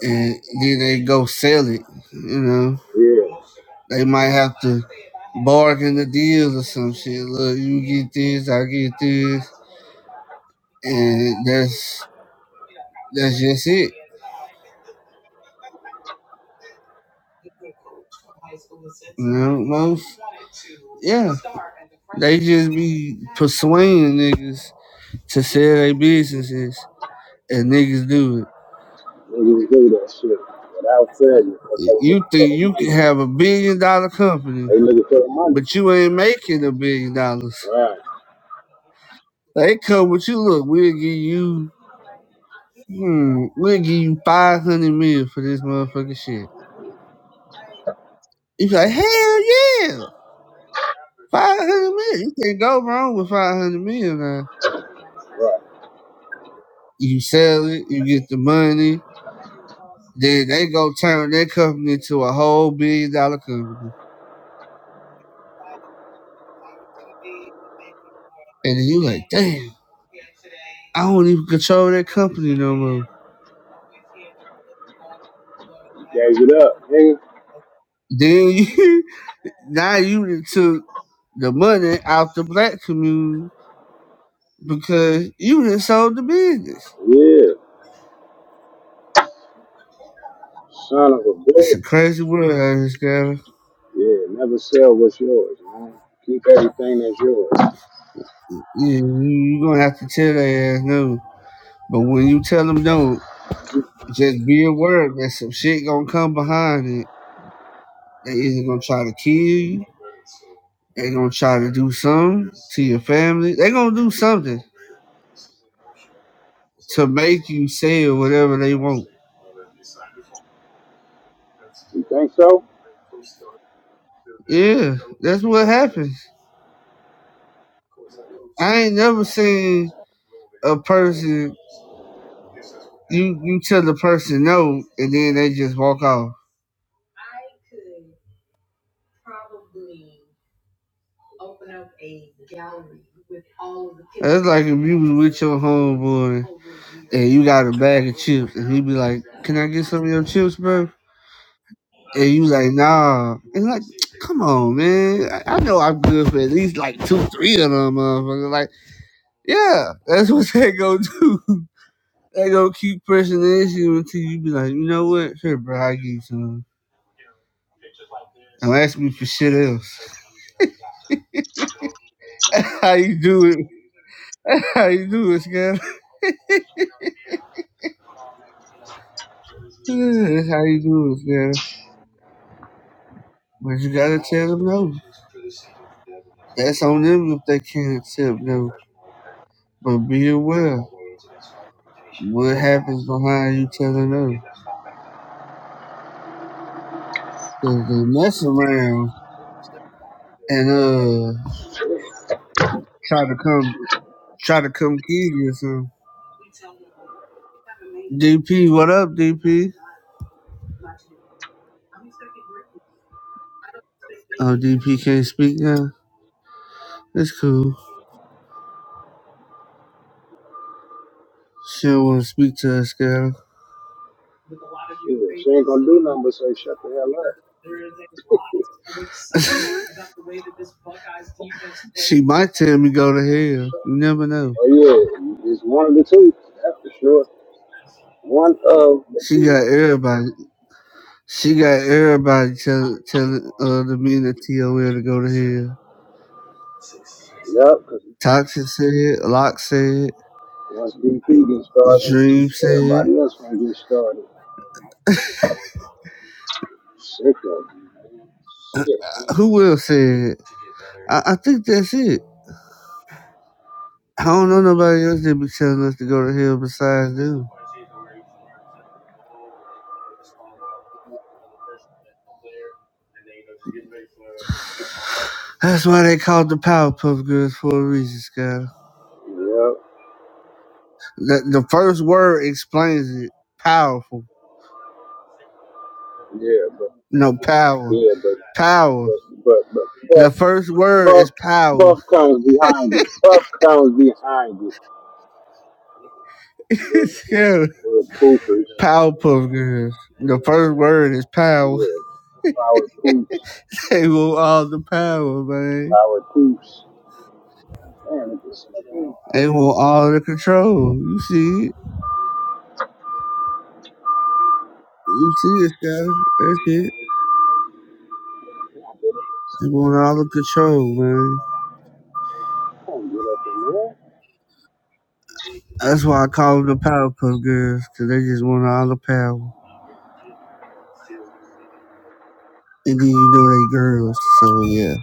S2: and then they go sell it. You know,
S6: Yeah,
S2: they might have to bargain the deals or some shit. Look, you get this, I get this, and that's that's just it. You know, most yeah, they just be persuading niggas to sell their businesses, and niggas do it.
S6: niggas do that shit without failure. Cause they
S2: You
S6: looking for
S2: think
S6: the
S2: you
S6: money.
S2: can have a billion dollar company,
S6: They looking for the money.
S2: but you ain't making a billion dollars.
S6: Right,
S2: They come with you. Look, we'll give you Hmm, we'll give you 500 for this motherfucking shit. You be like, hell yeah, five hundred million. You can't go wrong with five hundred million, mil now.
S6: right.
S2: You sell it, you get the money, then they go turn their company into a whole billion dollar company. And then you like, damn, I don't even control that company no more.
S6: You gave it up, nigga.
S2: Then you, <laughs> now you done took the money out the black community because you done sold the business.
S6: Yeah, son of a
S2: It's
S6: bitch.
S2: a crazy world out here, Scatter.
S6: Yeah, never sell what's yours, man. Keep everything that's yours.
S2: Yeah, you, you gonna have to tell their ass no. But when you tell them no, just be aware that some shit gonna come behind it. They either gonna try to kill you, they gonna try to do something to your family. They gonna do something to make you say whatever they want.
S6: You think so?
S2: Yeah, that's what happens. I ain't never seen a person you you tell the person no and then they just walk off. open up a gallery with all of the pictures. That's like if you was with your homeboy and you got a bag of chips and he be like, Can I get some of your chips, bro? And you like, nah. And like, come on, man. I, I know I'm good for at least like two, three of them motherfuckers. Like, yeah, that's what <laughs> they gonna do. <laughs> they gonna keep pressing the issue until you be like, you know what? Here, bro, I give you some. Don't ask me for shit else. <laughs> That's how you do it. <laughs> That's how you do it, Scott. Yeah, that's how you do it, man. But you gotta tell them no. That's on them if they can't accept no. But be aware what happens behind you telling no? Cause they mess around and uh try to come try to come kill you or something. DP, what up, DP? Oh, DP can't speak now. That's cool. She don't want to speak to us, girl.
S6: Shit, she ain't gonna do nothing but say shut the hell up.
S2: <laughs> she might tell me go to hell. You
S6: Shut.
S2: never know.
S6: Oh yeah, it's one of the two. That's for sure. One of the
S2: She
S6: two.
S2: got everybody. She got everybody tell telling uh, the men at TOL to go to hell.
S6: Yup, 'cause
S2: Toxic said, Locke said,
S6: once BP gets started,
S2: Dream said,
S6: everybody else gonna get started. Shit, though. Shit.
S2: who else said? I, I think that's it. I don't know nobody else that be telling us to go to hell besides them. That's why they called the Powerpuff Girls for a reason, Sky.
S6: Yep.
S2: The the first word explains it. Powerful.
S6: Yeah, but
S2: No power.
S6: yeah, but
S2: Power.
S6: but but but
S2: The
S6: Buff
S2: first word
S6: Buff
S2: is power.
S6: Buff comes behind it. Buff comes behind it.
S2: <laughs>
S6: We're,
S2: yeah.
S6: we're poopers.
S2: Powerpuff Girls. The first word is power. <laughs>
S6: Yeah. Power poops.
S2: They want all the power, man.
S6: Power poops. Man, if this nigga
S2: They want all the control. You see it. You see it, Scotty. That's it.
S6: can't get up,
S2: They want all the control, man.
S6: I can't get up in there.
S2: That's why I call them the Powerpuff Girls, because they just want all the power. And then you know they girls, so yeah.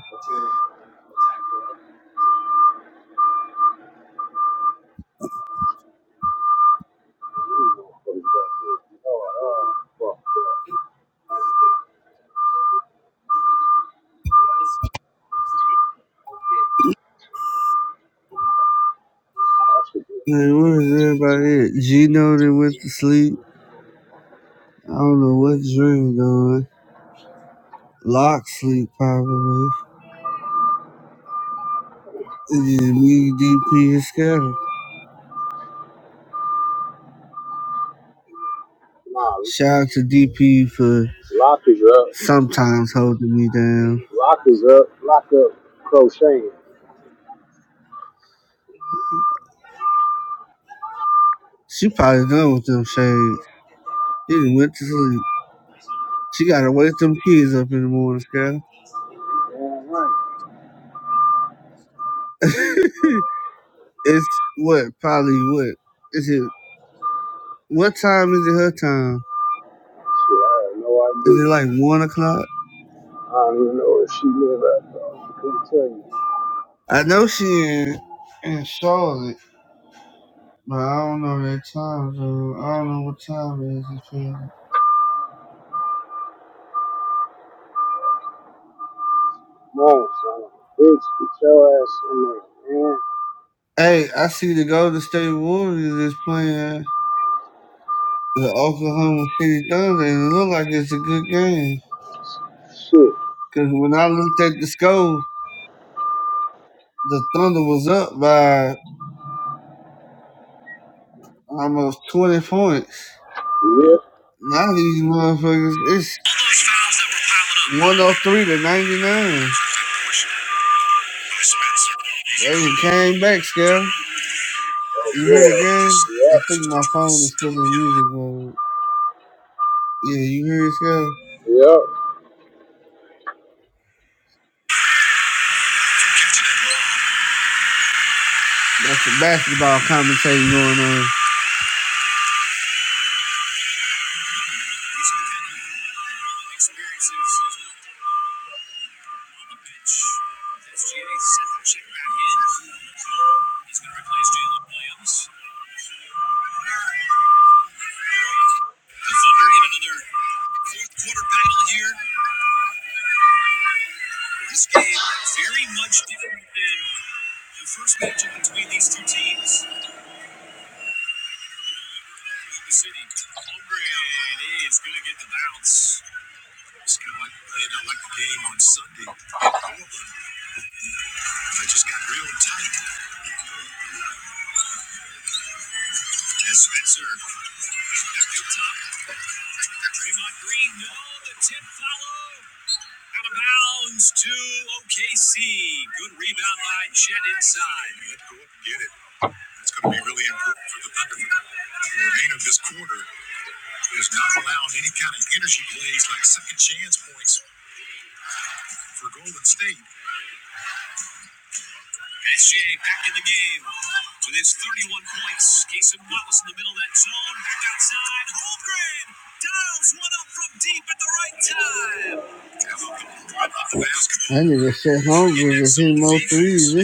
S6: You know, fuck that bitch. Oh, oh, fuck that. I should be.
S2: Man, what is everybody at? Gino that went to sleep. I don't know what dream, though. Lock sleep probably. It is me, DP, and Scatter.
S6: Nah,
S2: Shout out to DP for
S6: lock is up.
S2: sometimes holding me down.
S6: Lock is up. Lock up. Crocheting.
S2: She probably done with them shades. She done went to sleep. She gotta wake them kids up in the morning, Scatter.
S6: Damn right.
S2: <laughs> it's what, probably what? Is it what time is it her time?
S6: Shit, I have no
S2: Is it
S6: idea.
S2: like one o'clock?
S6: I don't even know where she live at though. I couldn't tell you.
S2: I know she in in Charlotte, but I don't know that time zone. I don't know what time it is in Charlotte.
S6: No, son. Bitch, get your ass in there, man.
S2: Hey, I see the Golden State Warriors is playing the Oklahoma City Thunder, and it looked like it's a good game.
S6: Shit.
S2: Because when I looked at the score, the Thunder was up by almost 20 points.
S6: Yep.
S2: Now these motherfuckers, it's 103 to 99. They came back, Scale.
S6: Oh
S2: You hear
S6: boy.
S2: the game? I think my phone is still in music mode. Yeah, you hear it, Scale?
S6: Yep. Yep.
S2: That's the basketball commentating going on. These are the kind of uh, experiences is not on the bench. With SGA set the check back in. He's going to replace Jalen Williams. The Thunder in another That nigga shit hungry was 3s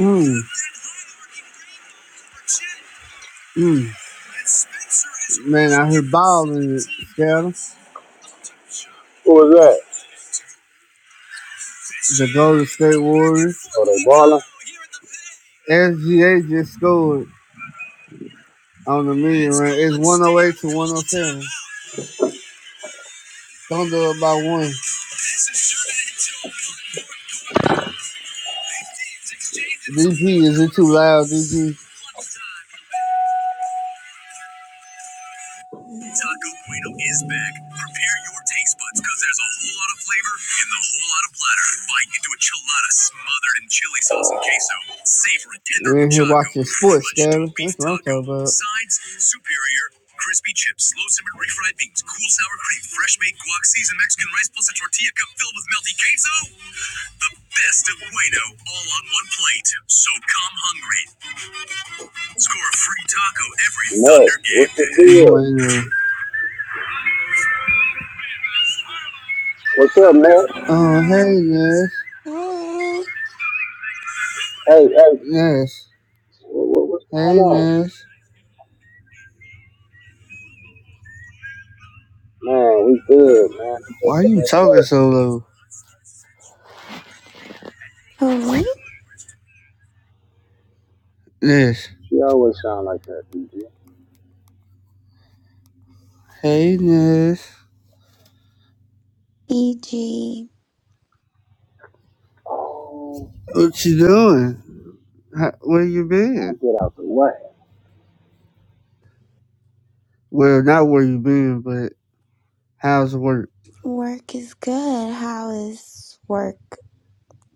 S2: Mm, mm. And balling Scatter.
S6: Who was that?
S2: the Golden State Warriors.
S6: Oh, they balling?
S2: SGA just scored on the million run. It's 108 to 107. Thunder up by one. DP, is it too loud, DP? talking
S6: Ness. What's the deal?
S2: queso. Bueno.
S6: What's up, Ness?
S2: Oh, hey,
S16: Okay.
S2: Ness.
S16: Who
S6: Hey, hey.
S2: Ness.
S6: What, what's
S2: Hey,
S6: going on?
S2: Ness.
S6: Man, we good, man. I
S2: Why
S6: just
S2: are
S6: been at
S2: you talking
S6: work.
S2: so low?
S16: me?
S2: Ness.
S6: She always sound like that, DG.
S2: Hey, Ness.
S16: E.g.
S6: Oh,
S2: What you doing? How, where you been?
S6: I'll get out the way.
S2: Well, not where you been, but how's work?
S16: Work is good. How is work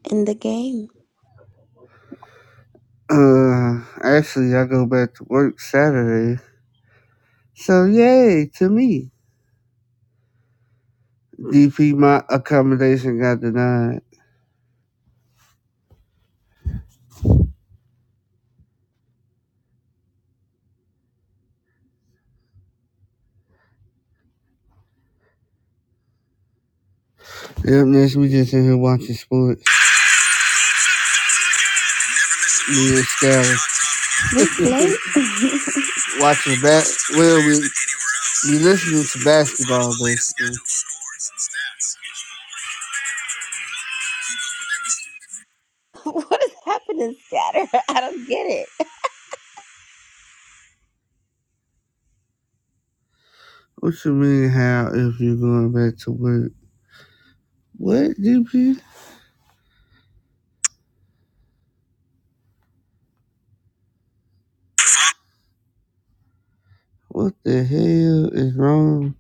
S16: in the game?
S2: Uh, actually, I go back to work Saturday. So yay to me. DP, my accommodation got denied. Yep, next we just in here watching sports. Me and Skyler
S16: This late? <laughs>
S2: watching bat. Well, we we listening to basketball basically.
S16: What is happening, Scatter? <laughs> I don't get it.
S2: What you mean? How if you're going back to work? What DP? What the hell is wrong?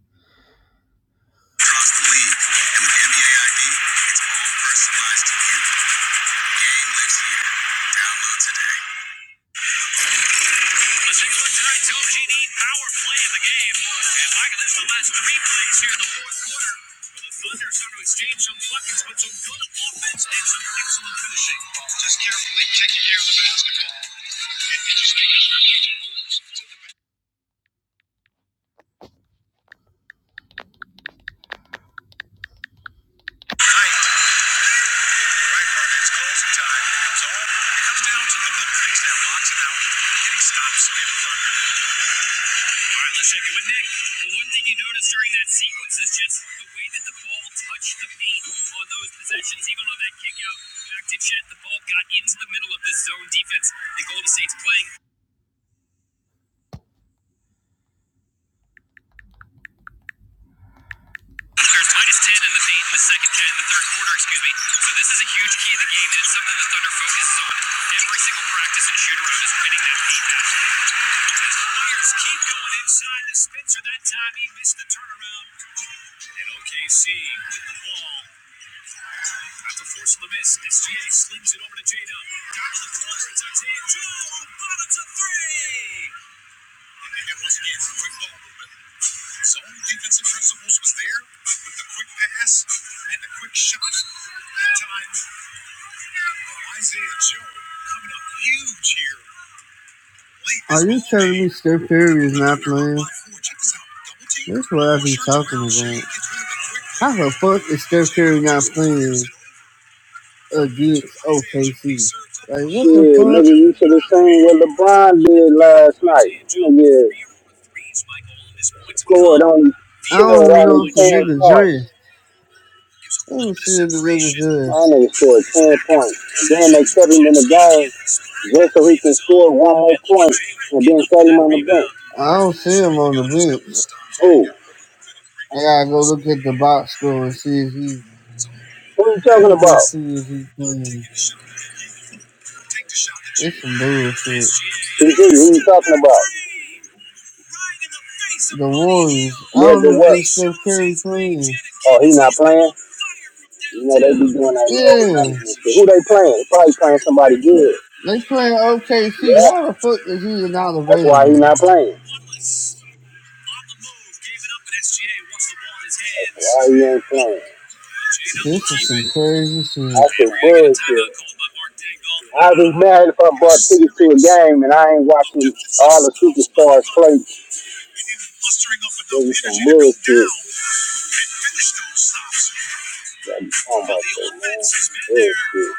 S2: Are you telling me Steph Curry is not playing? That's what I've been talking about. How the fuck is Steph Curry not playing against OKC? Like, what the
S6: Shit,
S2: fuck?
S6: nigga, you should have seen what LeBron did last night. Nigga scored only
S2: I
S6: scored
S2: don't even know
S6: only
S2: if the
S6: ten
S2: nigga
S6: points.
S2: dressed. I don't see if the nigga
S6: My
S2: dressed.
S6: nigga scored ten points, and then they kept him in the game just so he can score one more point, and then set him on the bench.
S2: I don't see him on the bench.
S6: Who?
S2: I gotta go look at the box score and see if he.
S6: Who you
S2: Let
S6: talking
S2: me go
S6: about?
S2: see if he's playing. It's some bullshit.
S6: PG, who you talking about?
S2: The Warriors. I
S6: Yeah,
S2: don't
S6: but
S2: even
S6: what?
S2: think Steph Curry playing.
S6: Oh, he not playing. You know they be doing that low
S2: Yeah,
S6: management shit. Who they playing? They probably playing somebody good.
S2: they playing OKC.
S6: Yeah,
S2: How the fuck is he not
S6: that's why he
S2: available?
S6: not playing. That's why he ain't playing.
S2: This is some crazy shit.
S6: That's some bullshit. I'd be mad if I bought tickets to a game and I ain't watching all the superstars play. This is some bullshit. What you talking
S2: Well,
S6: about
S2: the
S6: though, man?
S2: offense has been there
S6: Bullshit.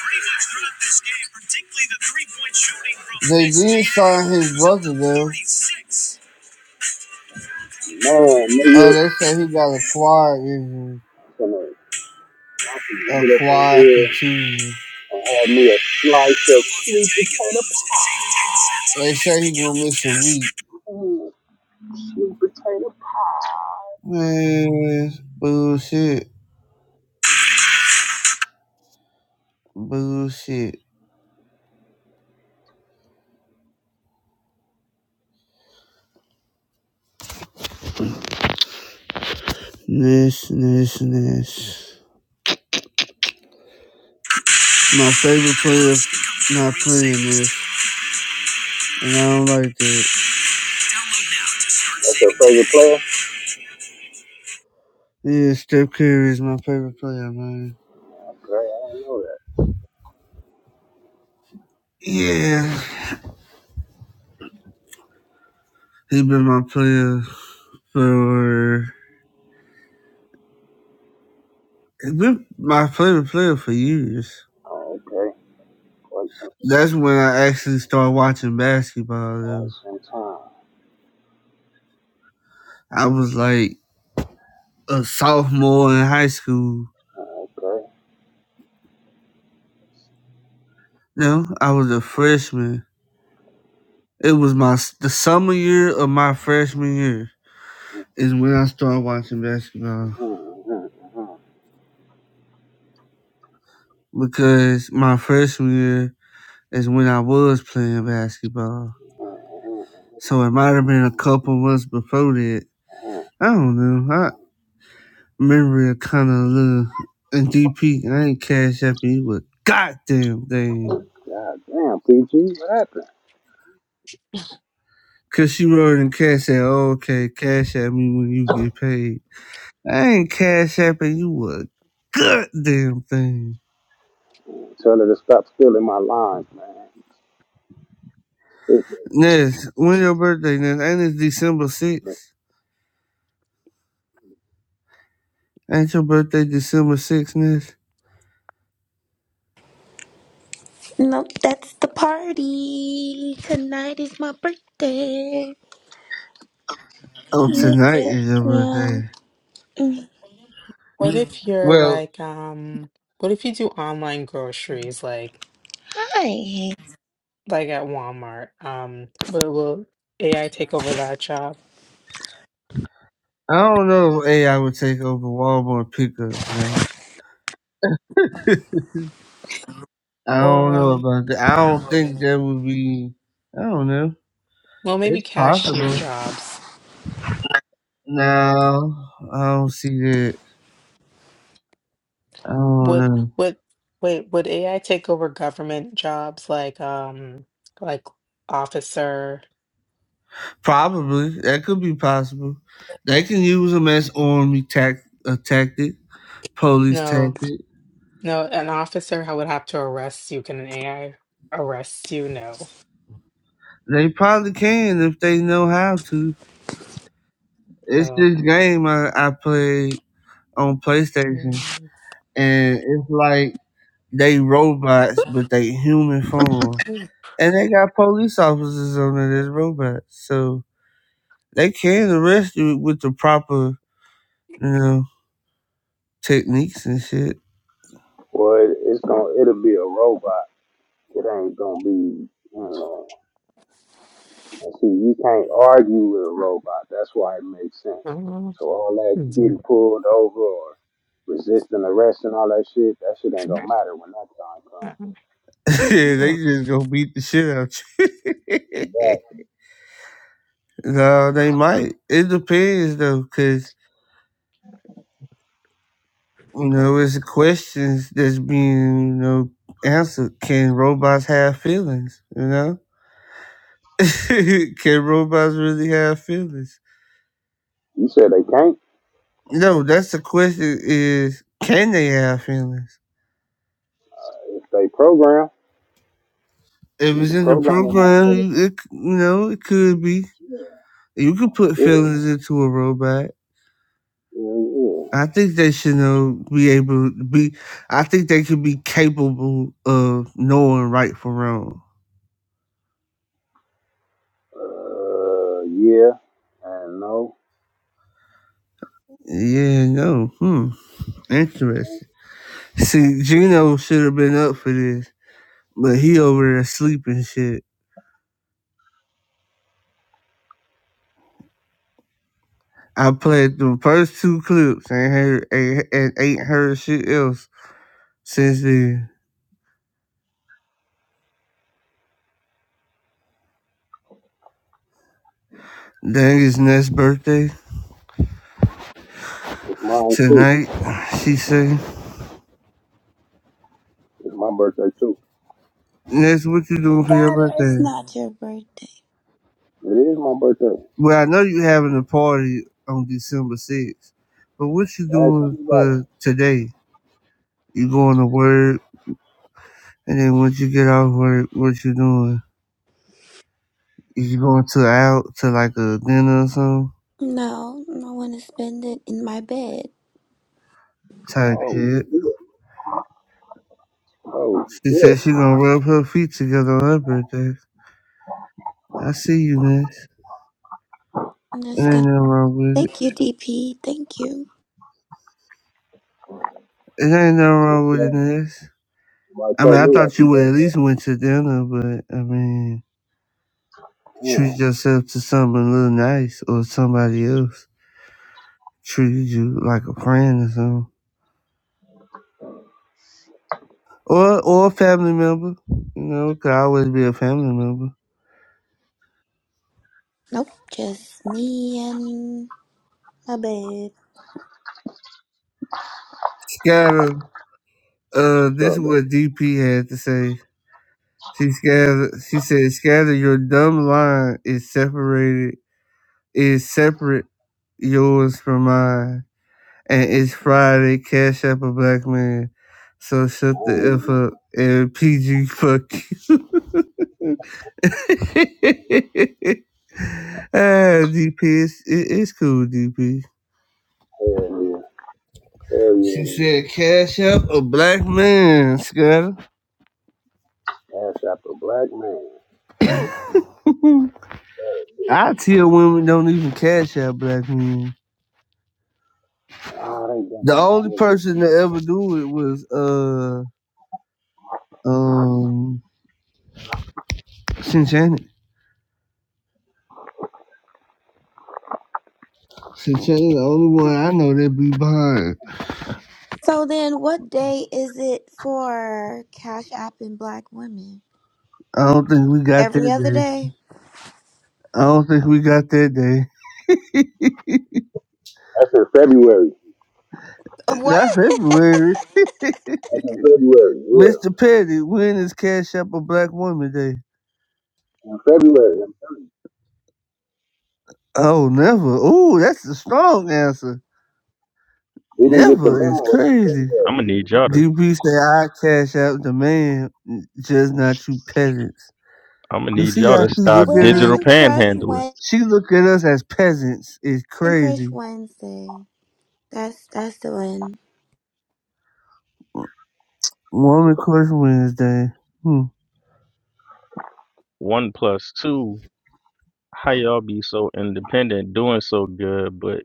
S2: pretty much throughout this game, particularly the three-point shooting from They did sign his brother though.
S6: Man,
S2: Oh,
S6: nigga,
S2: they said he got a quad injury.
S6: I'm finna I'm finna
S2: A
S6: get up in
S2: quad
S6: here
S2: contusion.
S6: and have me a slice of sweet potato pie.
S2: They say he gonna miss a week.
S6: Mm, Sweet potato pie.
S2: Man, bullshit. Bullshit. This, this, this. My favorite player not playing this, and I don't like that.
S6: That's your favorite player?
S2: Yeah, Steph Curry is my favorite player, man.
S6: Okay, I didn't know that.
S2: Yeah, he been my player for he been my favorite player for years.
S6: Oh, okay. Quite some,
S2: That's when I actually started watching basketball.
S6: quite
S2: Though.
S6: some time.
S2: I was like a sophomore in high school
S6: Oh, okay.
S2: No, I was a freshman. It was my s- the summer year of my freshman year is when I started watching basketball
S6: Mm-hmm, mm-hmm. mm-hmm.
S2: because my freshman year is when I was playing basketball.
S6: Mhm.
S2: So it might have been a couple months before that. I don't know. I remember it kind of a little. And DP, ain't cash at me, but goddamn thing.
S6: God damn, PG, what happened?
S2: Cause she wrote in cash at, oh, okay, cash at me when you get paid. I ain't cash apping you a goddamn thing.
S6: Tell her to stop stealing my lines, man. It,
S2: Ness, when your birthday, Ness? Ain't it December 6th? Ain't your birthday December 6th, Ness?
S16: Nope, that's the party. Tonight is my birthday. <laughs> I
S2: Oh,
S16: missed
S2: tonight
S16: it.
S2: is your
S16: Yeah.
S2: birthday.
S16: Mm.
S17: What if you're
S2: Well,
S17: like, um, what if you do online groceries like
S16: Hi.
S17: like at Walmart? Um, but will AI take over that job?
S2: I don't know if AI would take over Walmart pickups now. <laughs> I don't
S17: Or
S2: know
S17: um,
S2: about that. I don't think that would be. I don't know.
S17: well, maybe
S2: It's
S17: cashier
S2: possible.
S17: jobs.
S2: No, I don't see that. I don't
S17: Would
S2: know.
S17: would wait, would AI take over government jobs like um like officer?
S2: Probably that could be possible. They can use them as army tac- a tactic, police
S17: No,
S2: tactic.
S17: no, an officer I would have to arrest you. Can an AI arrest you? No.
S2: They probably can if they know how to. It's
S17: Oh.
S2: this game I, I played on
S17: I
S2: PlayStation,
S17: mean,
S2: and it's like they robots, but they human form,
S17: it's-
S2: and they got police officers on it as robots, so they can arrest you with the proper, you know. techniques and shit.
S6: boy, it's gonna, it'll be a robot. It ain't gonna be, you know. And see, you can't argue with a robot. That's why it makes sense.
S17: uh,
S6: So all that getting pulled over or resisting arrest and all that shit, that shit ain't gonna matter when that time
S17: I
S6: comes.
S17: don't
S2: <laughs> yeah,
S17: know.
S2: they just gonna beat the shit out you.
S6: But
S2: <laughs> no, they might. It depends though, cause. You know, it's questions that's being, you know, answered. Can robots have feelings? You know? <laughs> can robots really have feelings?
S6: you said they can't.
S2: No, that's the question is can they have feelings?
S6: If they program,
S2: If
S6: you
S2: it's
S6: can
S2: in the
S6: program them.
S2: program, it, c- you know, it could be.
S6: Yeah,
S2: You could put
S6: yeah,
S2: feelings into a robot.
S6: yeah. yeah.
S2: I think they should know, be able to be, I think they could be capable of knowing right from wrong.
S6: Uh, yeah and no.
S2: Yeah, no. Hmm. Interesting. See, Gino should have been up for this, but he over there sleeping shit. I played the first two clips and heard and, and ain't heard shit else since then. Dang it's Ness' birthday
S6: It's mine too.
S2: tonight. She say,
S6: It's my birthday too.
S2: "Ness, what you doing for your
S16: Scatter, it's
S2: birthday?"
S16: not your birthday.
S6: It is my birthday.
S2: Well, I know you having a party on December 6th, but what you
S6: Ask
S2: doing
S6: anybody.
S2: for today? You going to work, and then once you get off work, what you doing? Is you going to out to like a dinner or something?
S16: No, I want to spend it in my bed.
S2: type
S6: Oh
S2: shit.
S6: shit. Oh
S2: She said
S6: shit.
S2: she gonna rub her feet together on her birthday. I see you, Miss.
S16: I'm
S2: It ain't
S16: just gonna.
S2: nothing wrong with it.
S16: Thank you, DP. Thank you.
S2: It ain't nothing wrong with it,
S6: Okay.
S2: Miss.
S6: Somebody
S2: I mean,
S6: told
S2: I
S6: me
S2: thought
S6: happy
S2: you would at
S6: birthday.
S2: least went to dinner, but I mean, treat
S6: Damn.
S2: yourself to something a little nice, or somebody else treated you like a friend or something, or or a family member. You know, could always be a family member.
S16: Nope, just me and my babe.
S2: Scatter. Uh,
S6: What's
S2: this is
S6: up, bro?
S2: what DP had to say. She scattered, she said, scatter your dumb line is separated, is separate yours from mine. And it's Friday, cash up a black man. So
S6: I
S2: shut
S6: don't
S2: the F
S6: even know.
S2: up and PG fuck you. <laughs> ah, DP, it's, it, it's cool, DP.
S6: Hell yeah. Hell
S2: She
S6: yeah. it
S2: said, cash up a black man, scatter.
S6: is. Ask after a black man.
S2: <laughs> I tell women don't even cash out black men.
S6: Ah, they done.
S2: The
S6: Man,
S2: only
S6: they just.
S2: person to ever do it was uh um Shannon. Shannon, the only one I know that be behind.
S16: So then, what day is it for Cash App and Black women?
S2: I don't think we got
S16: Every
S2: that
S16: other
S2: day.
S16: day?
S2: I don't think we got that day.
S6: That's in February.
S16: Uh,
S2: <laughs>
S16: What?
S2: Not
S16: <laughs>
S2: February. <laughs>
S6: That's in February. Yeah.
S2: Mr. Petty, when is Cash Up a Black Woman Day?
S6: In February. I'm telling you.
S2: Oh, never. Ooh, that's a strong answer.
S6: We didn't get the
S2: Never is
S6: memo. It's
S2: crazy.
S18: I'm gonna
S6: in
S18: need y'all to.
S2: DB say I cash out the man, just not you peasants.
S18: I'm gonna
S2: You
S18: need
S2: see
S18: y'all
S2: how
S18: to
S2: she look
S18: stop
S2: at us?
S18: digital
S16: women Crush
S18: panhandling.
S16: Wednesday.
S2: She look at us as peasants. It's
S16: Crush
S2: crazy.
S16: Wednesday. That's that's the one.
S2: Woman Crush Wednesday. Hmm.
S18: One plus two. How y'all be so independent, doing so good, but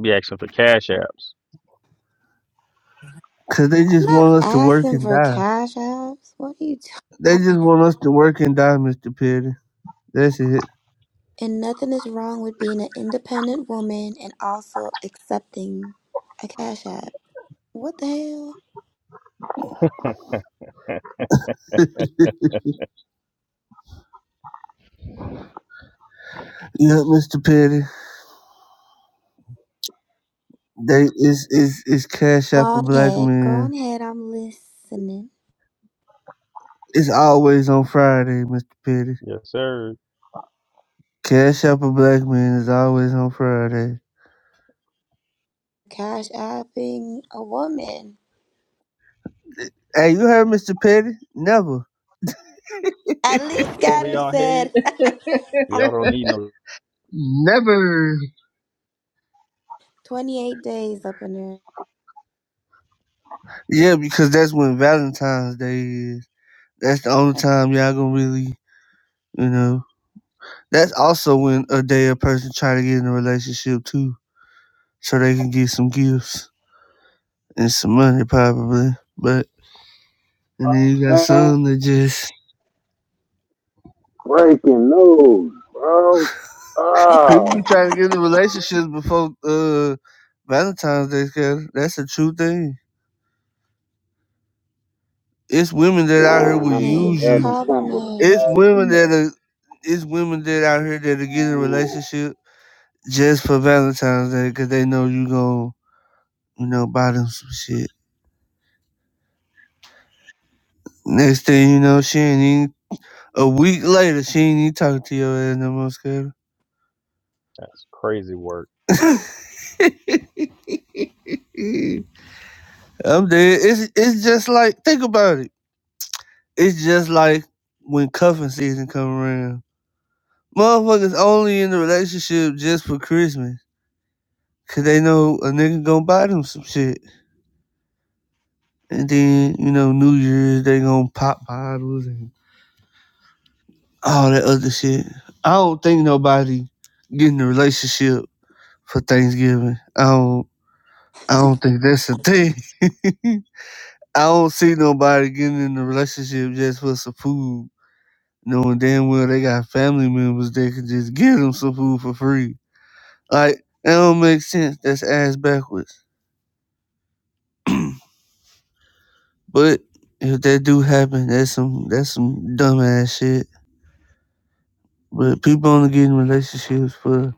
S18: be asking for cash apps?
S2: Cause they
S16: I'm
S2: just
S16: not
S2: want us to work
S16: asking
S2: and
S16: for
S2: die.
S16: Cash Apps. What are you talking?
S2: They just want us to work and die, Mr. Petty. That's it.
S16: And nothing is wrong with being an independent woman and also accepting a Cash App. What the hell?
S2: <laughs> yeah, Mr. Petty. They it's it's it's Cash
S16: Go
S2: App a
S16: on
S2: black
S16: ahead. Go
S2: man.
S16: on ahead. I'm listening.
S2: It's always on Friday, Mr. Petty.
S18: Yes, sir.
S2: Cash App a black man is always on Friday.
S16: Cash apping a woman.
S2: Hey, you heard Mr. Petty? Never.
S16: At least
S18: Over
S16: Scatter
S18: y'all head.
S16: said
S18: Y'all don't need no.
S2: Never.
S16: 28 days up in there.
S2: Yeah, because that's when Valentine's Day is. That's the only time y'all gonna really, you know. That's also when a day a person try to get in a relationship too, so they can get some gifts and some money probably. But and then you got
S6: February.
S2: some that just
S6: Breaking news, bro.
S2: people be
S6: Oh,
S2: trying to get in relationships before uh Valentine's Day. Cause that's a true thing. It's women that out here
S6: damn,
S2: will
S6: my nigga
S2: use
S16: Names,
S2: you.
S6: Elden
S16: call their
S6: Campbell done
S2: It's
S16: names.
S6: passed
S2: women that
S6: away.
S2: are. It's women that out here that are getting a
S6: Ooh.
S2: relationship just for Valentine's Day because they know you gon' you know buy them some shit. Next thing you know, she ain't even, a week later, she ain't even talking to your ass no more, Scotty.
S18: That's crazy work.
S2: Eh, I'm dead. It's, it's just like, think about it. It's just like when cuffing season come around. Motherfuckers only in the relationship just for Christmas. Cause they know a nigga gonna buy them some shit. And then, you know, New Year's, they gonna pop bottles and all that other shit. I don't think nobody getting a relationship for Thanksgiving. I don't, I don't think that's a thing. <laughs> I don't see nobody getting in a relationship just for some food, knowing damn well they got family members that can just give them some food for free. Like that don't make sense. That's ass backwards. But if that do happen, that's some that's some dumbass shit. But people only get in relationships for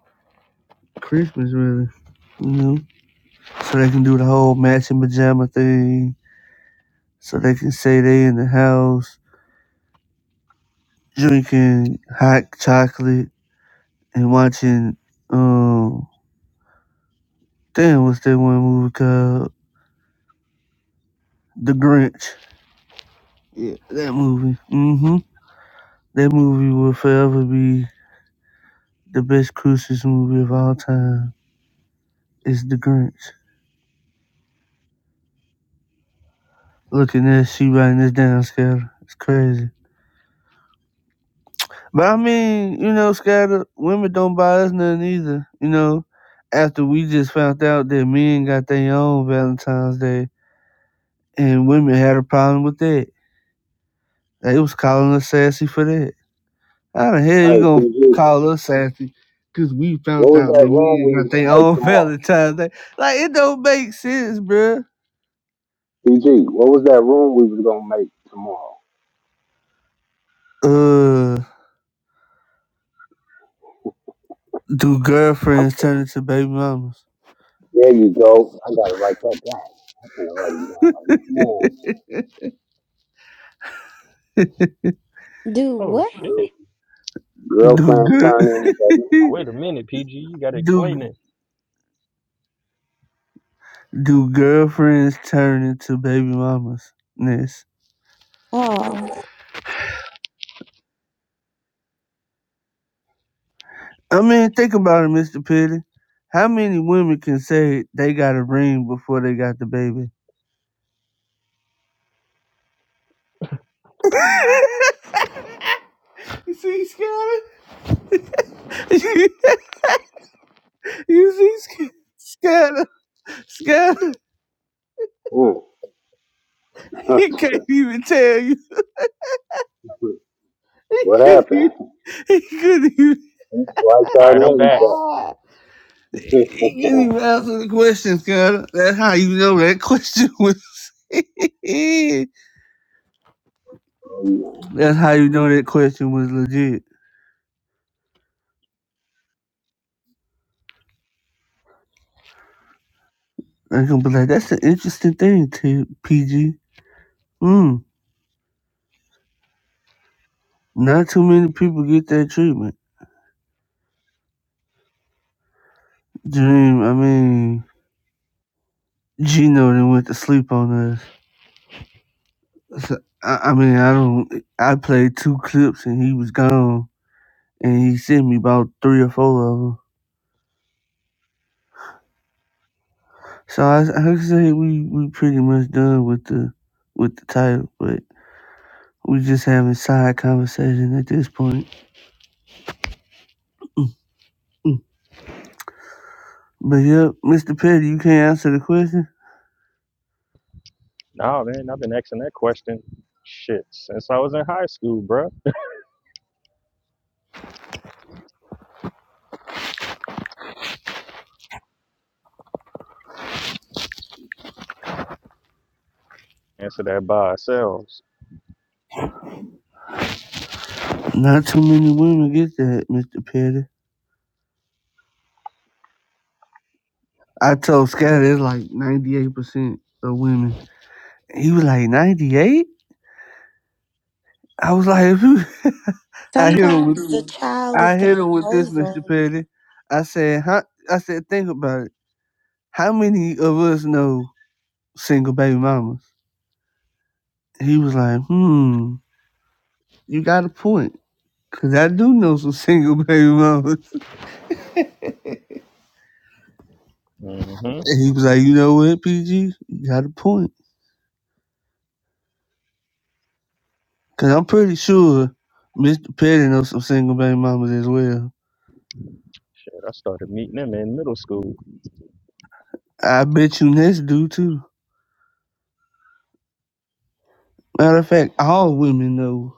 S2: Christmas, really. You know, so they can do the whole matching pajama thing. So they can say they in the house drinking hot chocolate and watching. um. Damn, what's that one movie called? The Grinch. Yeah, that movie. Mm-hmm. That movie will forever be the best Christmas movie of all time. It's The Grinch. Looking at she writing this down, Scatter. It's crazy. But I mean, you know, Scatter, women don't buy us nothing either. You know, after we just found out that men got their own Valentine's Day and women had a problem with that. They was calling us sassy for that. How the hell you
S6: Hey,
S2: gonna
S6: PG,
S2: call us sassy? Cause we
S6: what
S2: found
S6: was
S2: out
S6: that
S2: that
S6: room
S2: men
S6: we
S2: got
S6: was
S2: their
S6: gonna make
S2: own <laughs>
S6: tomorrow?
S2: Valentine's Day. Like it don't make sense, bruh.
S6: PG, what was that room we was gonna make tomorrow?
S2: Uh, do
S6: Oh,
S2: girlfriends turn into baby mamas?
S6: There you go. I gotta write that down. I'm gonna write it down like, man,
S2: <laughs>
S16: Do
S18: Oh
S16: what?
S6: girl,
S18: shit.
S2: do
S6: girlfriend
S2: girl,
S6: turning in the bedroom.
S2: <laughs>
S18: Wait a minute, PG. You gotta explain
S2: do
S18: it.
S2: do girlfriends turn into baby mamas? Ness.
S16: Oh.
S2: I mean, think about it, Mister Petty. How many women can say they got a ring before they got the baby? <laughs> you see, Scotty? <laughs> You see, Scanner, Scanner,
S6: Mm.
S2: he can't
S6: <laughs>
S2: even tell you. He
S6: what
S2: couldn't even,
S6: happened?
S2: he couldn't even,
S6: He swiped
S18: All
S6: out
S18: right, I'm
S6: and
S18: back.
S2: he
S6: everything. <laughs>
S2: couldn't even answer the question, Scanner. That's how you know that question was. <laughs>
S6: Oh,
S2: That's how you know that question was legit. I'm gonna be like, that's an interesting thing, T- PG. Mm, not too many people get that treatment. Dream, I mean, Gino then went to sleep on us. <laughs> So I, I mean, I don't. I played two clips and he was gone, and he sent me about three or four of them. So I, I can say we we pretty much done with the with the title, but we just having side conversation at this point. <clears throat> Mm, mm. But yeah, Mr. Petty, you can't answer the question.
S18: Nah, man, I've been asking that question shit since I was in high school, bruh. Answer that by ourselves.
S2: Not too many women get that, Mr. Petty. I told Scott it's like ninety eight percent of women. He was like ninety eight. I was like, if you, <laughs> I hit him
S16: Sometimes
S2: with
S16: the child
S2: I
S16: is the
S2: hit him with this, Mr.
S16: proposal,
S2: Petty. I said, huh? I said, think about it. How many of us know single baby mamas? He was like, hmm, you got a point. Cause I do know some <laughs> single baby mamas. <laughs>
S18: Mm-hmm.
S2: And he was like, you know what, PG? You got a point. Cause I'm pretty sure Mr. Petty knows some single baby mamas as well.
S18: Shit, I started meeting them in middle school
S2: I bet you Ness do too. Matter of fact, all women know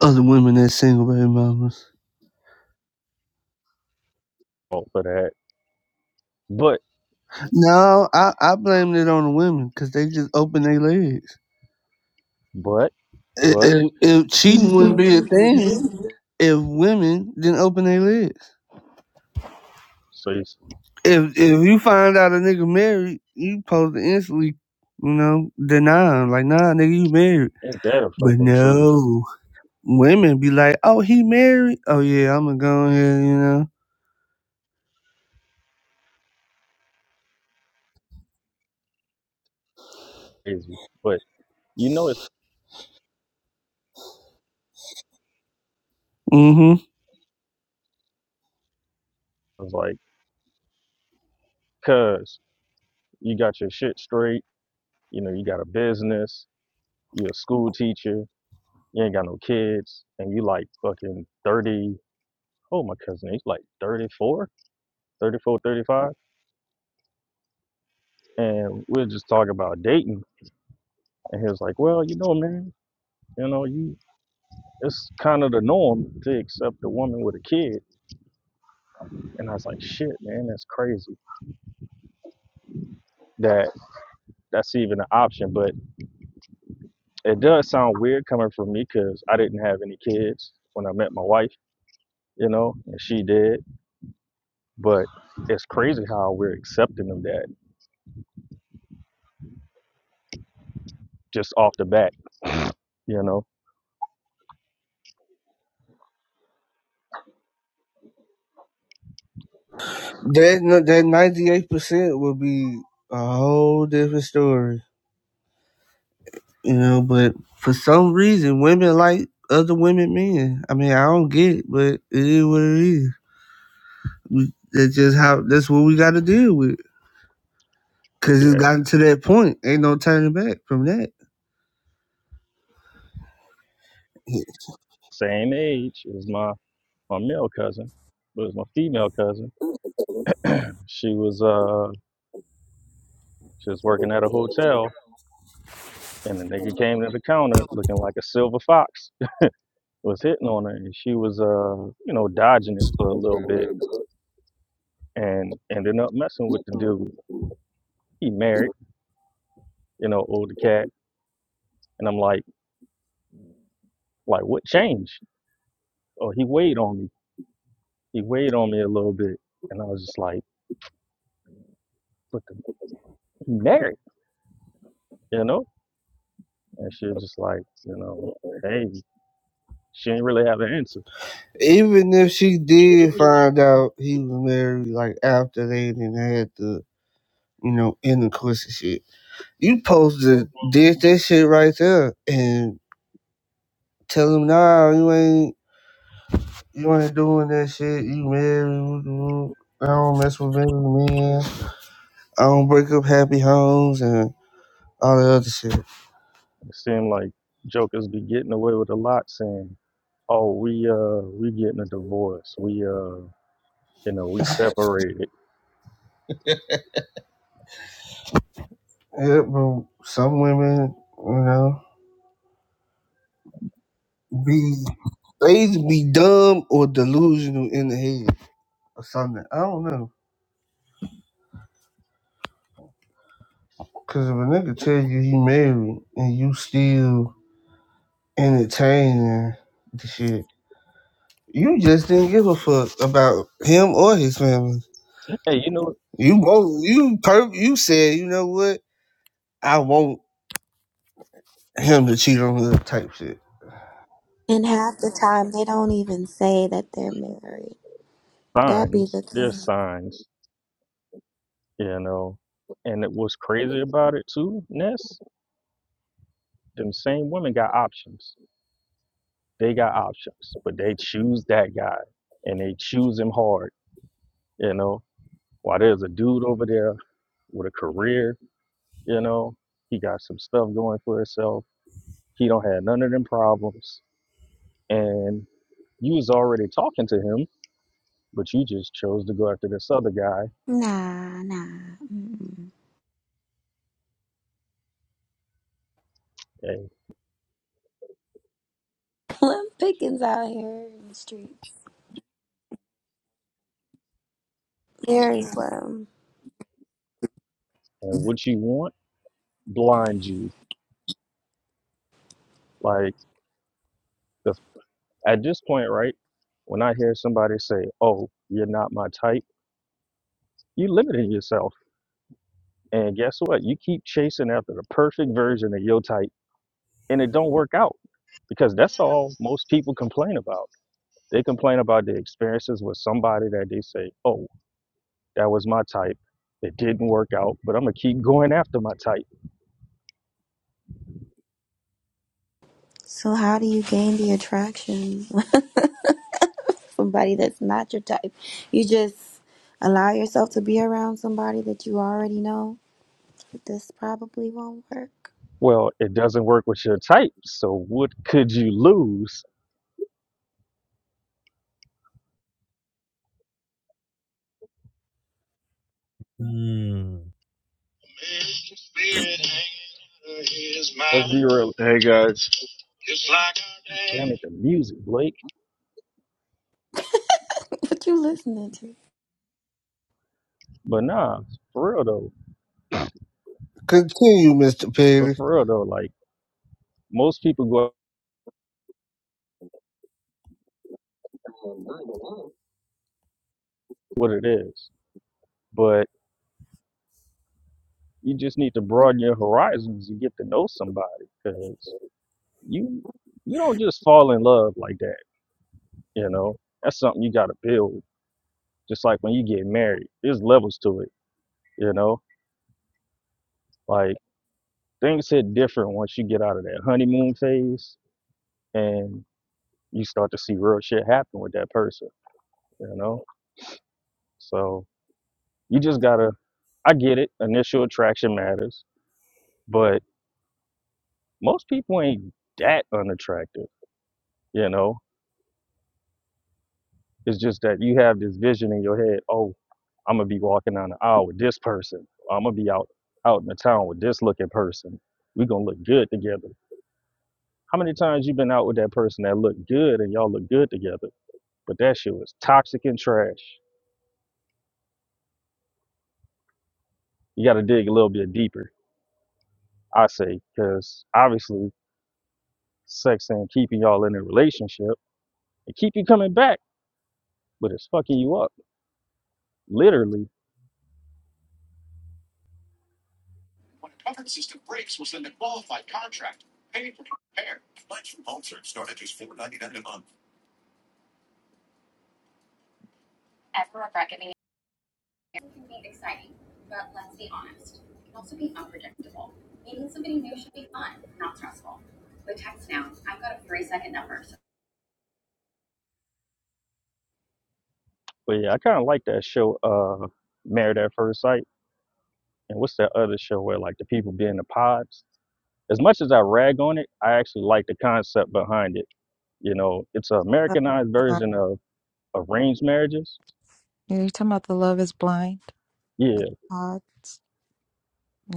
S2: other women that's single baby mamas.
S18: Fault for that. But,
S2: No, I, I blamed it on the women because they just open their legs.
S18: but,
S2: If,
S18: but.
S2: if, if cheating wouldn't be a thing, if women didn't open their legs.
S18: So you s-
S2: If if you find out a nigga married, you supposed to instantly, you know, deny him. Like, nah, nigga, you married.
S18: ain't that a
S2: But
S18: fucking truth?
S2: no, women be like, oh, he married. Oh yeah, I'm gonna go ahead, you know.
S18: Crazy. But You know, it's
S2: Mm-hmm.
S18: like, cuz you got your shit straight. You know, you got a business. You're a school teacher. You ain't got no kids. And you like fucking 30. Oh, my cousin, he's like 34, 34, 35. And we we're just talking about dating. And he was like, well, you know, man, you know, you, it's kind of the norm to accept a woman with a kid. And I was like, shit, man, that's crazy that that's even an option. But it does sound weird coming from me because I didn't have any kids when I met my wife. you know, and she did. But it's crazy how we're accepting of that just off the bat, you know.
S2: That no, that ninety eight percent would be a whole different story. You know, but for some reason, women like other women men. I mean, I don't get it, but it is what it is. We, that's just how, that's what we got to deal with. Because it's
S18: Yeah,
S2: gotten to that point. Ain't no turning back from that. <laughs>
S18: same age as my my male cousin, but it's my female cousin. She was uh she was working at a hotel, and the nigga came to the counter looking like a silver fox, was hitting on her, and she was uh you know dodging it for a little
S6: yeah.
S18: bit, and ended up messing with the dude. He married, you know, older cat, and I'm like, like what changed? Oh, he weighed on me he weighed on me a little bit, and I was just like, "But the, he married, you know?" And she was just like, "You know, hey, she didn't really have an answer.
S2: Even if she did find out he was married, like after they didn't had the, you know, intercourse and shit, you supposed to ditch that shit right there and tell him, nah, you ain't. You ain't doing that shit. You married. woo, woo. I don't mess with married men. I don't break up happy homes and all the other shit.
S18: It seemed like jokers be getting away with a lot, saying, "Oh, we uh, we getting a divorce. We uh, you know, we separated."
S2: Yeah, but some women, you know, be they either be dumb or delusional in the head or something. I don't know. Cause if a nigga tell you he married and you still entertaining the shit, you just didn't give a fuck about him or his family.
S18: Hey, you know,
S2: You both you per you said, you know what? I won't him to cheat on her type shit.
S16: and half the time they don't even say that they're married. That be
S18: signs.
S16: the
S18: There's
S16: thing.
S18: signs, you know. And it was crazy about it too, Ness. Them same women got options. They got options, but they choose that guy, and they choose him hard, you know While there's a dude over there with a career, you know, he got some stuff going for himself. He don't have none of them problems. And you was already talking to him, but you just chose to go after this other guy.
S16: Nah, nah. Mm-mm.
S18: And,
S16: Slim pickings out here in the street. Very slim.
S18: and what you want blind you. Like the, at this point, right? When I hear somebody say, "Oh, you're not my type," you are limiting yourself. And guess what? You keep chasing after the perfect version of your type, and it don't work out because that's all most people complain about They complain about the experiences with somebody that they say, oh, that was my type. It didn't work out, but I'm going to keep <laughs> going after my type.
S16: So how do you gain the attraction? <laughs> somebody that's not your type. You just allow yourself to be around somebody that you already know. This probably won't work.
S18: Well, it doesn't work with your type, so what could you lose? Let's be real.
S19: Hey guys,
S18: Damn it, the music, Blake.
S16: <laughs> what you listening to?
S18: But nah, for real though.
S2: Continue, Mr.
S18: But
S2: Petty.
S18: for real though, like most people go with what it is. But. You just need to broaden your horizons and get to know somebody because you you don't just fall in love like that. You know, that's something you got to build. Just like when you get married, there's levels to it. You know, like things hit different once you get out of that honeymoon phase and you start to see real shit happen with that person. You know, so you just gotta. I get it. Initial attraction matters, but most people ain't that unattractive. You know, It's just that you have this vision in your head. Oh, I'm gonna be walking down the aisle with this person. I'm gonna be out out in the town with this looking person. We gonna look good together. How many times you been out with that person that looked good and y'all look good together, but that shit was toxic and trash. You gotta dig a little bit deeper, I say, because obviously sex ain't keeping y'all in a relationship. It keep you coming back, but it's fucking you up, literally.
S20: When a covered system breaks, we'll send a qualified contractor, paid for repair. Lunch from home search start at just four ninety nine a month. Everyone reckoning. It can be exciting, but let's be honest, it can also be unpredictable. Meeting somebody new should be fun, not stressful. With text now, I've got a three second number
S18: But yeah, I kind of like that show, uh, Married at First Sight. and what's that other show where like the people be in the pods? As much as I rag on it, I actually like the concept behind it. You know, it's an
S5: Uh,
S18: Americanized
S5: uh,
S18: version of arranged marriages.
S5: you're talking about the love is blind.
S18: Yeah,
S5: uh,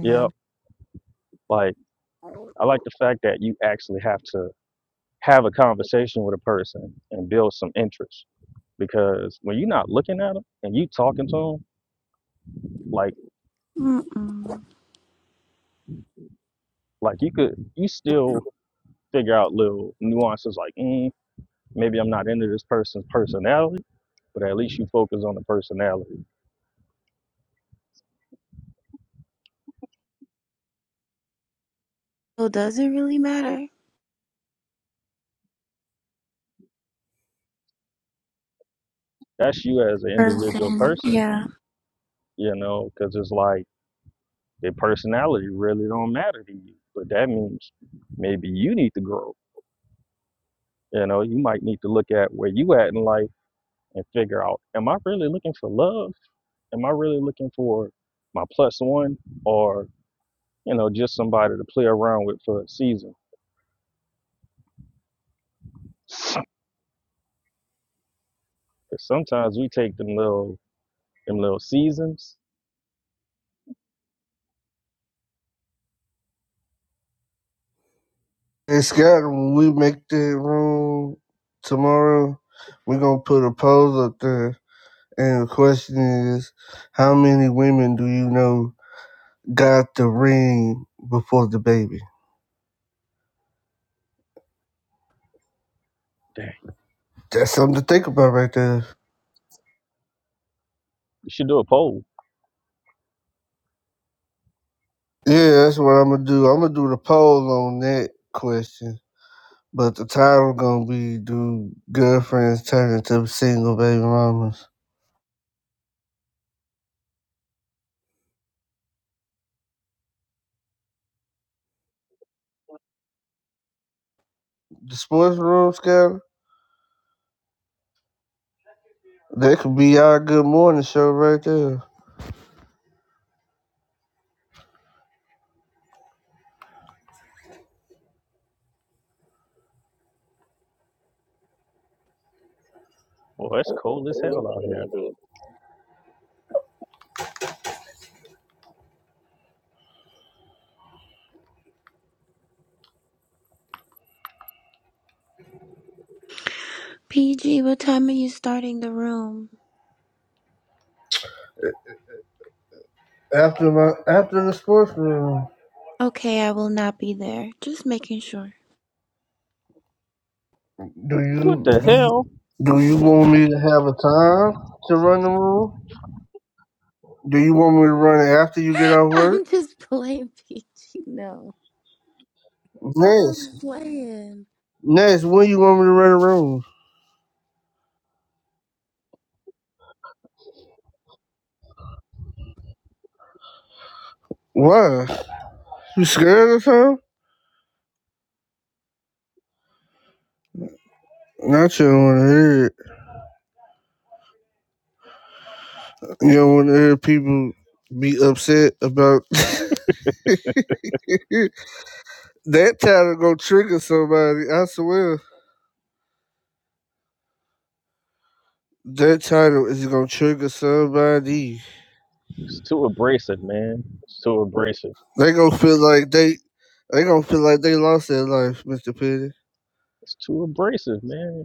S18: yep. Like I like the fact that you actually have to have a conversation with a person and build some interest because when you're not looking at them and you talking to them, like
S16: Mm-mm.
S18: like you could you still figure out little nuances like mm, maybe I'm not into this person's personality, but at least you focus on the personality
S16: So does it really matter?
S18: that's you as an individual
S16: Person.
S18: person,
S16: Yeah.
S18: you know, because it's like their personality really don't matter to you. But that means maybe you need to grow. You know, you might need to look at where you at in life and figure out, am I really looking for love? Am I really looking for my plus one or, you know, just somebody to play around with for a season? sometimes we take them little them little seasons.
S2: And Scott, when we make that room tomorrow, we're gonna put a poll up there. And the question is, how many women do you know got the ring before the baby?
S18: Dang,
S2: That's something to think about right there.
S18: you should do a poll.
S2: Yeah, that's what I'm gonna do. I'm gonna do the poll on that question. But the title gonna be do girlfriends turn into single baby mamas? The sports room, Scott? That could be our good morning show right there.
S18: Boy, it's cold as hell out here.
S16: PG, what time are you starting the room?
S2: After my after the sports room,
S16: Okay, I will not be there. Just making sure.
S2: do
S18: What
S2: you
S18: the hell?
S2: do you want me to have a time to run the room? Do you want me to run it after you get off
S16: <laughs> I'm
S2: work?
S16: just playing PG. No. I was
S2: Next,
S16: playing.
S2: next, when you want me to run the room? Why? You scared or something? Not you don't want to hear it. You don't want to hear people be upset about <laughs> that title. Gonna trigger somebody. I swear, that title is gonna trigger somebody.
S18: It's too abrasive, man. It's too abrasive.
S2: They gonna feel like they they gonna feel like they lost their life, Mister Petty.
S18: It's too abrasive, man.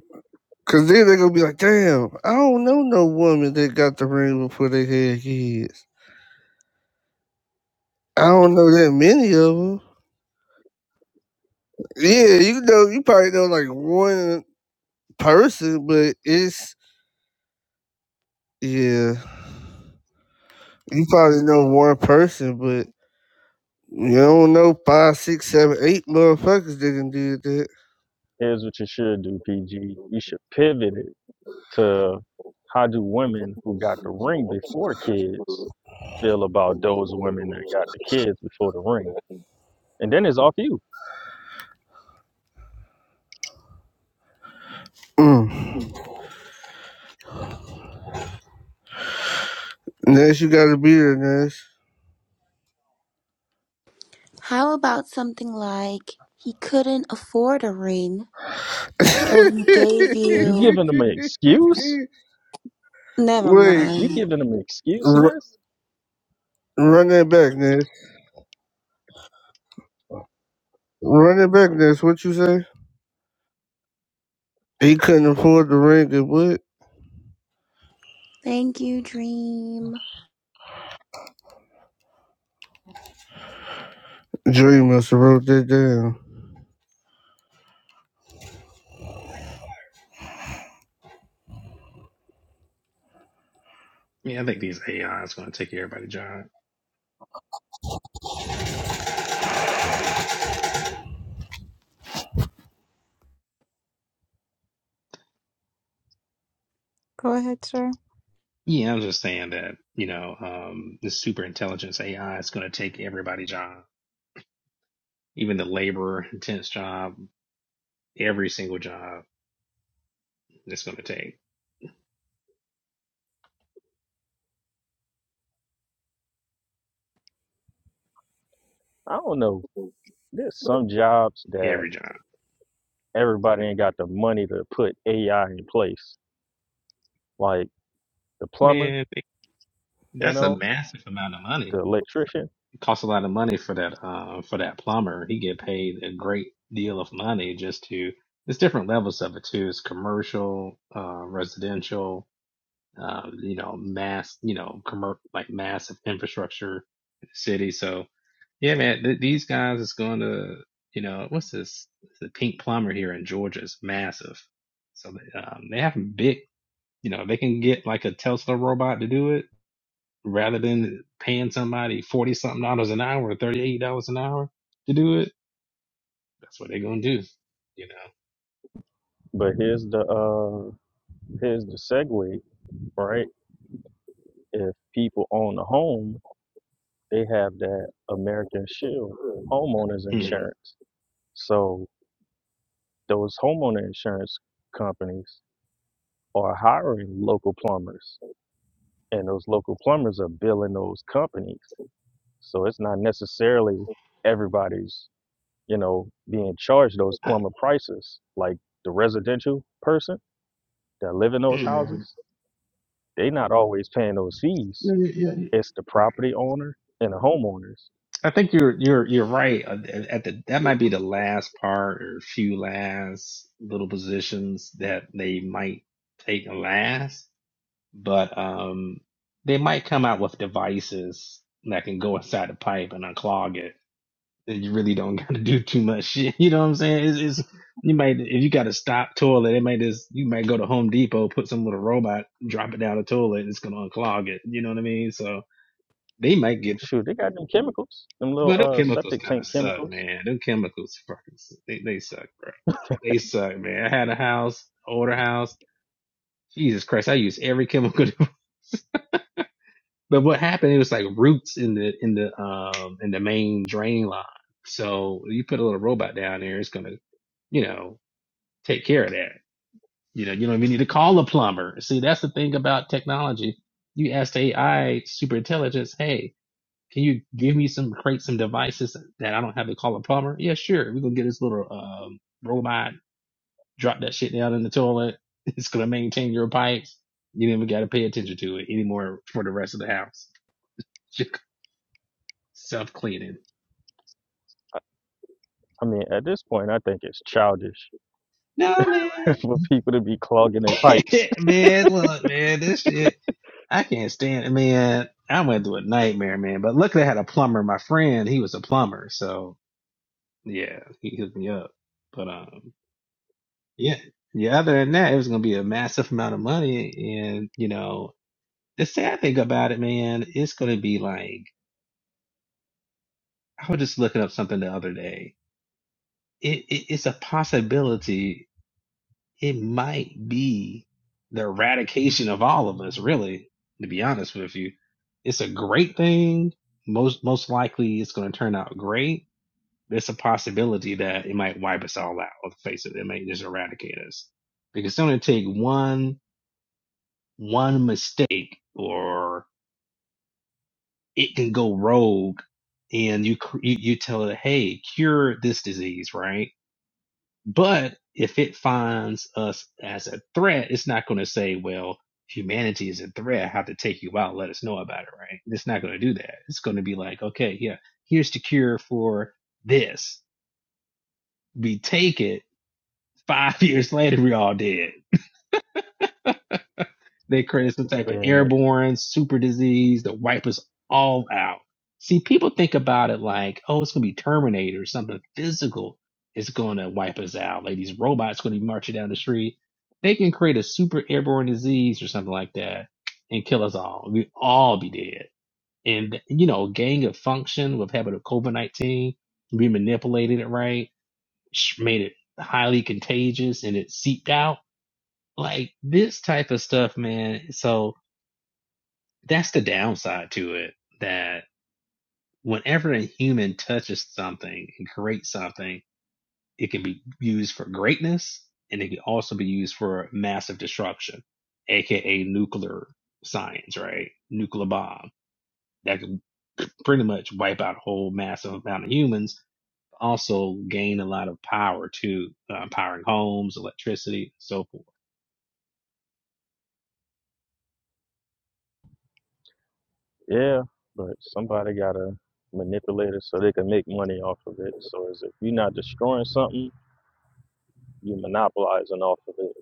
S2: Cause then they gonna be like, damn, I don't know no woman that got the ring before they had kids. I don't know that many of them. Yeah, you know, you probably know like one person, but it's yeah, you probably know one person, but you don't know five, six, seven, eight motherfuckers that done did that.
S18: Here's what you should do, PG. You should pivot it to how do women who got the ring before kids feel about those women that got the kids before the ring? And then it's off you.
S2: Mm. Unless you gotta be there, Nash.
S16: How about something like he couldn't afford a ring, so he gave
S18: You
S16: you.
S18: giving them an excuse?
S2: <laughs>
S16: Never
S2: Wait,
S18: You
S16: mind.
S18: giving them an
S2: r-
S18: excuseness?
S2: run that back, Ness. Run it back, Ness. What you say? He couldn't afford the ring and what?
S16: Thank you, Dream.
S2: Dre must have wrote that down.
S21: Yeah, I think these AI is going to take everybody's job.
S5: go ahead, sir.
S21: Yeah, I'm just saying that, you know, um, this super intelligence AI is going to take everybody's job, even the labor intense job, every single job it's going to take,
S18: I don't know. There's some jobs that
S21: every job.
S18: everybody ain't got the money to put AI in place, like the plumber,
S21: Man,
S18: you
S21: that's a
S18: know,
S21: massive amount of money.
S18: the electrician
S21: It costs a lot of money for that, uh, for that plumber. He get paid a great deal of money just to, there's different levels of it too. It's commercial, uh, residential, uh, you know, mass, you know, commer- like massive infrastructure in the city. So, yeah, man, th- these guys is going to, you know, what's this? The Pink Plumber here in Georgia is massive. So um, they have big, you know, they can get like a Tesla robot to do it rather than paying somebody forty something dollars an hour or thirty eight dollars an hour to do it. That's what they're gonna do, you know.
S18: But here's the uh here's the segue, right? If people own a home, they have that American Shield homeowners
S21: Mhm.
S18: insurance. So those homeowner insurance companies are hiring local plumbers and those local plumbers are billing those companies. So it's not necessarily everybody's, you know, being charged those
S21: I,
S18: plumber prices. Like the residential person that live in those
S21: mm.
S18: houses, they not always paying those fees
S21: Yeah, yeah, yeah. yeah.
S18: It's the
S21: right.
S18: property owner and the homeowners.
S21: I think you're you're you're right. Uh, At the that might be the last part or few last little positions that they might take last, but um, they might come out with devices that can go inside the pipe and unclog it. And You really don't <laughs> got to do too much shit. <laughs> You know what I'm saying? It's, it's you might if you got a stop toilet, it might just you might go to Home Depot, put some little robot, drop it down the toilet, and it's gonna unclog it. You know what I mean? So. They might get
S18: Shoot, they got them chemicals, them little
S21: but them
S18: uh
S21: chemicals
S18: septic
S21: kind of
S18: tank
S21: suck,
S18: chemicals.
S21: man. Them chemicals fucking suck. They, they suck, bro. They suck, man. I had a house, older house. Jesus Christ, I used every chemical. <laughs> but what happened? It was like roots in the in the um in the main drain line. So you put a little robot down there, it's gonna, you know, take care of that. You know, you don't even need to call a plumber. See, that's the thing about technology. You ask the AI super intelligence, hey. Can you give me some create some devices that I don't have to call a plumber? Yeah, sure. We're gonna get this little um robot, drop that shit down in the toilet. <laughs> It's gonna maintain your pipes. You didn't even gotta pay attention to it anymore for the rest of the house. <laughs> Self cleaning.
S18: I mean, at this point, I think it's childish
S21: No man.
S18: <laughs> for people to be clogging their pipes.
S21: <laughs> man, look, man, this shit I can't stand it, man. I went through a nightmare, man. But luckily I had a plumber, my friend, he was a plumber, so yeah, he hooked me up. But um Yeah. Yeah. Other than that, it was going to be a massive amount of money. And, you know, the sad thing about it, man, it's going to be like, I was just looking up something the other day. It, it It's a possibility. It might be the eradication of all of us, really, to be honest with you. It's a great thing. Most, most likely it's going to turn out great. There's a possibility that it might wipe us all out on the face of it. It might just eradicate us because it's going to take one one mistake or it can go rogue and you cr- you, you tell it hey cure this disease right but if it finds us as a threat it's not going to say well humanity is a threat i have to take you out let us know about it right it's not going to do that it's going to be like okay yeah here's the cure for this we take it five <laughs> years later we all dead They created some type
S18: <laughs>
S21: of
S18: Damn it.
S21: airborne super disease that wipe us all out. See, people think about it like, oh, it's gonna be Terminator, something physical is gonna wipe us out. Like these robots gonna be marching down the street. They can create a super airborne disease or something like that and kill us all. We all be dead. And you know, gang of function with having a COVID nineteen, we manipulated it right, sh- made it highly contagious and it seeped out like this type of stuff, man. So that's the downside to it that whenever a human touches something and creates something it can be used for greatness and it can also be used for massive destruction aka nuclear science right nuclear bomb that can pretty much wipe out a whole massive amount of humans also gain a lot of power too uh, powering homes electricity so forth
S18: Yeah, but somebody gotta manipulate it so they can make money off of it. So as if you're not destroying something, you're monopolizing off of it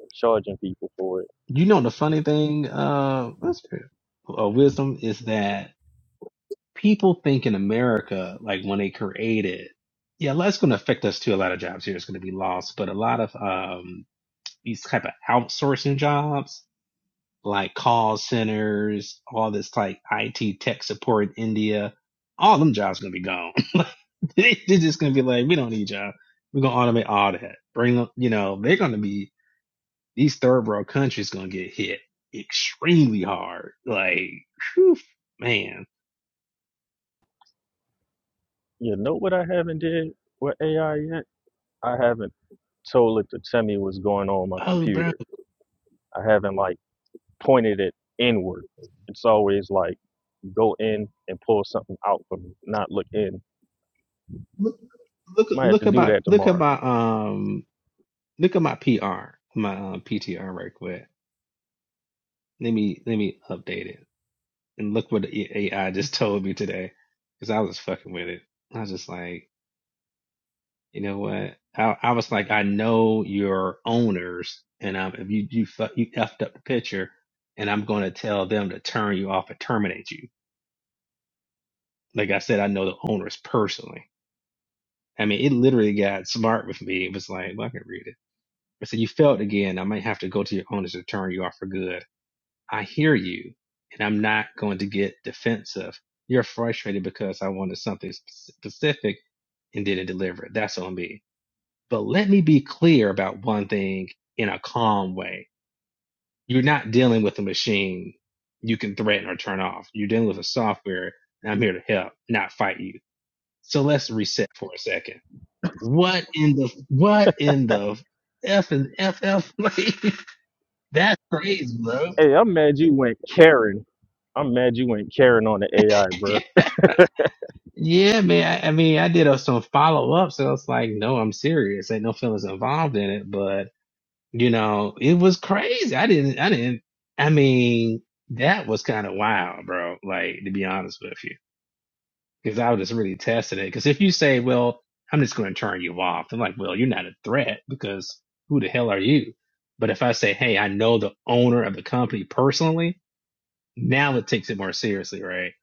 S18: and charging people for it.
S21: you know the funny thing uh, what's- uh wisdom is that people think in America, like when they create it, yeah, that's going to affect us too. A lot of jobs here is going to be lost, but a lot of um, these type of outsourcing jobs, like call centers, all this like IT tech support in India, all them jobs going to be gone. <laughs> Like, They- They're just going to be like, we don't need y'all. We're going to automate all that. Bring them, you know, they're going to be these third world countries going to get hit extremely hard. Like, whew, man.
S18: You know what I haven't did with AI yet? I haven't told it to tell me what's going on on my
S21: Oh, bro.
S18: computer. I haven't like pointed it inward. It's always like go in and pull something out for me, not look in.
S21: look
S18: Might have
S21: look
S18: to
S21: at
S18: do
S21: my
S18: that
S21: look at
S18: tomorrow.
S21: my um look at my PR my um, PTR right quick. Let me let me update it and look what the AI just <laughs> told me today because I was fucking with it. I was just like, you know what? I I was like, I know your owners, and um, if you you fu- you effed up the picture, and I'm going to tell them to turn you off and terminate you. Like I said, I know the owners personally. I mean, it literally got smart with me. It was like, well, I can read it. I said, You failed again. I might have to go to your owners to turn you off for good. I hear you, and I'm not going to get defensive. You're frustrated because I wanted something specific and didn't deliver it. That's on me. But let me be clear about one thing in a calm way. You're not dealing with a machine you can threaten or turn off. You're dealing with a software, and I'm here to help, not fight you. So let's reset for a second. What in the what in the F and f f <laughs> like that's crazy, bro.
S18: Hey, I'm mad you went Karen. I'm mad you went Karen on the AI,
S21: <laughs>
S18: bro.
S21: Yeah, man. I, I mean, I did uh, some follow ups, and I was like, "No, I'm serious. Ain't no feelings involved in it." But you know, it was crazy. I didn't. I didn't. I mean, that was kind of wild, bro. Like to be honest with you, because I was just really testing it. Because if you say, "Well, I'm just going to turn you off," I'm like, "Well, you're not a threat because who the hell are you?" But if I say, "Hey, I know the owner of the company personally," now it takes it more seriously, right?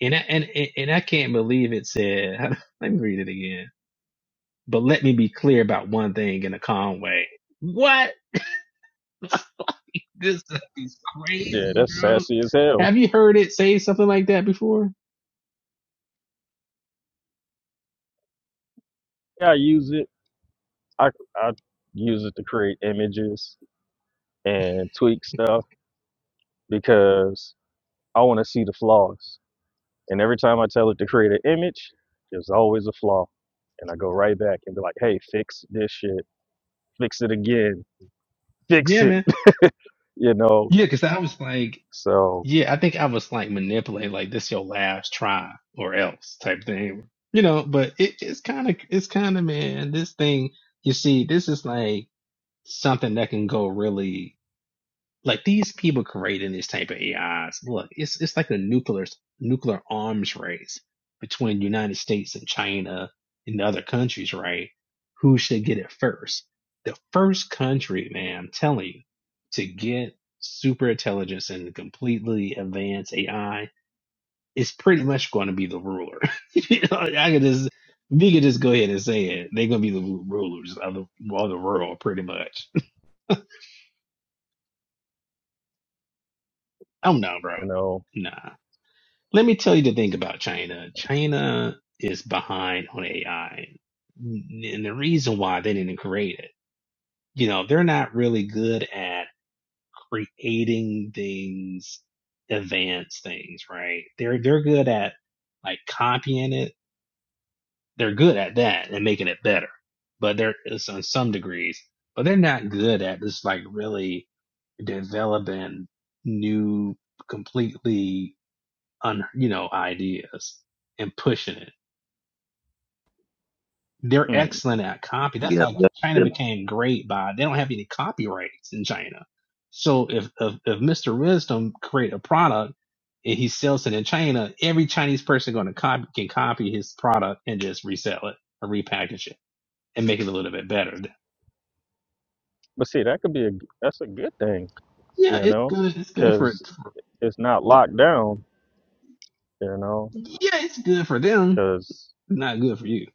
S21: And I, and and I can't believe it said. <laughs> Let me read it again. But let me be clear about one thing in a calm way. What? This stuff is
S18: Yeah,
S21: crazy,
S18: that's
S21: bro.
S18: sassy as hell.
S21: Have you heard it say something like that before?
S18: Yeah, I use it. I I use it to create images and tweak stuff because I want to see the flaws. And every time I tell it to create an image, there's always a flaw. And I go right back and be like, hey, fix this shit. Fix it again. Fix
S21: Yeah,
S18: it
S21: man.
S18: you know.
S21: Yeah, because I was like,
S18: So
S21: yeah, I think I was like manipulating, like this your last try or else type thing, you know. But it, it's kind of, it's kind of man, this thing. You see, this is like something that can go really. Like these people creating this type of AIs, look, it's it's like a nuclear nuclear arms race between the United States and China and the other countries, right? Who should get it first? The first country, man, I'm telling you, to get super intelligence and completely advanced AI is pretty much going to be the ruler. <laughs> you know, I could just we could just go ahead and say it. They're gonna be the rulers of the of the world, pretty much. <laughs> I'm not, bro.
S18: you know,
S21: Nah. Let me tell you the thing about China. China is behind on AI. And the reason why they didn't create it, you know, they're not really good at creating things, advanced things, right? They're, they're good at like copying it. They're good at that and making it better, but they're it's on some degrees, but they're not good at just like really developing new, completely un, you know, ideas and pushing it They're
S18: mm.
S21: excellent at copy. That's
S22: Yeah,
S21: like
S22: that,
S21: China
S22: that-
S21: became great by they don't have any copyrights in China. So if if, if Mr. Wisdom create a product and he sells it in China, every Chinese person going to copy can copy his product and just resell it or repackage it and make it a little bit better.
S18: but see, that could be a that's a good thing,
S21: Yeah,
S18: you
S21: it's
S18: know,
S21: good. It's good for
S18: because it's not locked down, you know,
S21: yeah, it's good for them.
S18: because
S21: Not good for you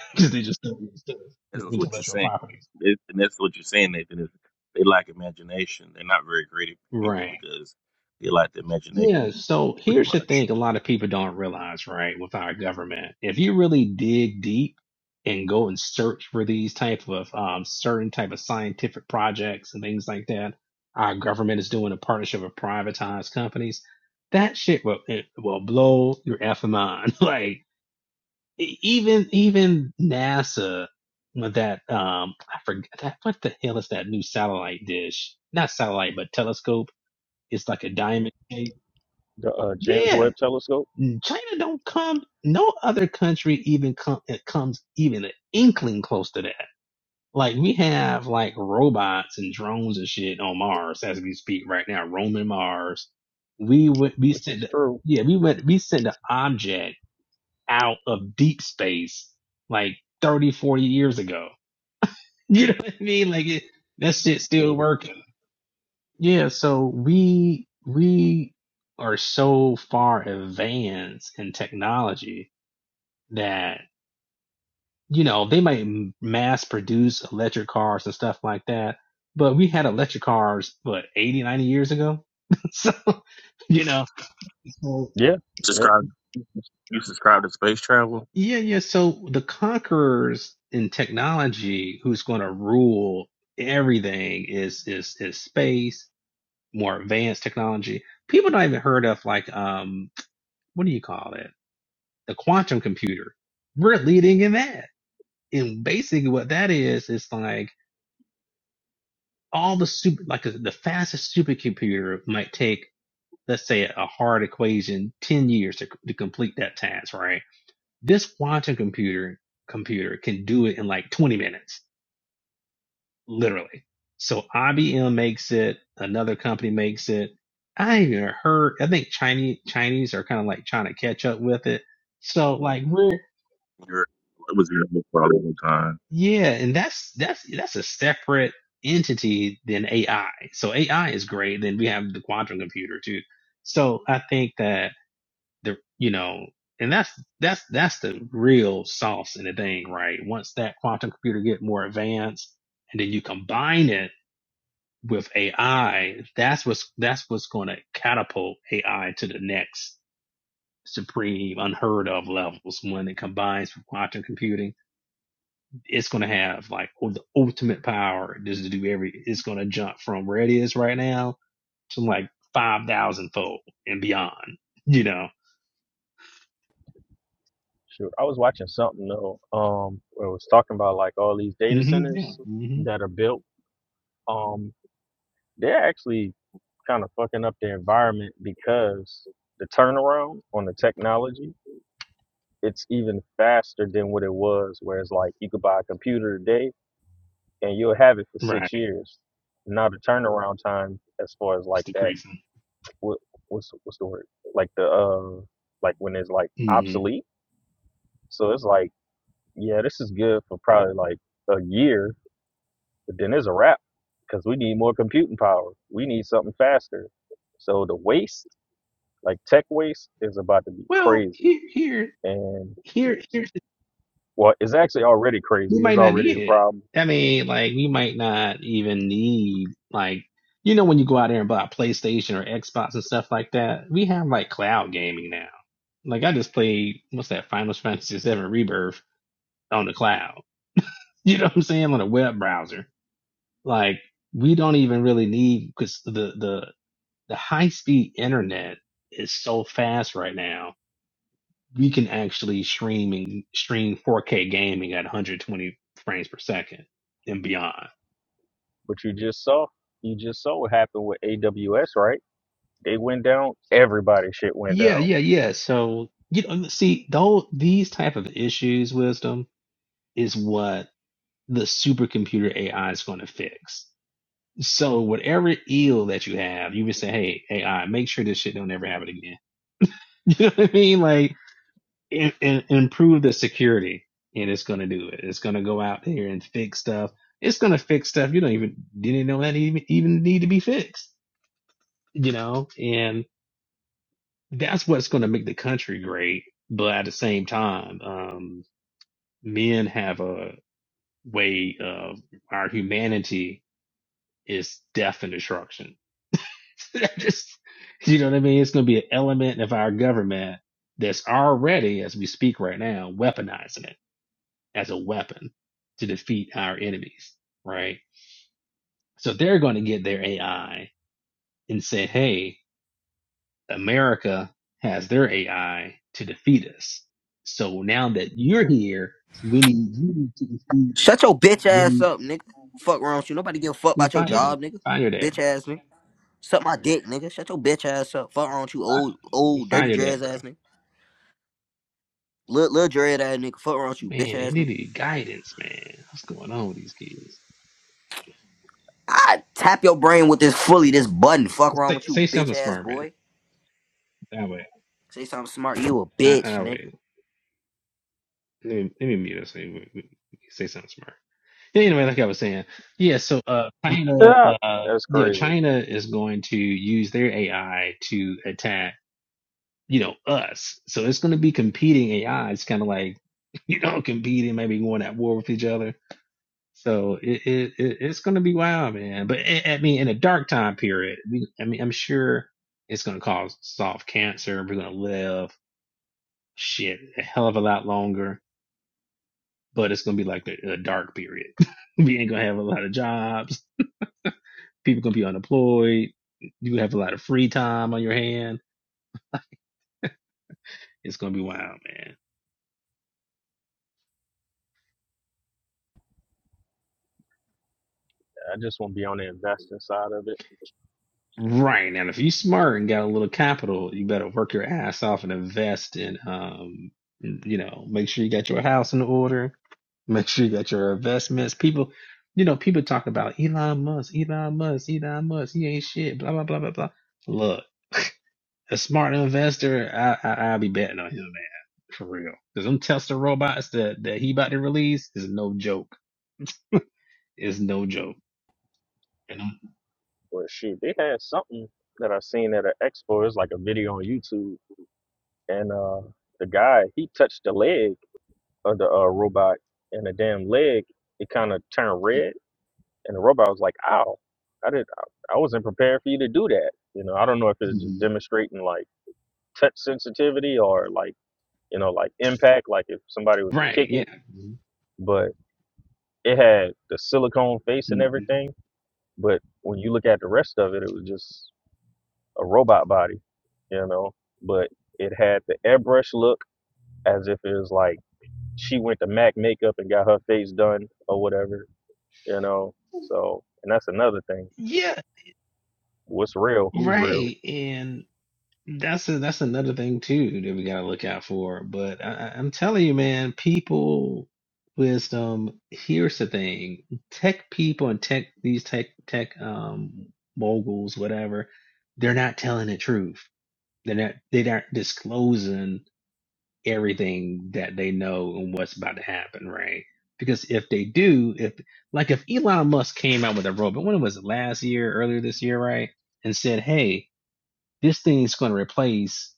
S21: <laughs> because they just don't use the
S22: that's what you're
S21: intellectual
S22: saying,
S21: properties.
S22: It- and that's what you're saying, Nathan. Is they lack imagination. They're not very creative people
S21: Right.
S22: because they lack the
S21: Yeah,
S22: imagination,
S21: so
S22: pretty
S21: here's the
S22: much.
S21: thing a lot of people don't realize, right, with our government. If you really dig deep and go and search for these type of um, certain type of scientific projects and things like that, our government is doing a partnership with privatized companies. That shit will it will blow your effing mind. <laughs> Like e- even even NASA with that um I forget that what the hell is that new satellite dish? Not satellite, but telescope. It's like a diamond shape.
S18: the uh, James
S21: Yeah
S18: Webb Telescope.
S21: China don't come. No other country even come it comes even an inkling close to that. Like we have like robots and drones and shit on Mars as we speak right now, roaming Mars. We would we
S18: This is
S21: send
S18: true.
S21: yeah we went we send an object out of deep space like 30, 40 years ago. <laughs> You know what I mean? Like it, that shit's still working. Yeah, so we we are so far advanced in technology that you know they might m- mass produce electric cars and stuff like that but we had electric cars what 80 90 years ago <laughs> so you know so,
S18: Yeah, yeah.
S22: Subscribe. You subscribe to space travel.
S21: yeah yeah so the conquerors in technology who's going to rule everything is is is space more advanced technology people don't even heard of like um what do you call it the quantum computer we're leading in that and basically what that is is like all the super like uh, the fastest supercomputer might take let's say a hard equation 10 years to, to complete that task right this quantum computer computer can do it in like 20 minutes literally so IBM makes it another company makes it I even heard I think Chinese Chinese are kind of like trying to catch up with it so like we're
S22: You're, it was your problem at the time.
S21: Yeah, and that's that's that's a separate entity than AI. So AI is great. Then we have the quantum computer too. So I think that the you know, and that's that's that's the real sauce in the thing, right? Once that quantum computer get more advanced, and then you combine it with AI, that's what's that's what's going to catapult AI to the next supreme, unheard of levels when it combines with quantum computing it's going to have like oh, the ultimate power just to do every, it's going to jump from where it is right now to like 5,000 fold and beyond, you know?
S18: Shoot, I was watching something though. Um, where it was talking about like all these data
S21: hmm Yeah.
S18: centers
S21: hmm
S18: that are built. Um, they're actually kind of fucking up the environment because the turnaround on the technology it's even faster than what it was. Where it's like you could buy a computer today and you'll have it for six
S21: Right.
S18: years. Now the turnaround time, as far as
S21: It's
S18: like that,
S21: decreasing.
S18: what what's what's the word? Like the uh, like when it's like
S21: hmm
S18: obsolete. So it's like, yeah, this is good for probably like a year, but then it's a wrap because we need more computing power. We need something faster. So the waste, like tech waste, is about to be
S21: Well,
S18: crazy.
S21: here, here,
S18: And
S21: here, here,
S18: well, it's actually already crazy.
S21: we might
S18: It's
S21: not
S18: already
S21: need
S18: a
S21: it.
S18: problem
S21: I mean, like, we might not even need, like, you know, when you go out there and buy a PlayStation or Xbox and stuff like that, we have like cloud gaming now. Like, I just played, what's that, Final Fantasy Seven Rebirth on the cloud. <laughs> You know what I'm saying? On a web browser. Like we don't even really need because the the the high speed internet is so fast right now. We can actually stream and stream 4K gaming at 120 frames per second and beyond.
S18: But you just saw, you just saw what happened with AWS, right? They went down. Everybody shit went
S21: Yeah,
S18: down.
S21: yeah, yeah. So you know, see, though these type of issues, wisdom is what the supercomputer AI is going to fix So whatever ill that you have, you would say, "Hey, AI, make sure this shit don't ever happen again." <laughs> You know what I mean? Like, and, and improve the security, and it's gonna do it. It's gonna go out there and fix stuff. It's gonna fix stuff you don't even didn't know that even even need to be fixed. You know, and that's what's gonna make the country great. But at the same time, um, men have a way of our humanity is death and destruction <laughs> just you know what I mean? It's going to be an element of our government that's already, as we speak right now, weaponizing it as a weapon to defeat our enemies, right? So they're going to get their AI and say, "Hey, America has their AI to defeat us." So now that you're here, we need you to defeat.
S23: Shut your bitch
S21: We
S23: ass
S21: need
S23: up, nigga. Fuck wrong with you. Nobody give a fuck
S21: dude,
S23: about your
S21: find your dad,
S23: job, nigga.
S21: find your dad,
S23: Bitch
S21: bro.
S23: ass nigga. Suck my dick, nigga. Shut your bitch ass up. Fuck wrong with you, old,
S21: Find,
S23: old, dirty
S21: find your dad,
S23: dreads
S21: bro.
S23: ass nigga. Little, little dread ass nigga. Fuck wrong with you, bitch
S21: Man,
S23: ass
S21: they
S23: nigga.
S21: need guidance, man. What's going on with these kids?
S23: I tap your brain with this fully, this button. Fuck wrong
S21: Say,
S23: with you,
S21: say
S23: bitch
S21: something
S23: ass
S21: smart, man.
S23: boy.
S21: That way,
S23: Say something smart. You a
S21: wait. I,
S23: bitch,
S21: wait.
S23: nigga.
S21: Let me, let me mute us. so we- we- we Say something smart. Anyway, like I was saying, yeah. So, uh, China,
S18: Yeah,
S21: uh,
S18: that's
S21: yeah,
S18: crazy.
S21: China is going to use their AI to attack, you know, us. So it's going to be competing AI. It's kind of like, <laughs> you know, competing, maybe going at war with each other. So it, it, it it's going to be wild, man. But I I mean, in a dark time period, we, I mean, I'm sure it's going to cause soft cancer. We're going to live. shit a hell of a lot longer, but it's gonna be like a, a dark period. <laughs> we ain't gonna have a lot of jobs. People gonna be unemployed. You have a lot of free time on your hand. It's gonna be wild, man.
S18: I just want to be on the investing side of it.
S21: Right now, if you smart and got a little capital, you better work your ass off and invest in, um, you know, make sure you got your house in order. Make sure you got your investments. People, you know, people talk about Elon Musk, Elon Musk, Elon Musk. He ain't shit. Blah blah blah blah blah. Look. a smart investor, I, I I'll be betting on him, man, for real. Cause them Tesla robots that that he about to release is no joke. Is no joke. You know.
S18: But shoot, they had something that I seen at an expo. It's like a video on YouTube, and uh, the guy he touched the leg of the uh, robot, and the damn leg it kind of turned red, and the robot was like, "Ow, I did, I, I wasn't prepared for you to do that." You know, I don't know if it's just
S21: Mhm.
S18: demonstrating like touch sensitivity or like you know, like impact, like if somebody was to
S21: Right.
S18: kick it,
S21: Yeah.
S18: but it had the silicone face and
S21: Mhm.
S18: everything. But when you look at the rest of it, it was just a robot body, you know. But it had the airbrush look as if it was like she went to MAC makeup and got her face done or whatever, you know. So, and that's another thing.
S21: Yeah.
S18: What's real? Who's real?
S21: Right. And that's a, that's another thing too that we gotta look out for. But I, I- I'm telling you, man, people wisdom. Here's the thing: tech people and tech these tech tech um moguls, whatever, they're not telling the truth They're not, they aren't disclosing everything that they know and what's about to happen, right? Because if they do, if like if Elon Musk came out with a robot, when was it last year, earlier this year, right? And said, hey, this thing's going to replace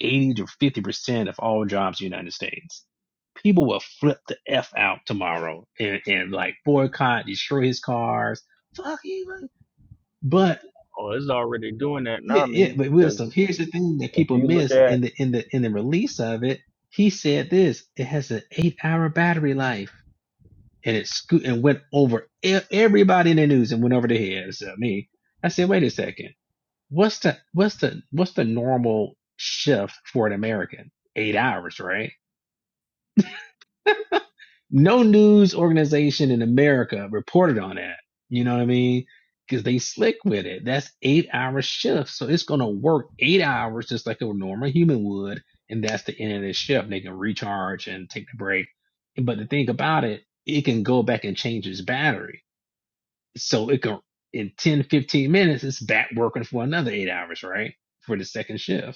S21: 80 to 50% of all jobs in the United States. People will flip the F out tomorrow and, and like boycott, destroy his cars. Fuck Elon. But
S18: Oh, it's already doing that
S21: Yeah,
S18: now,
S21: yeah,
S18: man.
S21: but wisdom.
S18: Because
S21: Here's the thing that
S18: if
S21: people
S18: you look
S21: miss in
S18: at,
S21: the in the in the release of it. He said this. It has an eight hour battery life, and it sco- and went over e- everybody in the news and went over the head except me. I said, wait a second. What's the what's the what's the normal shift for an American? Eight hours, right? no news organization in America reported on that. You know what I mean? Because they slick with it. That's eight hour shifts. So it's going to work eight hours just like a normal human would. And that's the end of the shift. They can recharge and take the break. But the thing about it, it can go back and change its battery. So it can, in 10, 15 minutes, it's back working for another eight hours, right? For the second shift.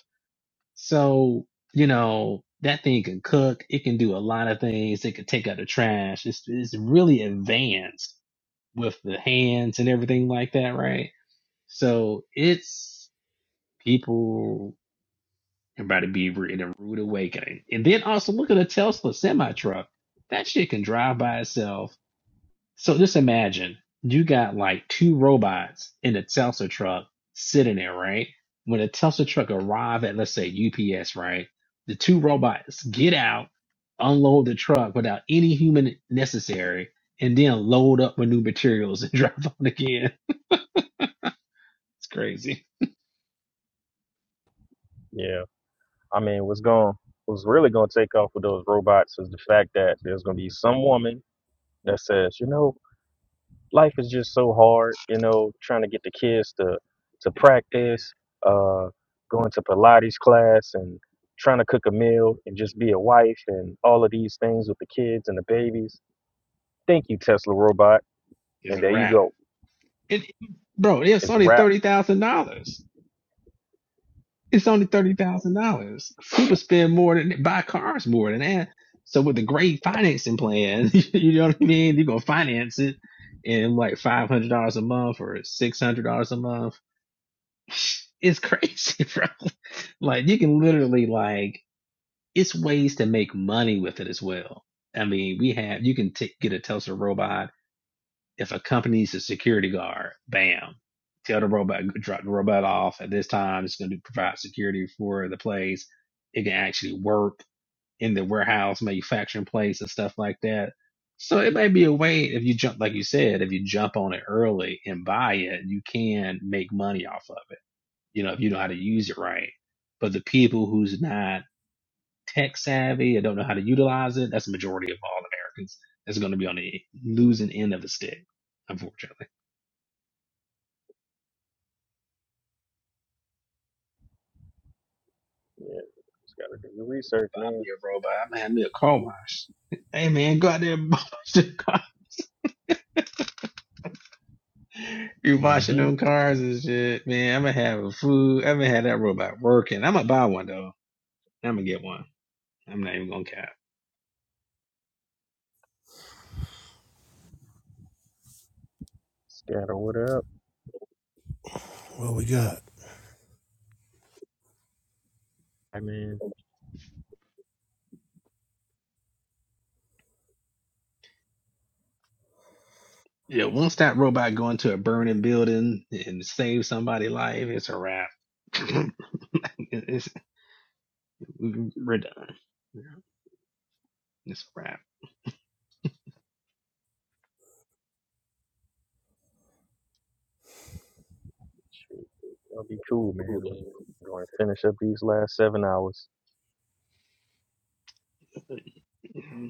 S21: So, you know, that thing can cook. It can do a lot of things. It can take out the trash. It's, it's really advanced with the hands and everything like that, right? So it's people about to be in a rude awakening. And then also look at a Tesla semi truck. That shit can drive by itself so just imagine you got like two robots in a Tesla truck sitting there, right? When a Tesla truck arrive at, let's say UPS, right? The two robots get out, unload the truck without any human necessary, and then load up with new materials and <laughs> drive on again. It's crazy.
S18: yeah. I mean, what's going what's really going to take off with those robots is the fact that there's going to be some woman that says, you know, life is just so hard. You know, trying to get the kids to to
S21: Man,
S18: practice, uh, going to Pilates class, and trying to cook a meal, and just be a wife, and all of these things with the kids and the babies. Thank you, Tesla robot.
S21: it's
S18: And
S21: a
S18: there you
S21: wrap.
S18: go.
S21: It, bro, it's
S18: It's a
S21: only
S18: wrap.
S21: thirty thousand dollars. It's only thirty thousand dollars. People spend more than buy cars more than that. So with a great financing plan, <laughs> you know what I mean. You're gonna finance it in like five hundred dollars a month or six hundred dollars a month. It's crazy, <laughs> bro. Like you can literally like it's ways to make money with it as well. I mean, we have you can t- get a Tesla robot if a company's a security guard, bam, tell the robot, drop the robot off at this time. It's going to provide security for the place. It can actually work in the warehouse, manufacturing place, and stuff like that. So it may be a way if you jump, like you said, if you jump on it early and buy it, you can make money off of it. You know, if you know how to use it right. But the people who's not tech savvy and don't know how to utilize it, that's the majority of all Americans. That's going to be on the losing end of the stick, unfortunately.
S18: Yeah, just gotta do your research, man.
S21: Yeah, bro, but I'm having me a car wash. <laughs> Hey man, go out there and <laughs> wash the car. You washing them
S18: Mm-hmm.
S21: cars and shit, man. I'm gonna have a food. I'm gonna have that robot working. I'm gonna buy one though. I'm gonna get one. I'm not even gonna cap.
S18: Scatter what up, man.
S21: Yeah, once that robot go into a burning building and save somebody's life, it's a wrap. <laughs> it's, we're done. Yeah, It's a wrap.
S18: Shoot, y'all be cool, man. I'm going to finish up these last seven hours.
S21: <laughs>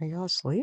S5: Are y'all asleep?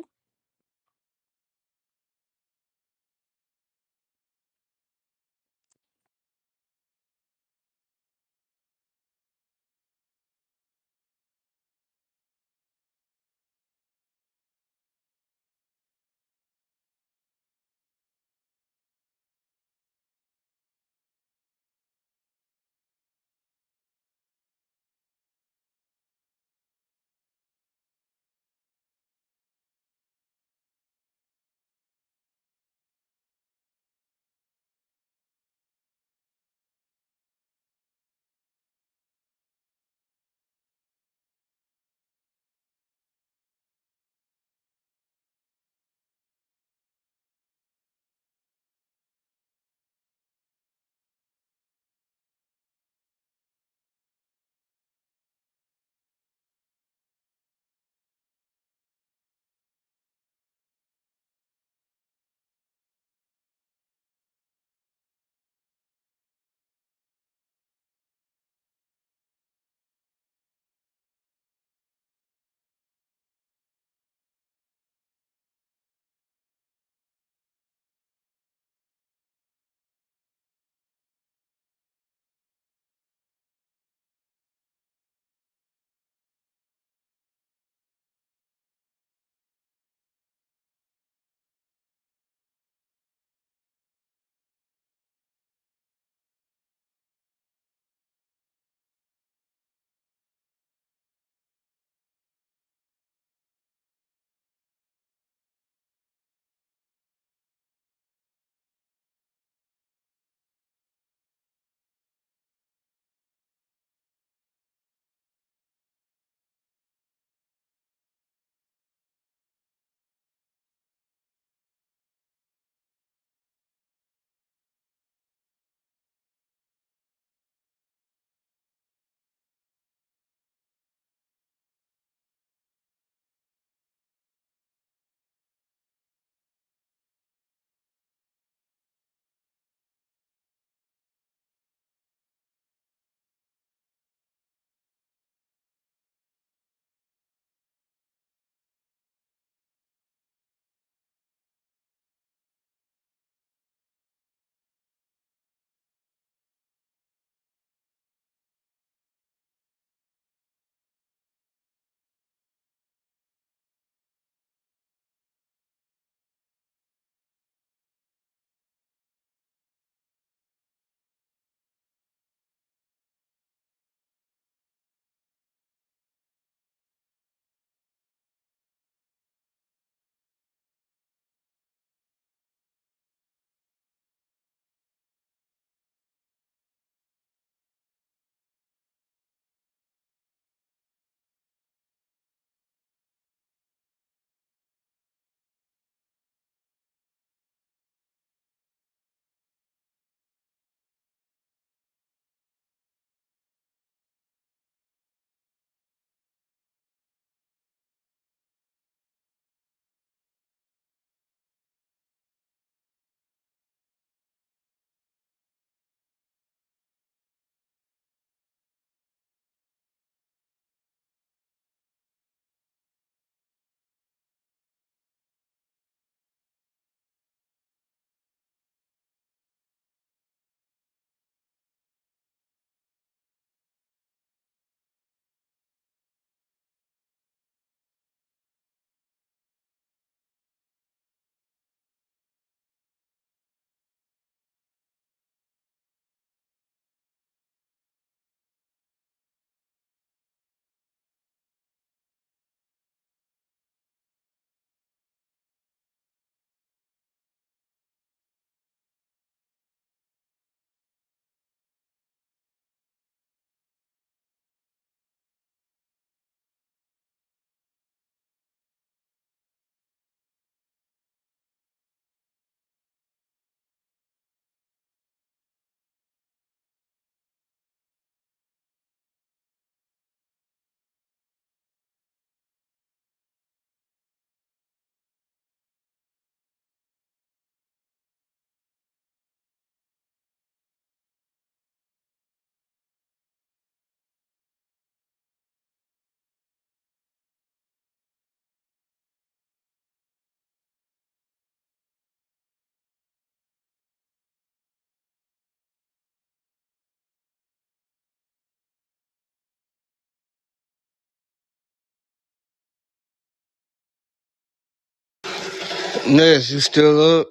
S2: Ness, you still up?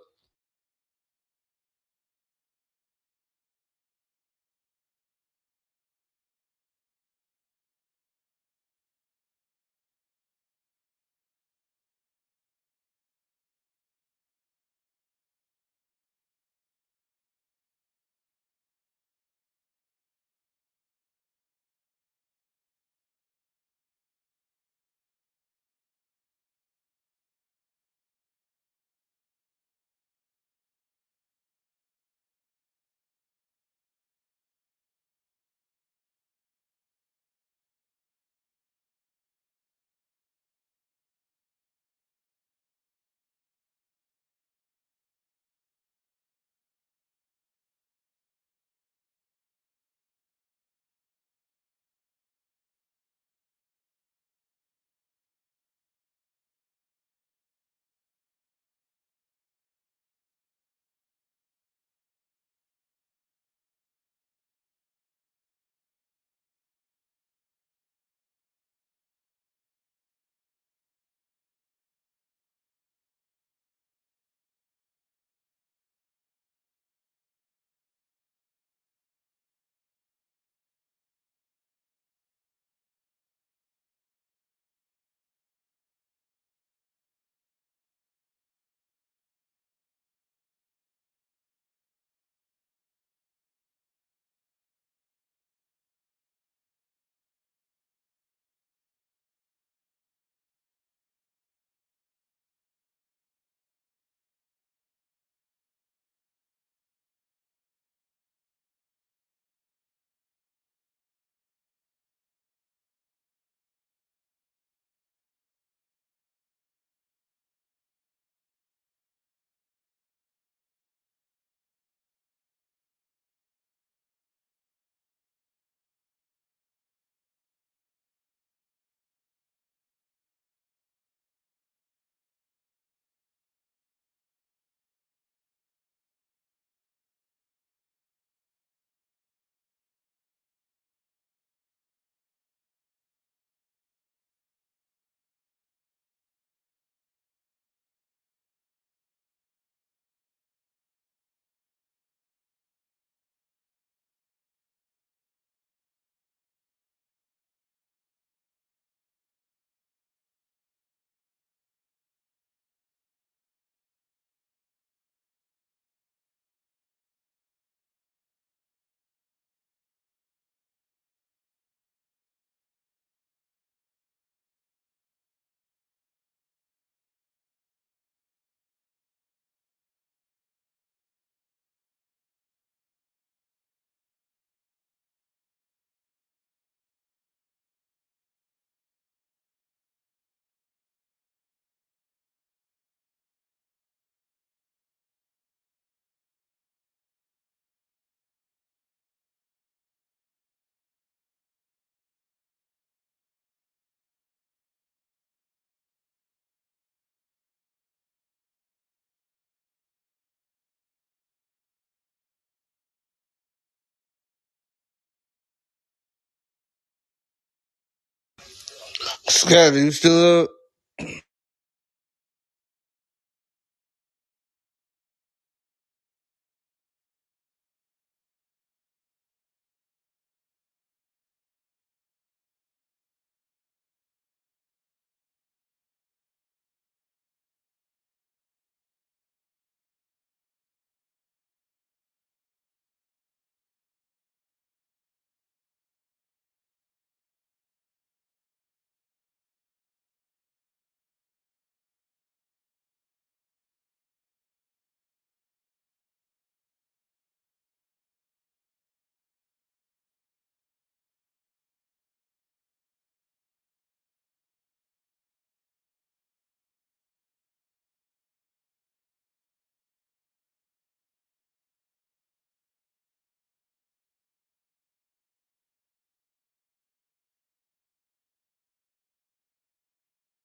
S2: Scotty, you still up?